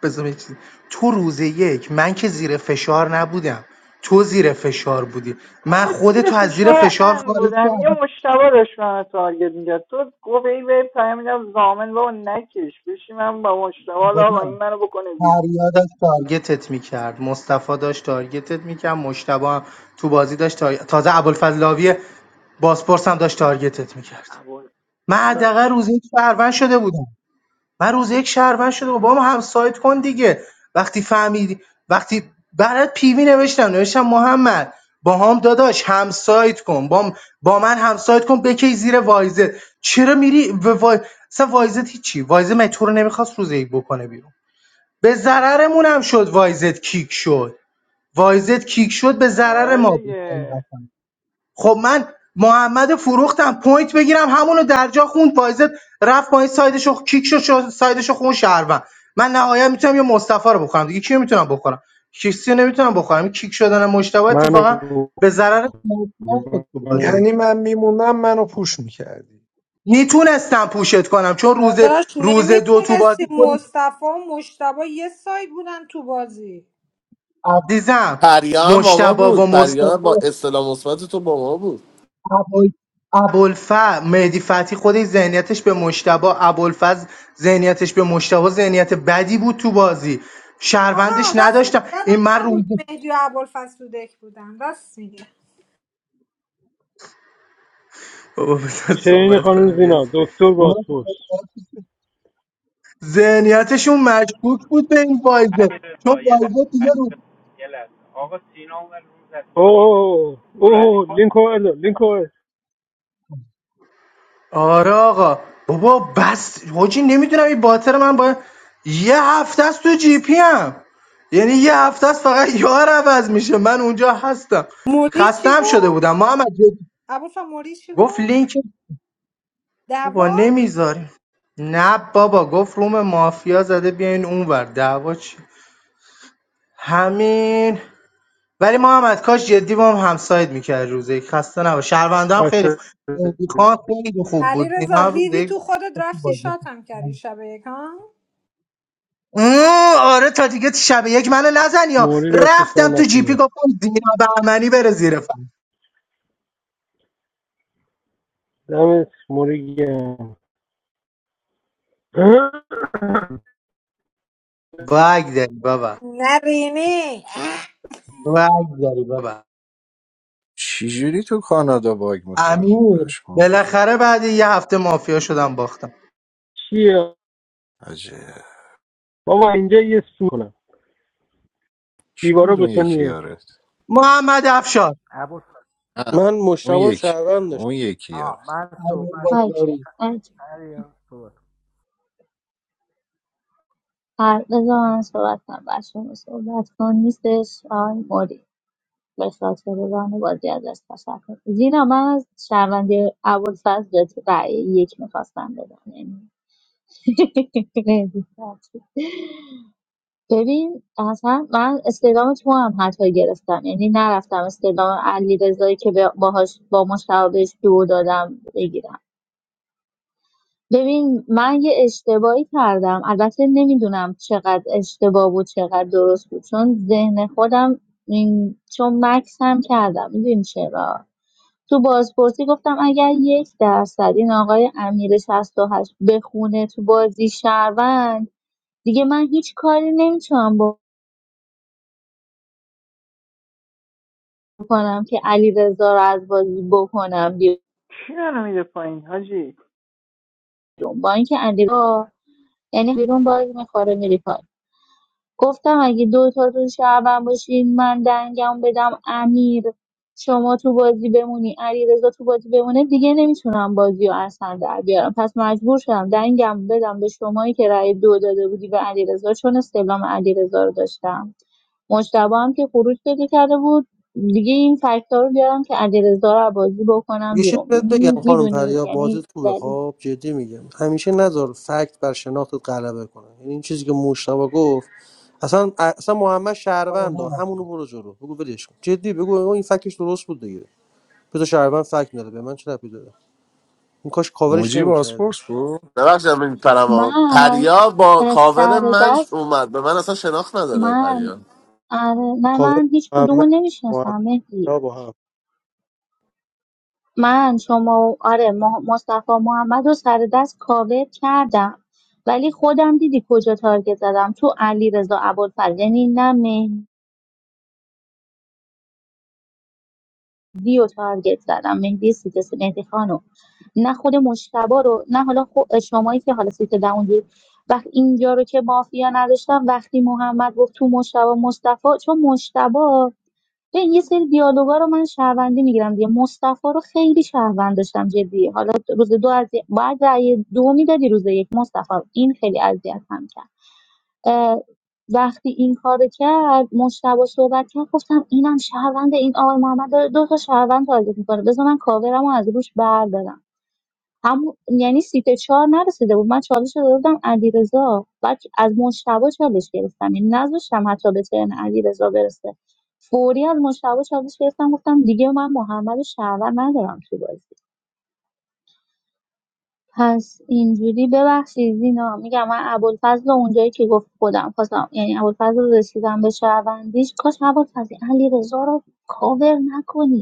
Speaker 2: بذار یه چیزی. تو روز یک من که زیر فشار نبودم تو زیر فشار بودی من
Speaker 19: بابا زیر
Speaker 2: خودتو از زیر
Speaker 19: فشار
Speaker 2: فشار
Speaker 19: ان
Speaker 2: خارج
Speaker 19: بودم یه
Speaker 2: کردم
Speaker 19: مشتبه داشت من تارگت میگرد تو گفت ای به پیام میدم زامن بابا نکش بشی من با مشتبه
Speaker 2: آقا
Speaker 19: حالا
Speaker 2: جان،
Speaker 19: آقا این منو بکنه بیرون
Speaker 2: فریاد داشت تارگتت میکرد مصطفی داشت تارگتت میکرد مشتبه هم تو بازی داشت تار... تازه ابوالفضلاوی باسپورس هم داشت تارگتت میکرد
Speaker 19: اول
Speaker 2: من حداقل
Speaker 19: باش
Speaker 2: روز یک شهروند شده بودم من روز یک شهروند شده بودم با ما هم سایت کن دیگه وقتی فهمیدی وقتی برات پیوی نوشتم نوشتم محمد با هم داداش هم سایت کن با, با من هم سایت کن بکی زیر وایزت چرا میری و وای... اصلا وایزت هیچی وایزت من تو رو نمیخواست روز یک بکنه بیرون به ضررمون هم شد وایزت کیک شد وایزت کیک شد به ضرر ما
Speaker 19: آره
Speaker 2: بود
Speaker 19: دیگه
Speaker 2: حقیقتا خب من محمد فروختم پوینت بگیرم همونو در جا خوند وایزت رفت پایین سایدش رو کیک شد شد- سایدش خون شهروند من نهایت میتونم یه مصطفی رو بخورم دیگه کیو میتونم بخورم کسی رو نمیتونم بخورم این کیک شدن مشتبه
Speaker 1: منو
Speaker 2: اتفاقا به ضرر ما شد تو
Speaker 1: منو
Speaker 2: بازی
Speaker 4: یعنی من میمونم منو پوش میکردی
Speaker 2: میتونستم پوشت کنم چون روز
Speaker 18: داداش
Speaker 2: روز دو تو بازی
Speaker 18: نمیتونستی
Speaker 2: خود
Speaker 18: مصطفی و مشتبا یه ساید بودن تو بازی
Speaker 2: عزیزم
Speaker 9: پریا هم با ما
Speaker 2: مشتبه و
Speaker 9: بود پریا
Speaker 2: مصطفی
Speaker 9: با اصطلاح مثبت تو با ما بود
Speaker 2: ابوال ابوالفضل مهدی فتحی خودش ذهنیتش به مشتبه ابوالفضل ذهنیتش به مشتبه ذهنیت بدی بود تو بازی
Speaker 18: آها
Speaker 2: شهروندش
Speaker 18: راست میگه
Speaker 2: نداشتم این
Speaker 18: یادم
Speaker 2: من رو
Speaker 18: نبود مهدی و ابوالفضل تو دک بودن راست میگه
Speaker 2: بابا بذار
Speaker 1: چین
Speaker 2: صحبت
Speaker 1: خانم
Speaker 2: کنم یه
Speaker 1: زینا دکتر باسپورس
Speaker 2: ذهنیتشون مشکوک بود به این وایزه چون وایزه دیگه
Speaker 1: اوه اوه لینک آورد لینک آورد
Speaker 2: آره آقا بابا بس حاجی نمیدونم این باطر من با یه هفته است تو جی پی هم یعنی یه هفته است فقط یار عوض میشه من اونجا هستم
Speaker 18: موری چی
Speaker 2: خستم شده
Speaker 18: گفت
Speaker 2: بودم محمد جدی.
Speaker 18: ابوالفضل موری چی
Speaker 2: گفت
Speaker 18: گفت
Speaker 2: لینک بابا
Speaker 18: دوا
Speaker 2: نمیذاریم نه بابا گفت روم مافیا زده بیاین اونور دعوا چی همین ولی محمد کاش جدی با هم همسایت میکرد روزه یک. خسته نباش شهرونده هم خیلی خوب
Speaker 1: دست
Speaker 2: مهدی خان خیلی خوب
Speaker 18: علی
Speaker 2: بود اینا
Speaker 18: رضا
Speaker 2: هم روزه
Speaker 18: ریدی
Speaker 2: یک
Speaker 18: تو خودت
Speaker 2: خوب
Speaker 18: رفتی
Speaker 2: بازی
Speaker 18: شاتم
Speaker 2: کرد.
Speaker 18: کردی شب یک ها
Speaker 2: اوه، آره تا دیگه شب یک منو نزن یا
Speaker 1: موری دستش در
Speaker 2: رفتم تو جیپی
Speaker 1: نکنه
Speaker 2: گفتم زینا بهمنی بره زیر فرد
Speaker 1: دمت موری گم
Speaker 2: وای داری بابا
Speaker 18: نرینی
Speaker 2: وای داری بابا
Speaker 3: چجوری تو کانادا باگ
Speaker 2: امیر
Speaker 3: میخوریم پشمام ریخت
Speaker 2: بالاخره بعد یه هفته مافیا شدم باختم
Speaker 1: چیه
Speaker 3: عجب
Speaker 1: بابا اینجا یه سو کنم
Speaker 3: کی
Speaker 1: دیوارا
Speaker 3: بود اون یکی
Speaker 1: بتونیه
Speaker 3: یارت
Speaker 2: محمد افشار
Speaker 11: عبود
Speaker 3: نه
Speaker 20: من مشتبه
Speaker 3: اون
Speaker 20: رو
Speaker 3: یکی
Speaker 20: شهروند داشتم
Speaker 3: اون یکی
Speaker 11: آه
Speaker 3: یارت
Speaker 11: من
Speaker 2: امیر
Speaker 11: صحبت
Speaker 12: هایکه
Speaker 2: بابری
Speaker 12: هایکه
Speaker 11: پریان صحبت
Speaker 12: هر بذار من صحبت کنم بچه‌ها صحبت کن نیستش آقای موری به خاطر ران بازی ازش تشکر زینا من از شرمنده ابوالفضل بهت رأی یک میخواستم بدم یعنی مهدی فتحی. ببین اصلا من استعلام تو هم حتی گرفتم یعنی نرفتم استعلام علی رضایی که به- باهاش با مشتبهش دو دادم بگیرم ببین من یه اشتباهی کردم البته نمیدونم چقدر اشتباه بود چقدر درست بود چون ذهن خودم این چون مکس هم کردم میدونی چرا تو بازپرسی گفتم اگر یک درصد این آقای امیر 68 بخونه تو بازی شهروند دیگه من هیچ کاری نمیتونم بکنم که علی رضا رو از بازی بکنم
Speaker 19: کی منو میده پایین حاجی
Speaker 12: بیرون با اینکه علی یعنی بیرون باز میخوره میری گفتم اگه دوتاتون شهروند باشین من دنگم بدم امیر شما تو بازی بمونی علیرضا تو بازی بمونه دیگه نمیتونم بازی رو اصلا در بیارم پس مجبور شدم دنگم بدم به شمایی که رأی دو داده بودی به علیرضا چون استعلام علیرضا رو داشتم مجتبی هم که خروج پیدا کرده بود دیگه این فاکتور رو بیارم که علیرضا رو از بازی بکنم
Speaker 20: یه چیز
Speaker 12: بیرون
Speaker 20: بهت بگم خانم
Speaker 12: میدونی
Speaker 20: پریا بازیت
Speaker 12: یعنی
Speaker 20: خوبه
Speaker 12: زدی.
Speaker 20: خب جدی میگم همیشه نذار فکت بر شناختت غلبه کنه یعنی این چیزی که مشتبه گفت اصلا اصلا محمد شهروند ها همونو برو جلو بگو ولش کن جدی بگو آقا این فکتش درست بود دیگه بذار شهروند فکت نداره به من چه ربطی داره این کاش کاورش
Speaker 3: موجی
Speaker 20: نمیکردی
Speaker 3: باسپورس بود
Speaker 9: ببخشید من میپرم ها.
Speaker 12: من
Speaker 9: پریا با
Speaker 12: از
Speaker 9: کاور
Speaker 12: سر
Speaker 9: من
Speaker 12: دست
Speaker 9: اومد به من اصلا شناخت نداره
Speaker 12: من
Speaker 9: پریا
Speaker 12: آره نه
Speaker 20: کاور
Speaker 12: من هیچ کدومو
Speaker 20: محمد
Speaker 12: نمیشناسم
Speaker 20: محمد
Speaker 12: مهدی
Speaker 20: مشتبه با هم
Speaker 12: من شما و- آره مح- مصطفی محمد رو سر دست کاور کردم ولی خودم دیدی کجا تارگت زدم تو علی رضا ابوالفضل یعنی نه مهدی رو تارگت زدم مهدی سیت مهدی خانو نه خود مشتبه رو نه حالا خو- شمایی که حالا سیت در اونجور وقت اینجا رو که مافیا نداشتم وقتی محمد گفت تو مشتبه مصطفی چون مشتبه ببین یه سری دیالوگا رو من شهروندی میگیرم دیگه مصطفی رو خیلی شهروند داشتم جدی حالا روز دو از بعد رأی دو میدادی روز یک مصطفی رو. این خیلی اذیت هم کرد اه، وقتی این کار کرد مشتبه صحبت کرد گفتم اینم شهروند این آقای محمد داره دو تا شهروند تارگت میکنه بذار من کاورم رو از روش بردارم همون یعنی سیت چهار نرسیده بود من چالش رو داده بودم علیرضا بعد از مشتبه چالش گرفتم یعنی نذاشتم حتی به ترن علیرضا برسه فوری از مشتبه چالش گرفتم گفتم دیگه من محمد شهرور ندارم تو بازی پس اینجوری ببخشید اینا میگم من ابوالفضل رو اونجایی که گفت خودم خواستم یعنی ابوالفضل رو رسیدم به شهروندیش کاش ابوالفضل علیرضا رو کاور نکنی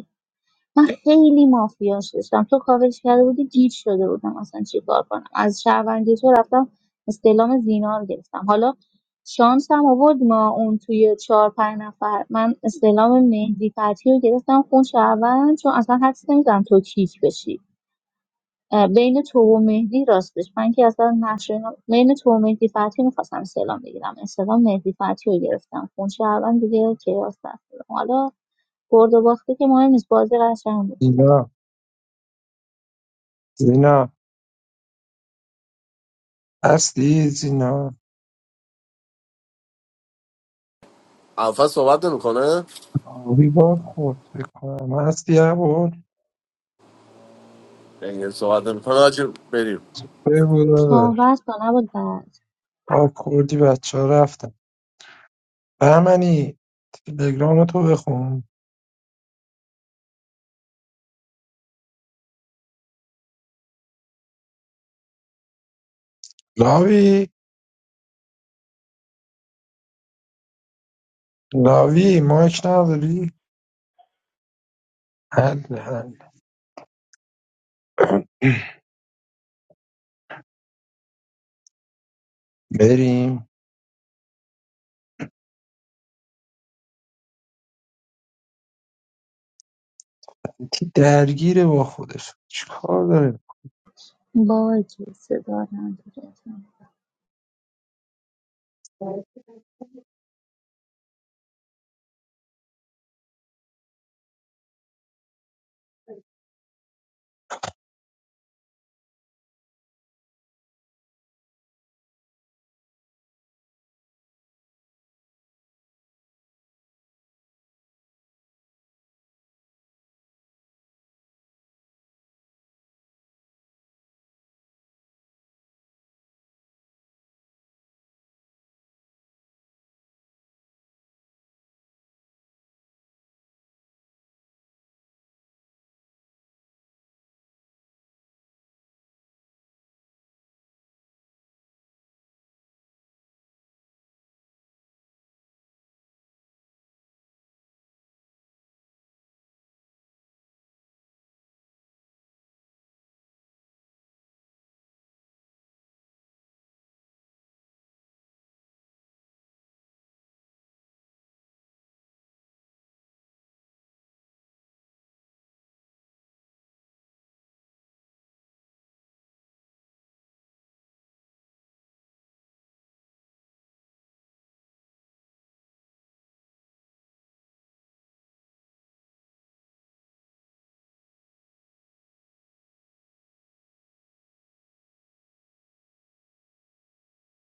Speaker 12: من خیلی مافیاش داشتم تو کاورش کرده بودی گیج شده بودم اصلا چی کار کنم از شهروندی تو رفتم استعلام زینا رو گرفتم حالا شانس هم آورد ما اون توی چهار پنج نفر من استعلام مهدی فتحی رو گرفتم خون شهروند چون اصلا حدس نمیزنم تو کیک بشی اه، بین تو و مهدی راستش من که اصلا نقش اینا- بین تو و مهدی فتحی میخواستم استعلام بگیرم استعلام مهدی فتحی رو گرفتم خون شهروند دیگه که حالا برد و باخته که مهم نیست بازی قشنگ بود دیگه.
Speaker 4: زینا زینا هستی زینا
Speaker 9: اول صحبت نمیکنه
Speaker 4: آبی باد خورد بکنم هستی عبود
Speaker 9: یعنی صحبت نمیکنه آجی بریم
Speaker 4: بگو داداش
Speaker 12: صحبت کن عبالفز
Speaker 4: آب خوردی بچه ها رفتن بهمنی تلگرام تو بخون لاوی لاوی مایک نداری حل حل بریم یکی درگیره با خودش چیکار داره
Speaker 12: باگی صدا نداره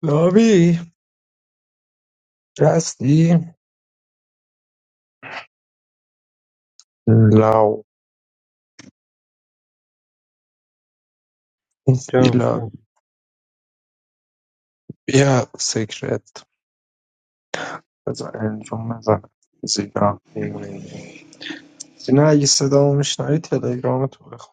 Speaker 4: لاوی هستی لاو نیستی
Speaker 1: جان جان
Speaker 4: لاوی بیا سیکرت بذار انجام بزنم زینا می‌بینی. زینا اگه صدامو میشنوی تلگرام تو بخون.